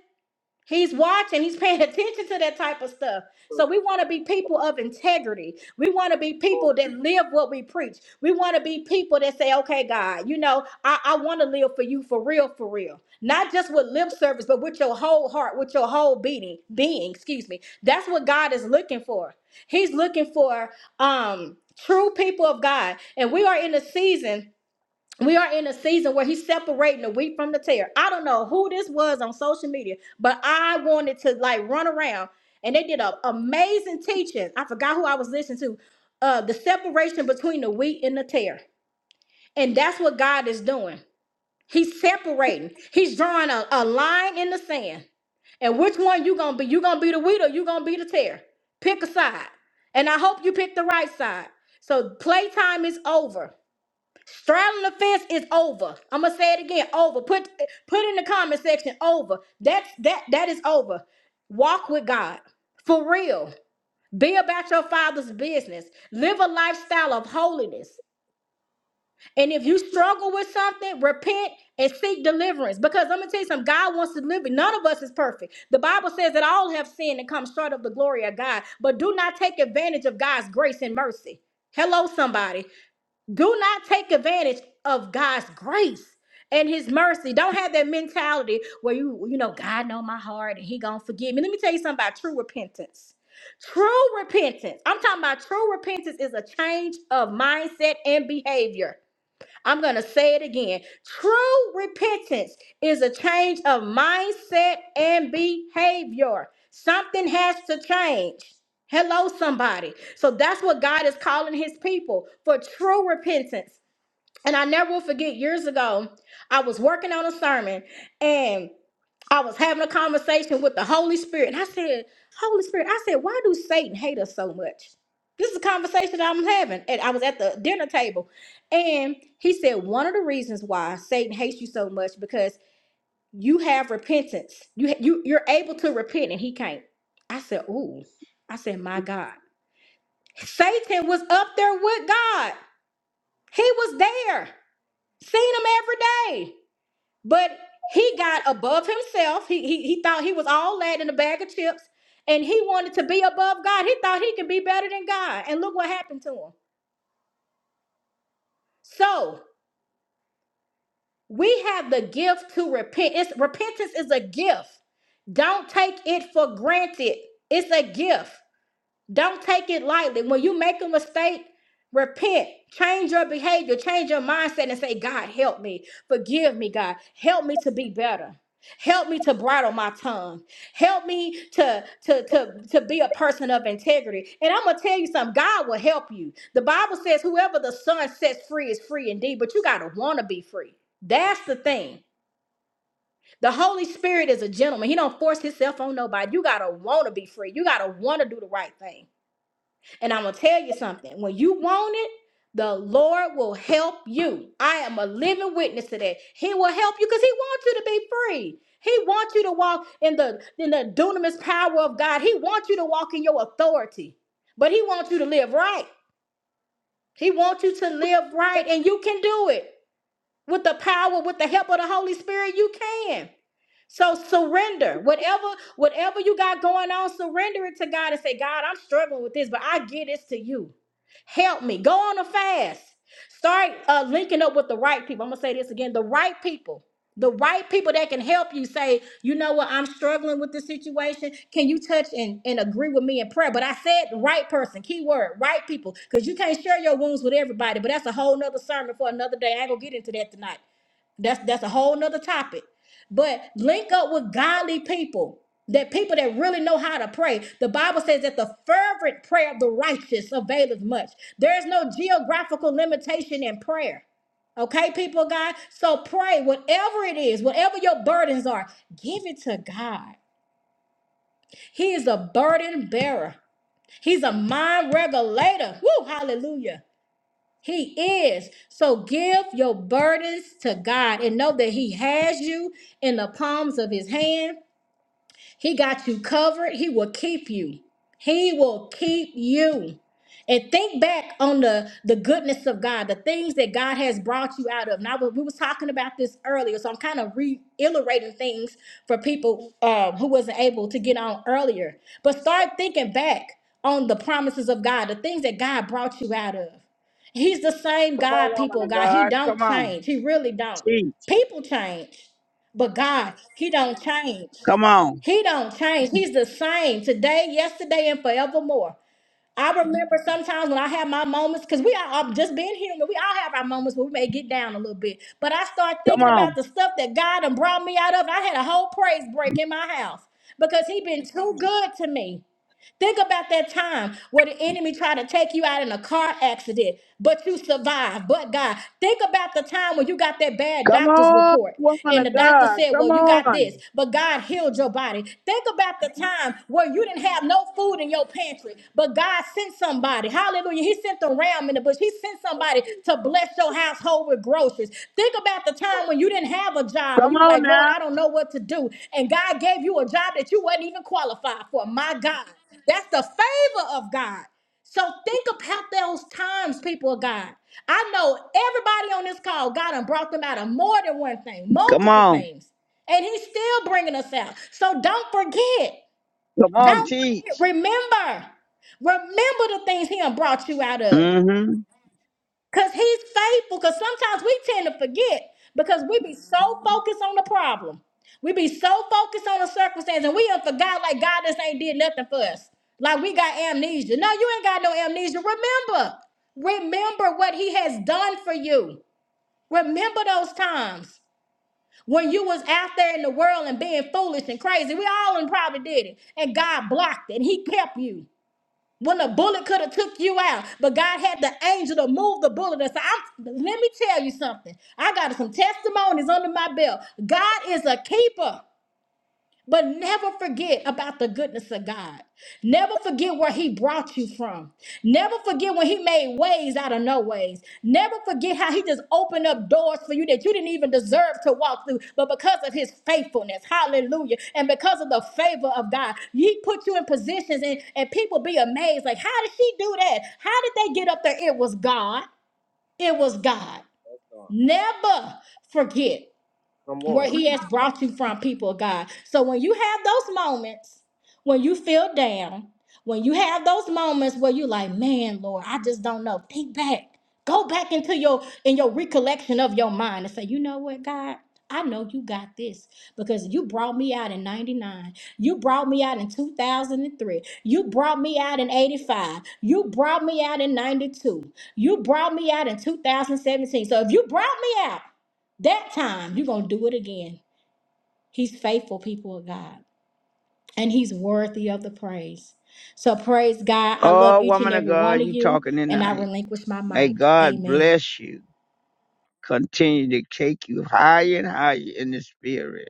He's watching, he's paying [LAUGHS] attention to that type of stuff. So we want to be people of integrity. We want to be people that live what we preach. We want to be people that say, okay, God, you know, I, I want to live for you for real, for real. Not just with lip service, but with your whole heart, with your whole being, being, excuse me. That's what God is looking for. He's looking for um true people of God. And we are in a season we are in a season where he's separating the wheat from the tare. I don't know who this was on social media, but I wanted to like run around and they did an amazing teaching. I forgot who I was listening to. Uh, the separation between the wheat and the tare. And that's what God is doing. He's separating. He's drawing a, a line in the sand. And which one you gonna be? You gonna be the wheat or you gonna be the tear? Pick a side. And I hope you pick the right side. So playtime is over. Straddling the fence is over. I'm gonna say it again. Over. Put put in the comment section. Over. That's that that is over. Walk with God for real. Be about your father's business. Live a lifestyle of holiness. And if you struggle with something, repent and seek deliverance. Because I'm gonna tell you something. God wants to deliver. None of us is perfect. The Bible says that all have sinned and come short of the glory of God. But do not take advantage of God's grace and mercy. Hello, somebody. Do not take advantage of God's grace and his mercy. Don't have that mentality where you, you know, God know my heart and he gonna forgive me. Let me tell you something about true repentance. True repentance. I'm talking about true repentance is a change of mindset and behavior. I'm going to say it again. True repentance is a change of mindset and behavior. Something has to change. Hello, somebody. So that's what God is calling his people for true repentance. And I never will forget years ago, I was working on a sermon and I was having a conversation with the Holy Spirit. And I said, Holy Spirit, I said, why do Satan hate us so much? This is a conversation that I'm having. And I was at the dinner table. And he said, one of the reasons why Satan hates you so much because you have repentance. You, you, you're able to repent and he can't. I said, ooh. I said, my God. Satan was up there with God. He was there. Seen him every day. But he got above himself. He, he, he thought he was all that in a bag of chips and he wanted to be above God. He thought he could be better than God. And look what happened to him. So we have the gift to repent. It's, repentance is a gift. Don't take it for granted. It's a gift. Don't take it lightly. When you make a mistake, repent, change your behavior, change your mindset, and say, God, help me. Forgive me, God. Help me to be better. Help me to bridle my tongue. Help me to, to, to, to be a person of integrity. And I'm going to tell you something God will help you. The Bible says, whoever the Son sets free is free indeed, but you got to want to be free. That's the thing. The Holy Spirit is a gentleman. He don't force himself on nobody. You got to want to be free. You got to want to do the right thing. And I'm going to tell you something. When you want it, the Lord will help you. I am a living witness to that. He will help you because He wants you to be free. He wants you to walk in the in the dunamis power of God. He wants you to walk in your authority, but He wants you to live right. He wants you to live right, and you can do it with the power, with the help of the Holy Spirit, you can. So surrender. Whatever, whatever you got going on, surrender it to God and say, God, I'm struggling with this, but I give this to you. Help me. Go on a fast. Start uh, linking up with the right people. I'm gonna say this again: the right people the right people that can help you say, you know what, I'm struggling with this situation. Can you touch and, and agree with me in prayer? But I said the right person, keyword, right people, because you can't share your wounds with everybody. But that's a whole nother sermon for another day. I ain't gonna get into that tonight. That's that's a whole nother topic. But link up with godly people, that people that really know how to pray. The Bible says that the fervent prayer of the righteous availeth much. There is no geographical limitation in prayer. Okay, people, of God. So pray, whatever it is, whatever your burdens are, give it to God. He is a burden bearer. He's a mind regulator. Woo, hallelujah. He is. So give your burdens to God and know that He has you in the palms of His hand. He got you covered. He will keep you. He will keep you. And think back on the, the goodness of God, the things that God has brought you out of. Now we was talking about this earlier, so I'm kind of reiterating things for people um, who wasn't able to get on earlier. But start thinking back on the promises of God, the things that God brought you out of. He's the same come God, on, woman people. of God, He God, don't come change. He really don't. on. People change, but God, He don't change. Come on. He don't change. He's the same today, yesterday, and forevermore. I remember sometimes when I have my moments, because we are I'm just being human. We all have our moments where we may get down a little bit. But I start Come thinking about on. the stuff that God done brought me out of. I had a whole praise break in my house because he been too good to me. Think about that time where the enemy tried to take you out in a car accident, but you survived. But God, think about the time when you got that bad Come doctor's on, report woman and the of doctor God. said, Well, Come you got on. this, but God healed your body. Think about the time where you didn't have no food in your pantry, but God sent somebody. Hallelujah. He sent the ram in the bush. He sent somebody to bless your household with groceries. Think about the time when you didn't have a job and Come you was on like, Lord, now. I don't know what to do. And God gave you a job that you wasn't even qualified for. My God. That's the favor of God. So think about those times, people of God. I know everybody on this call, God done brought them out of more than one thing, Come multiple on. things. And he's still bringing us out. So don't forget. Come on, Don't forget. teach. Remember. Remember the things he done brought you out of. Mm-hmm. Because he's faithful. Because sometimes we tend to forget because we be so focused on the problem. We be so focused on the circumstance and we done forgot like God just ain't did nothing for us. Like we got amnesia. No, you ain't got no amnesia. Remember. Remember what he has done for you. Remember those times when you was out there in the world and being foolish and crazy. We all done probably did it. And God blocked it. He kept you when a bullet could have took you out but god had the angel to move the bullet aside I'm, let me tell you something i got some testimonies under my belt god is a keeper but never forget about the goodness of God. Never forget where He brought you from. Never forget when He made ways out of no ways. Never forget how He just opened up doors for you that you didn't even deserve to walk through. But because of His faithfulness, hallelujah, and because of the favor of God, He put you in positions and, and people be amazed like, how did she do that? How did they get up there? It was God. It was God. Never forget where he has brought you from, people of God. So when you have those moments, when you feel down, when you have those moments where you're like, man, Lord, I just don't know. Think back. Go back into your in your recollection of your mind and say, you know what, God? I know you got this because you brought me out in 99. You brought me out in 2003. You brought me out in 85. You brought me out in 92. You brought me out in 2017. So if you brought me out that time, you're going to do it again. He's faithful, people of God, and He's worthy of the praise. So, praise God. I love Oh, each and woman of every God, one of you you, talking and I tonight. relinquish my May mic. God Amen. bless you. Continue to take you higher and higher in the spirit.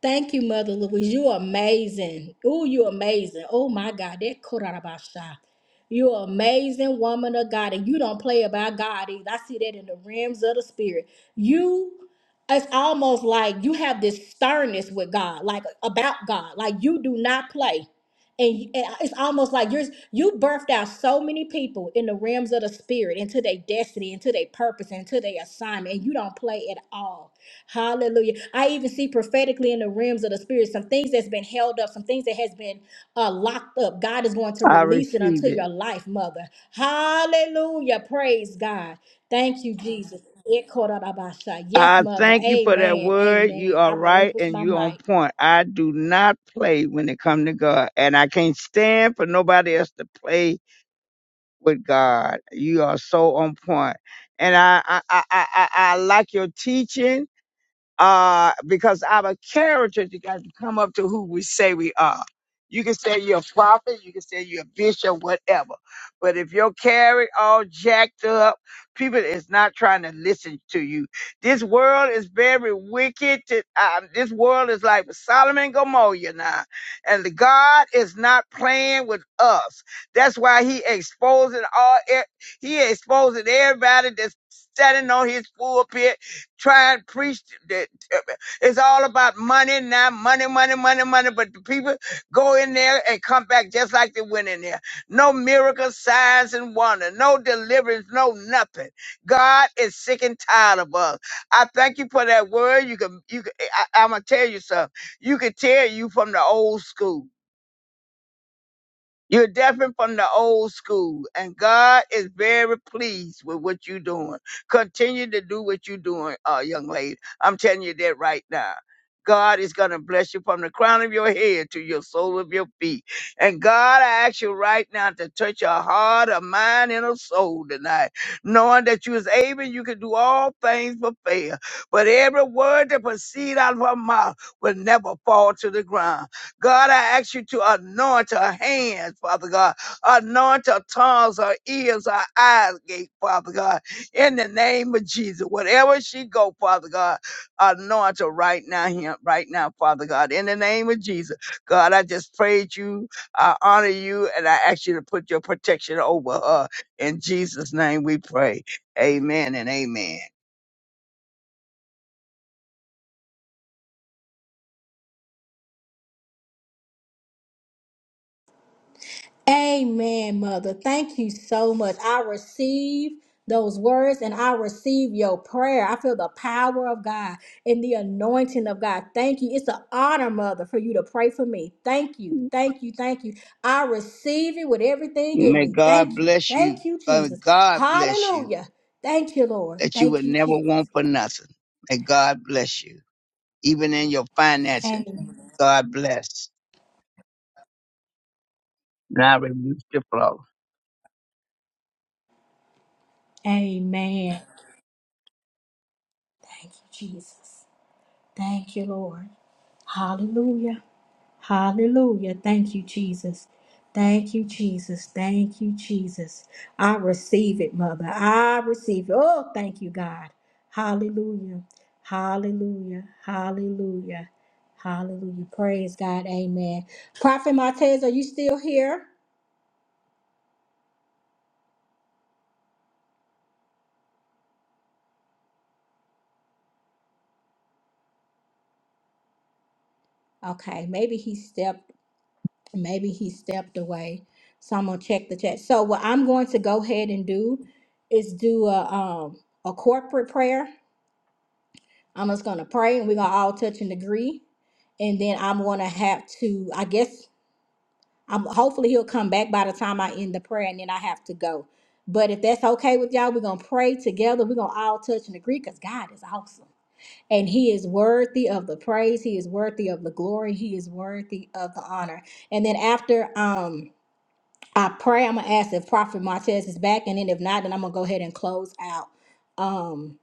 Thank you, Mother Louise. You are amazing. Oh, you are amazing. Oh my God, that Korarabasha, You are amazing woman of God, and you don't play about God either. I see that in the realms of the spirit. You, it's almost like you have this sternness with God, like about God, like you do not play. And you- and it's almost like you're you birthed out so many people in the realms of the spirit, into their destiny, into their purpose, into their assignment, and you don't play at all Hallelujah. I even see prophetically in the realms of the spirit some things that's been held up, some things that has been uh, locked up. God is going to I release it unto receive it. your life, mother. Hallelujah. Praise God. Thank you, Jesus. Yes, I mother. thank you for that Amen. word. You Amen. are I right relinquish and my you on mic. point. I do not play when it come to God. And I can't stand for nobody else to play with God. You are so on point. And I I I I, I I like your teaching uh, because our character you got to come up to who we say we are. You can say you're a prophet, you can say you're a bishop, whatever. But if your character all jacked up, people is not trying to listen to you. This world is very wicked. To, um, this world is like Solomon and Gomorrah now. And the God is not playing with us. That's why he exposing all, e- he exposing everybody that's standing on his pulpit Try and preach that it's all about money now, money, money, money, money. But the people go in there and come back just like they went in there. No miracles, signs, and wonder, no deliverance, no nothing. God is sick and tired of us. I thank you for that word. You can, you can. I, I'm gonna tell you something. You can tell you from the old school. You're different from the old school, and God is very pleased with what you're doing. Continue to do what you're doing, uh, young lady. I'm telling you that right now. God is going to bless you from the crown of your head to your sole of your feet. And God, I ask you right now to touch your heart, a mind, and a soul tonight, knowing that you is able, you can do all things but fail. But every word that proceed out of her mouth will never fall to the ground. God, I ask you to anoint her hands, Father God. Anoint her tongues, her ears, her eyes, gate, Father God. In the name of Jesus, wherever she go, Father God, anoint her right now, him, right now, Father God. In the name of Jesus, God, I just praise you. I honor you, and I ask you to put your protection over her. In Jesus' name, we pray. Amen and amen. Amen, Mother. Thank you so much. I receive those words and I receive your prayer. I feel the power of God and the anointing of God. Thank you. It's an honor, Mother, for you to pray for me. Thank you. Thank you. Thank you. I receive it with everything in May me. God Thank you. bless you. Thank you, Uh, Jesus. God bless you. Hallelujah. Thank you, Lord. that you Thank would you, never Jesus. want for nothing. May God bless you. Even in your finances, Amen. God bless. Now reduce the flow. Amen. Thank you, Jesus. Thank you, Lord. Hallelujah. Hallelujah. Thank you, Jesus. Thank you, Jesus. Thank you, Jesus. I receive it, Mother. I receive it. Oh, thank you, God. Hallelujah. Hallelujah. Hallelujah. Hallelujah. Praise God. Amen. Prophet Martez, are you still here? Okay. Maybe he stepped, maybe he stepped away. So I'm gonna check the chat. So what I'm going to go ahead and do is do a um a corporate prayer. I'm just gonna pray and we're gonna all touch and agree. And then I'm gonna have to, I guess, I'm hopefully he'll come back by the time I end the prayer and then I have to go. But if that's okay with y'all, we're gonna pray together. We're gonna all touch and agree because God is awesome. And he is worthy of the praise, he is worthy of the glory, he is worthy of the honor. And then after um I pray, I'm gonna ask if Prophet Martez is back, and then if not, then I'm gonna go ahead and close out. Um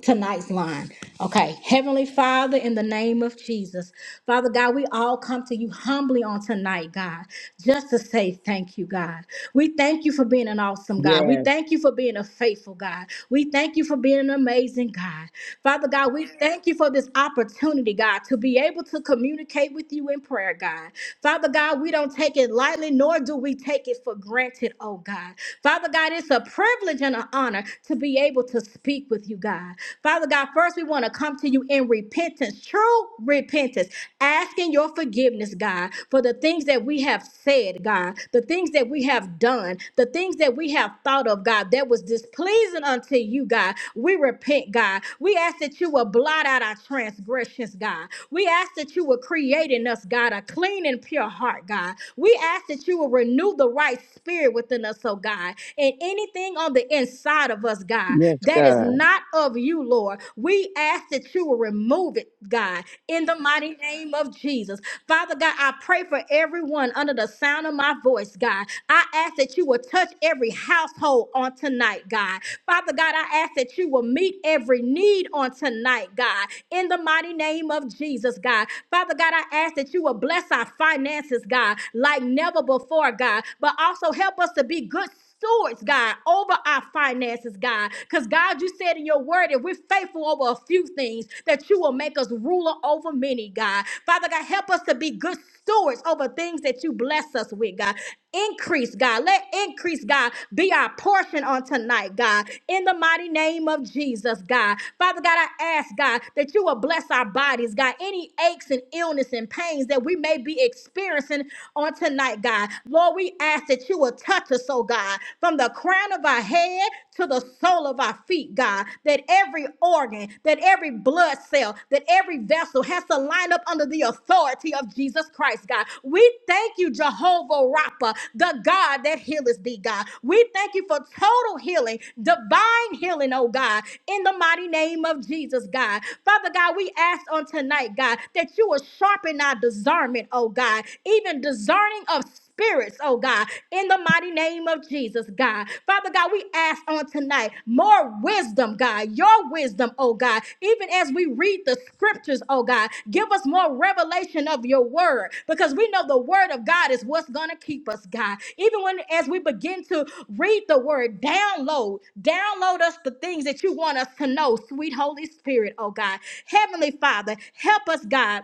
tonight's line. Okay. Heavenly Father, in the name of Jesus, Father God, we all come to you humbly on tonight, God, just to say thank you, God. We thank you for being an awesome God. We Yes, thank you for being a faithful God. We thank you for being an amazing God. Father God, we thank you for this opportunity, God, to be able to communicate with you in prayer, God. Father God, we don't take it lightly, nor do we take it for granted, oh God. Father God, it's a privilege and an honor to be be able to speak with you, God. Father God, first we want to come to you in repentance, true repentance, asking your forgiveness, God, for the things that we have said, God, the things that we have done, the things that we have thought of, God, that was displeasing unto you, God. We repent, God. We ask that you will blot out our transgressions, God. We ask that you will create in us, God, a clean and pure heart, God. We ask that you will renew the right spirit within us, oh God. And anything on the inside of us, God, yes, that is God. not of you, Lord, we ask that you will remove it, God, in the mighty name of Jesus. Father God, I pray for everyone under the sound of my voice, God. I ask that you will touch every household on tonight, God. Father God, I ask that you will meet every need on tonight, God, in the mighty name of Jesus, God. Father God, I ask that you will bless our finances, God, like never before, God, but also help us to be good stewards, God, over our finances, God. Because, God, you said in your word, if we're faithful over a few things, that you will make us ruler over many, God. Father God, help us to be good stewards over things that you bless us with, God. Increase, God. Let increase, God, be our portion on tonight, God. In the mighty name of Jesus, God. Father God, I ask, God, that you will bless our bodies, God. Any aches and illness and pains that we may be experiencing on tonight, God. Lord, Lord, we ask that you will touch us, oh God, from the crown of our head to the sole of our feet, God, that every organ, that every blood cell, that every vessel has to line up under the authority of Jesus Christ, God. We thank you, Jehovah Rapha, the God that healeth thee, God. We thank you for total healing, divine healing, oh God, in the mighty name of Jesus, God. Father God, we ask on tonight, God, that you will sharpen our discernment, oh God, even discerning of spirits, oh God, in the mighty name of Jesus, God. Father God, we ask on tonight more wisdom, God, your wisdom, oh God, even as we read the scriptures, oh God, give us more revelation of your word because we know the word of God is what's going to keep us, God. Even when as we begin to read the word, download, download us the things that you want us to know, sweet Holy Spirit, oh God. Heavenly Father, help us, God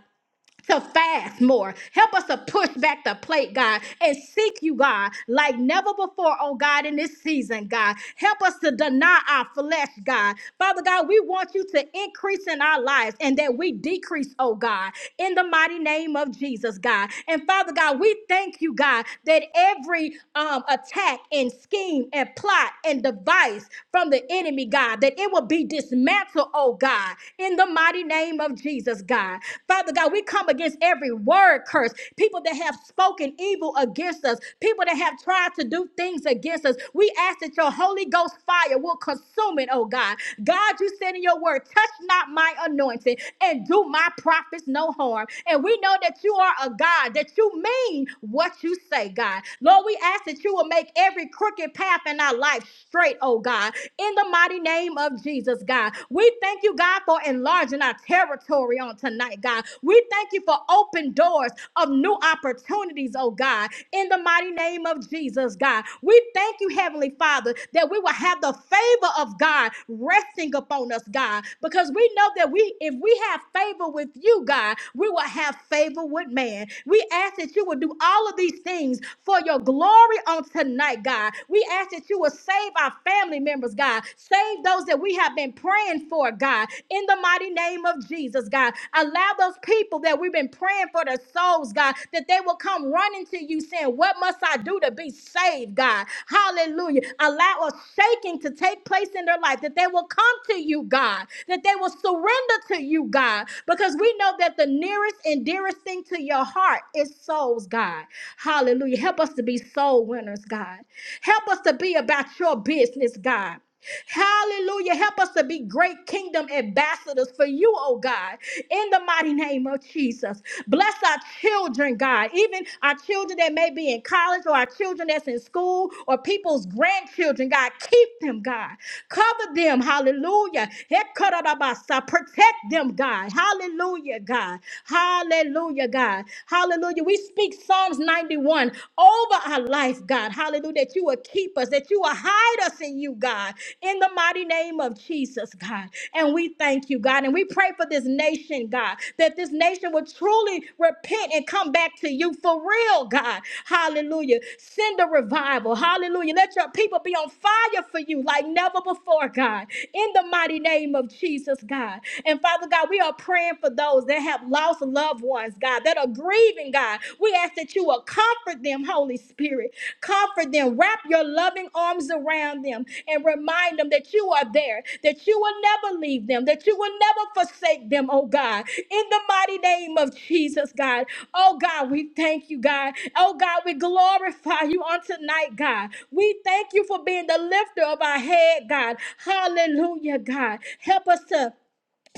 to fast more. Help us to push back the plate, God, and seek you, God, like never before, oh God, in this season, God. Help us to deny our flesh, God. Father God, we want you to increase in our lives and that we decrease, oh God, in the mighty name of Jesus, God. And Father God, we thank you, God, that every um, attack and scheme and plot and device from the enemy, God, that it will be dismantled, oh God, in the mighty mighty name of Jesus, God. Father God, we come against every word curse, people that have spoken evil against us, people that have tried to do things against us. We ask that your Holy Ghost fire will consume it, oh God. God, you said in your word, touch not my anointing and do my prophets no harm. And we know that you are a God, that you mean what you say, God. Lord, we ask that you will make every crooked path in our life straight, oh God, in the mighty name of of Jesus, God. We thank you, God, for enlarging our territory on tonight, God. We thank you for open doors of new opportunities, oh God, in the mighty name of Jesus, God. We thank you, Heavenly Father, that we will have the favor of God resting upon us, God, because we know that we, if we have favor with you, God, we will have favor with man. We ask that you will do all of these things for your glory on tonight, God. We ask that you will Save our family members, God. Save those that we have been praying for, God. In the mighty name of Jesus, God. Allow those people that we've been praying for their souls, God, that they will come running to you saying, What must I do to be saved, God? Hallelujah. Allow a shaking to take place in their life, that they will come to you, God, that they will surrender to you, God, because we know that the nearest and dearest thing to your heart is souls, God. Hallelujah. Help us to be soul winners, God. Help us to be about your business, God. Hallelujah. Help us to be great kingdom ambassadors for you, oh God, in the mighty name of Jesus. Bless our children, God, even our children that may be in college or our children that's in school or people's grandchildren, God. Keep them, God. Cover them, hallelujah. Hekarabasa. Protect them, God. Hallelujah, God. Hallelujah, God. Hallelujah. Hallelujah. We speak Psalms 91 over our life, God. Hallelujah. That you will keep us, that you will hide us in you, God, in the mighty name of Jesus, God. And we thank you, God. And we pray for this nation, God, that this nation will truly repent and come back to you for real, God. Hallelujah. Send a revival. Hallelujah. Let your people be on fire for you like never before, God, in the mighty name of Jesus, God. And Father God, we are praying for those that have have lost loved ones, God, that are grieving, God. We ask that you will comfort them, Holy Spirit. Comfort them. Wrap your loving arms around them and remind them that you are there, that you will never leave them, that you will never forsake them, oh God. In the mighty name of Jesus, God. Oh God, we thank you, God. Oh God, we glorify you on tonight, God. We thank you for being the lifter of our head, God. Hallelujah, God. Help us to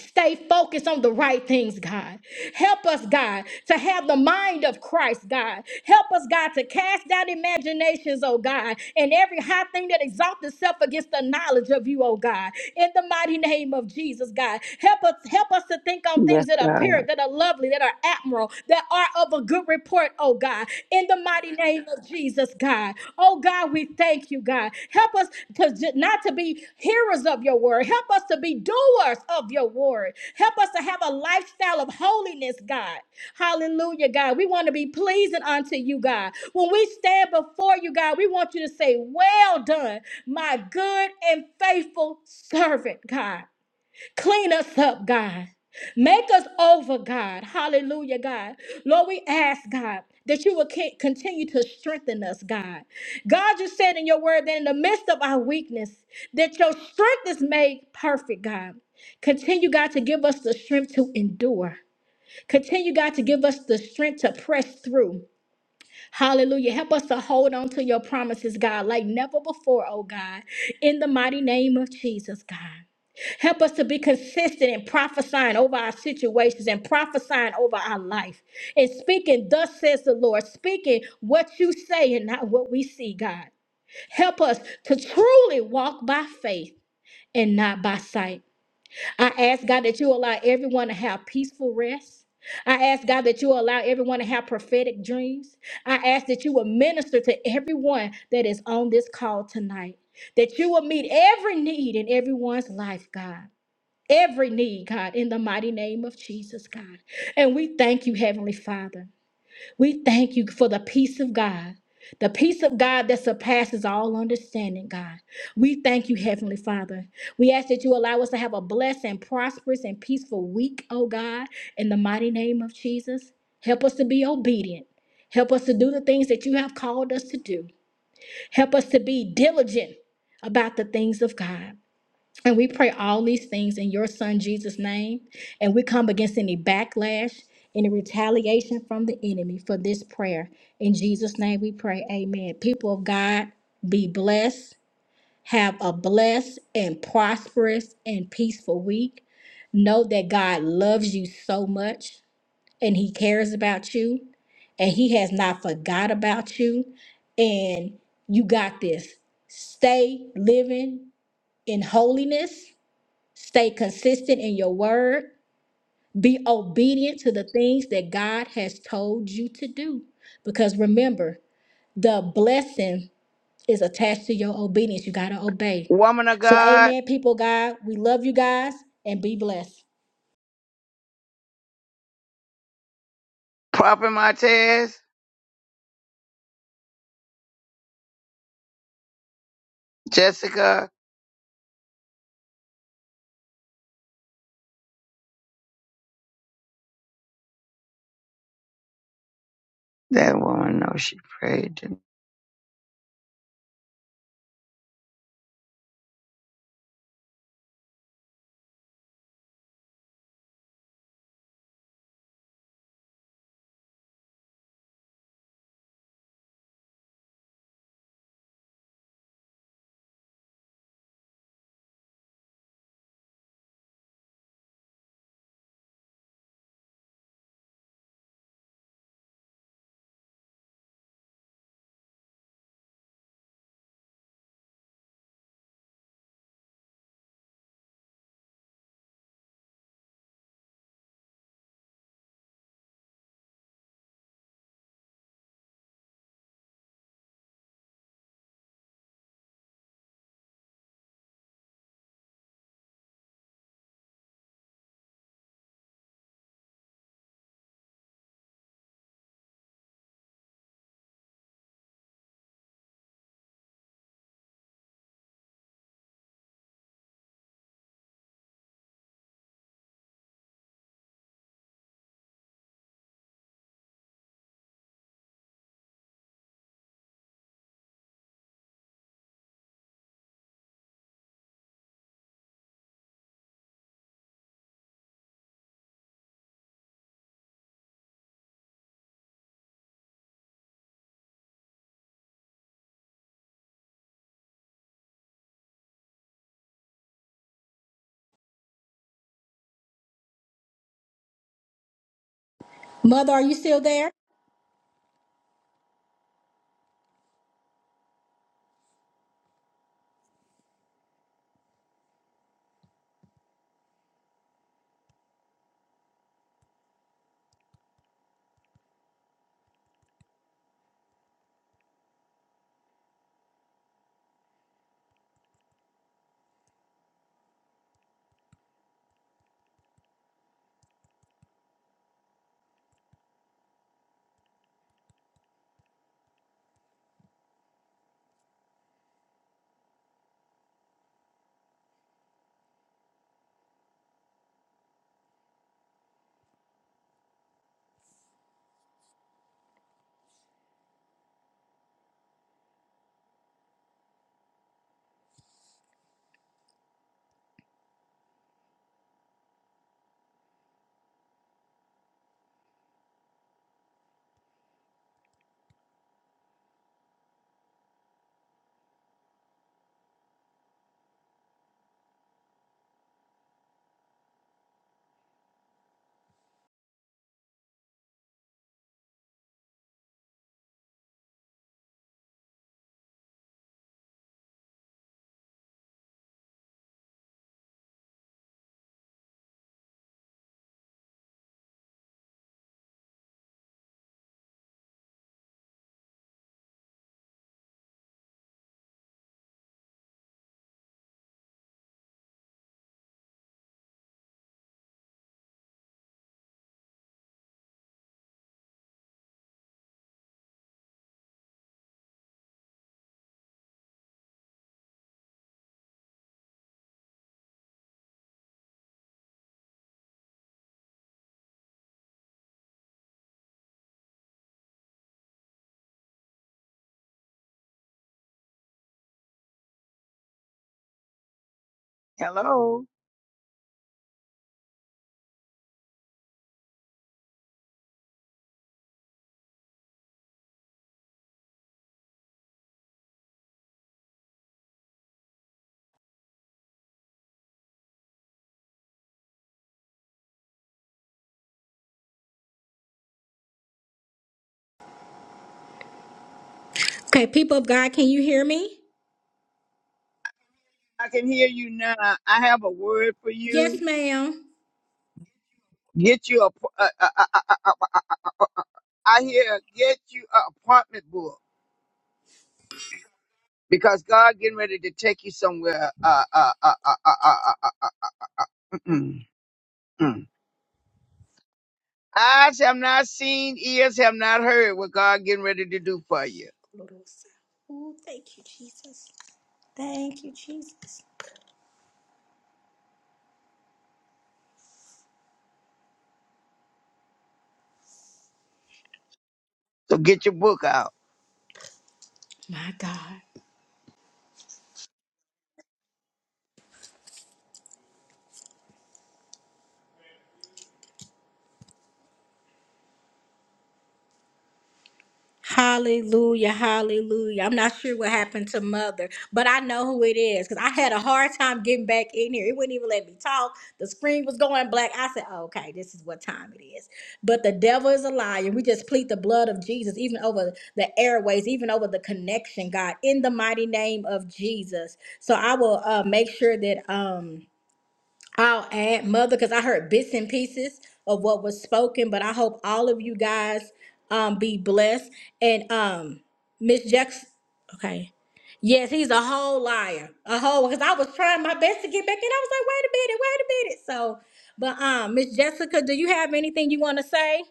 stay focused on the right things, God. Help us, God, to have the mind of Christ, God. Help us, God, to cast down imaginations, oh God, and every high thing that exalts itself against the knowledge of you, oh God. In the mighty name of Jesus, God. Help us, help us to think on Yes, things that are God. pure, that are lovely, that are admirable, that are of a good report, oh God. In the mighty name name of Jesus, God. Oh, God, we thank you, God. Help us to j- not to be hearers of your word. Help us to be doers of your word. Help us to have a lifestyle of holiness, God. Hallelujah, God. We want to be pleasing unto you, God. When we stand before you, God, we want you to say, Well done, my good and faithful servant, God. Clean us up, God. Make us over, God. Hallelujah, God. Lord, we ask, God, that you will ca- continue to strengthen us, God. God, you said in your word that in the midst of our weakness, that your strength is made perfect, God. Continue, God, to give us the strength to endure. Continue, God, to give us the strength to press through. Hallelujah. Help us to hold on to your promises, God, like never before, oh God, in the mighty name of Jesus, God. Help us to be consistent in prophesying over our situations and prophesying over our life and speaking, thus says the Lord, speaking what you say and not what we see, God. Help us to truly walk by faith and not by sight. I ask, God, that you allow everyone to have peaceful rest. I ask, God, that you allow everyone to have prophetic dreams. I ask that you will minister to everyone that is on this call tonight, that you will meet every need in everyone's life, God every need, God, in the mighty name of Jesus, God. And we thank you, Heavenly Father. We thank you for the peace of God. The peace of God that surpasses all understanding, God. We thank you, Heavenly Father. We ask that you allow us to have a blessed and prosperous and peaceful week, oh God, in the mighty name of Jesus. Help us to be obedient. Help us to do the things that you have called us to do. Help us to be diligent about the things of God. And we pray all these things in your son Jesus' name. And we come against any backlash, any retaliation from the enemy for this prayer. In Jesus' name we pray. Amen. People of God, be blessed. Have a blessed and prosperous and peaceful week. Know that God loves you so much and he cares about you and he has not forgot about you. And you got this. Stay living in holiness Stay consistent in your word. Be obedient to the things that God has told you to do. Because remember, the blessing is attached to your obedience. You got to obey. Woman of So, God, amen, people, of God. We love you guys and be blessed. Prophet Martez, Jessica. That woman knows she prayed. to- Mother, are you still there? Hello. Okay, people of God, can you hear me? I can hear you now. I have a word for Yes, you. ma'am. Get you a, a, a, a, a, a, a I hear, get you an apartment book. because God getting ready to take you somewhere. Uh, uh, uh, uh, uh, uh, uh, uh, uh, uh, uh, uh, mm, mm. mm. Eyes have not seen, ears have not heard what God getting ready to do for you. Ooh, thank you, Jesus. Thank you, Jesus. So get your book out. My God. Hallelujah, hallelujah. I'm not sure what happened to mother, but I know who it is because I had a hard time getting back in here. It wouldn't even let me talk. The screen was going black. I said, oh, okay, this is what time it is. But the devil is a liar. We just plead the blood of Jesus, even over the airways, even over the connection, God, in the mighty name of Jesus. So I will uh, make sure that. um I'll add mother because I heard bits and pieces of what was spoken, but I hope all of you guys um be blessed. And um Miss Jackson okay. Yes, he's a whole liar. A whole because I was trying my best to get back in. I was like, wait a minute, wait a minute. So but um Miss Jessica, do you have anything you want to say?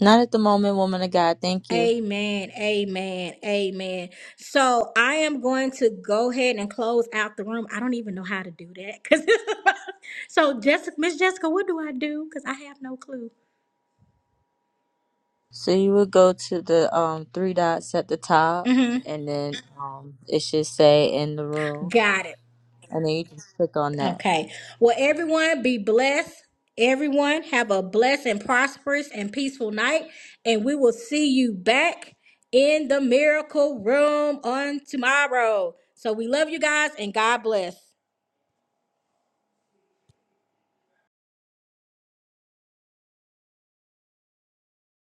Not at the moment, woman of God. Thank you. Amen. Amen. Amen. So I am going to go ahead and close out the room. I don't even know how to do that. [LAUGHS] 'cause- this is my- so Jessica, Miss Jessica, what do I do? Because I have no clue. So you would go to the um three dots at the top, hmm and then um it should say in the room, Got it. and then you just click on that. Okay. Well, everyone be blessed. Everyone have a blessed and prosperous and peaceful night. And we will see you back in the miracle room on tomorrow. So we love you guys and God bless.